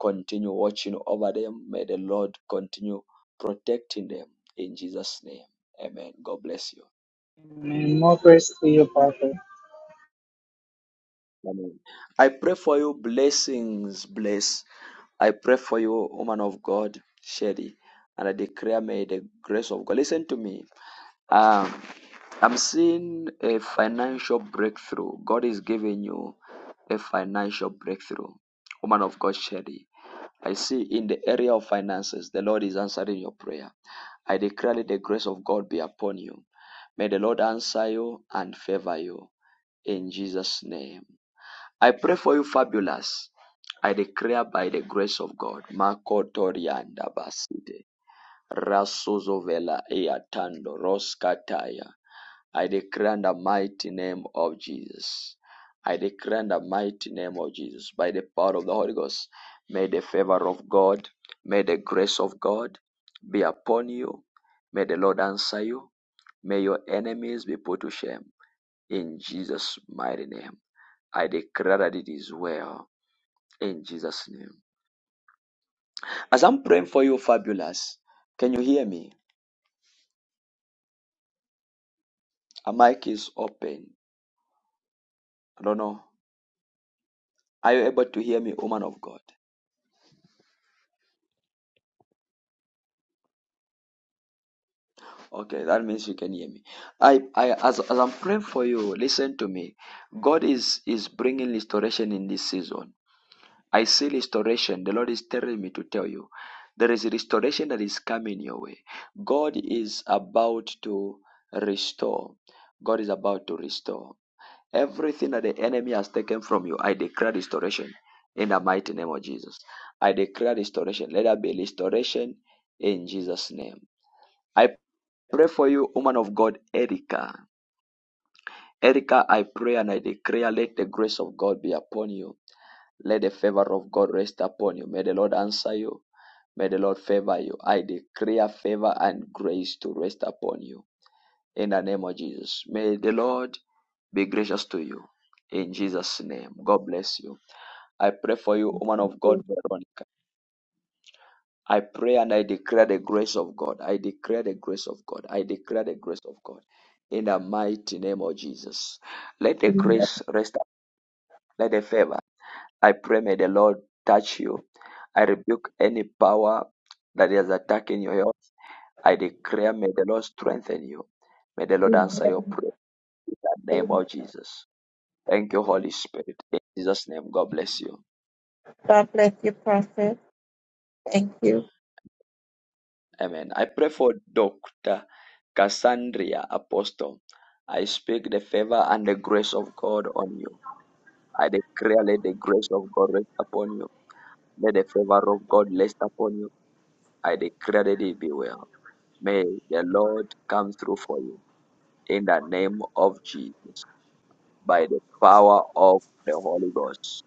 [SPEAKER 1] continue watching over them. May the Lord continue protecting them in Jesus' name. Amen. God bless you.
[SPEAKER 10] Amen. More grace to you, Prophet.
[SPEAKER 1] Amen. I pray for you blessings, bless I pray for you, woman of God, Sherry, and I declare may the grace of God. Listen to me. Um, I'm seeing a financial breakthrough. God is giving you a financial breakthrough. Woman of God, Sherry. I see in the area of finances, the Lord is answering your prayer. I declare that the grace of God be upon you. May the Lord answer you and favor you in Jesus' name. I pray for you, fabulous. I declare by the grace of God, Makotorianda Basite, Rasuzovela Eatando Roskataya. I declare in the mighty name of Jesus. I declare in the mighty name of Jesus, by the power of the Holy Ghost, may the favor of God, may the grace of God be upon you. May the Lord answer you. May your enemies be put to shame. In Jesus' mighty name, I declare that it is well in Jesus' name. As I'm praying for you, Fabulous, can you hear me? A mic is open. I don't know. Are you able to hear me, woman of God? Okay, that means you can hear me. I, I as, as I'm praying for you, listen to me. God is is bringing restoration in this season. I see restoration. The Lord is telling me to tell you, there is restoration that is coming your way. God is about to restore. God is about to restore. Everything that the enemy has taken from you, I declare restoration in the mighty name of Jesus. I declare restoration. Let there be restoration in Jesus' name. I pray for you, woman of God, Erica. Erica, I pray and I declare, let the grace of God be upon you. Let the favor of God rest upon you. May the Lord answer you. May the Lord favor you. I declare favor and grace to rest upon you in the name of Jesus. May the Lord be gracious to you in Jesus' name. God bless you. I pray for you, woman of
[SPEAKER 9] you.
[SPEAKER 1] God, Veronica. I pray and I declare the grace of God. I declare the grace of God. I declare the grace of God. In the mighty name of Jesus. Let the grace rest. up. Let the favor. I pray may the Lord touch you. I rebuke any power that is attacking your health. I declare may the Lord strengthen you. May the Lord answer
[SPEAKER 12] God
[SPEAKER 1] your prayer in the name of Jesus. Thank you, Holy Spirit. In Jesus' name, God bless you.
[SPEAKER 12] bless you, Prophet. Thank you.
[SPEAKER 1] Amen. I pray for Dr. Cassandra Apostle. I speak the favor and the grace of God on you. I declare let the grace of God rest upon you. Let the favor of God rest upon you. I declare that it be well. May the Lord come through for you in the name of Jesus by the power of the Holy Ghost.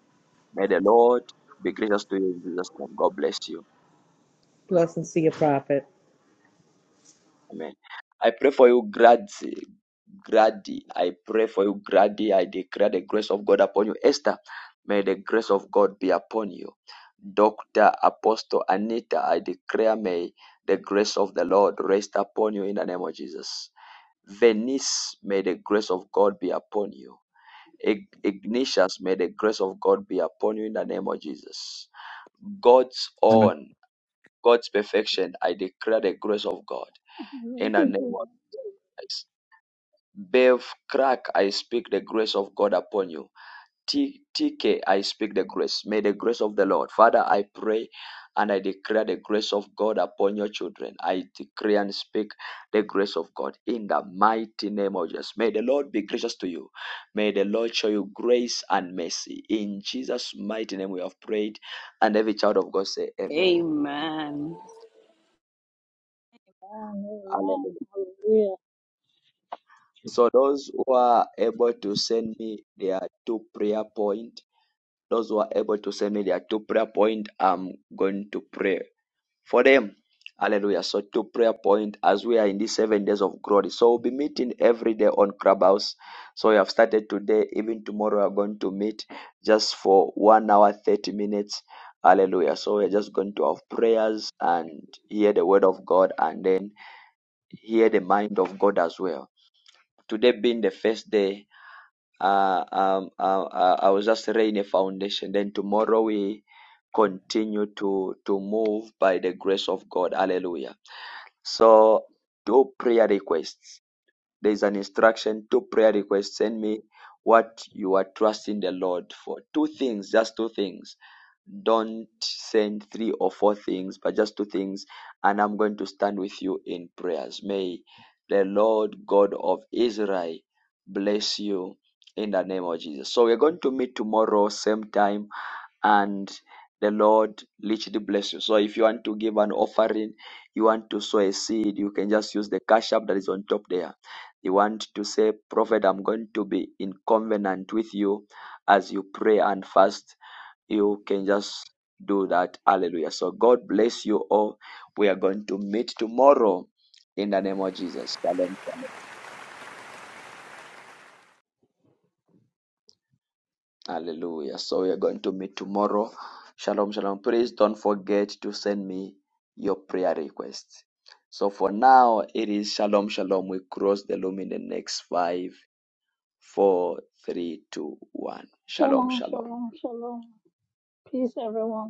[SPEAKER 1] May the Lord be gracious to you in Jesus' name. God bless you.
[SPEAKER 13] Blessings to your prophet.
[SPEAKER 1] Amen. I pray for you, Grady. Grady. I pray for you, Grady. I declare the grace of God upon you. Esther, may the grace of God be upon you. Dr. Apostle Anita, I declare may the grace of the Lord rest upon you in the name of Jesus. Venice, may the grace of God be upon you. Ig- Ignatius, may the grace of God be upon you in the name of Jesus. God's
[SPEAKER 14] Amendment
[SPEAKER 1] own, God's perfection, I declare the grace of God
[SPEAKER 6] Amen.
[SPEAKER 1] in the name of Jesus. Bev Crack, I speak the grace of God upon you. T- TK, I speak the grace. May the grace of the Lord. Father, I pray and I declare the grace of God upon your children. I decree and speak the grace of God in the mighty name of Jesus. May the Lord be gracious to you. May the Lord show you grace and mercy. In Jesus' mighty name we have prayed. And every child of God say, Amen.
[SPEAKER 11] Amen.
[SPEAKER 6] Amen.
[SPEAKER 1] Hallelujah.
[SPEAKER 6] Hallelujah.
[SPEAKER 1] So those who are able to send me their two prayer points those who are able to send me their two prayer point i'm going to pray for them hallelujah so two prayer point as we are in these seven days of glory so we'll be meeting every day on clubhouse so we have started today even tomorrow we are going to meet just for one hour 30 minutes hallelujah so we're just going to have prayers and hear the word of god and then hear the mind of god as well today being the first day uh, um, uh, uh, I was just laying a foundation. Then tomorrow we continue to to move by the grace of God. Hallelujah. So do prayer requests. There is an instruction to prayer requests. Send me what you are trusting the Lord for. Two things, just two things. Don't send three or four things, but just two things. And I'm going to stand with you in prayers. May the Lord God of Israel bless you in the name of Jesus. So we're going to meet tomorrow, same time and the Lord richly bless you. So if you want to give an offering, you want to sow a seed, you can just use the cash app that is on top there. You want to say, Prophet, I'm going to be in covenant with you as you pray and fast. You can just do that. Hallelujah. So God bless you all. We are going to meet tomorrow in the name of Jesus. Shalom. shalom. Hallelujah. So we are going to meet tomorrow. Shalom, shalom. Please don't forget to send me your prayer requests. So for now, it is shalom, shalom. We cross the loom in the next five, four, three, two, one. Shalom,
[SPEAKER 6] Shalom,
[SPEAKER 1] shalom.
[SPEAKER 6] shalom, shalom. Peace, everyone.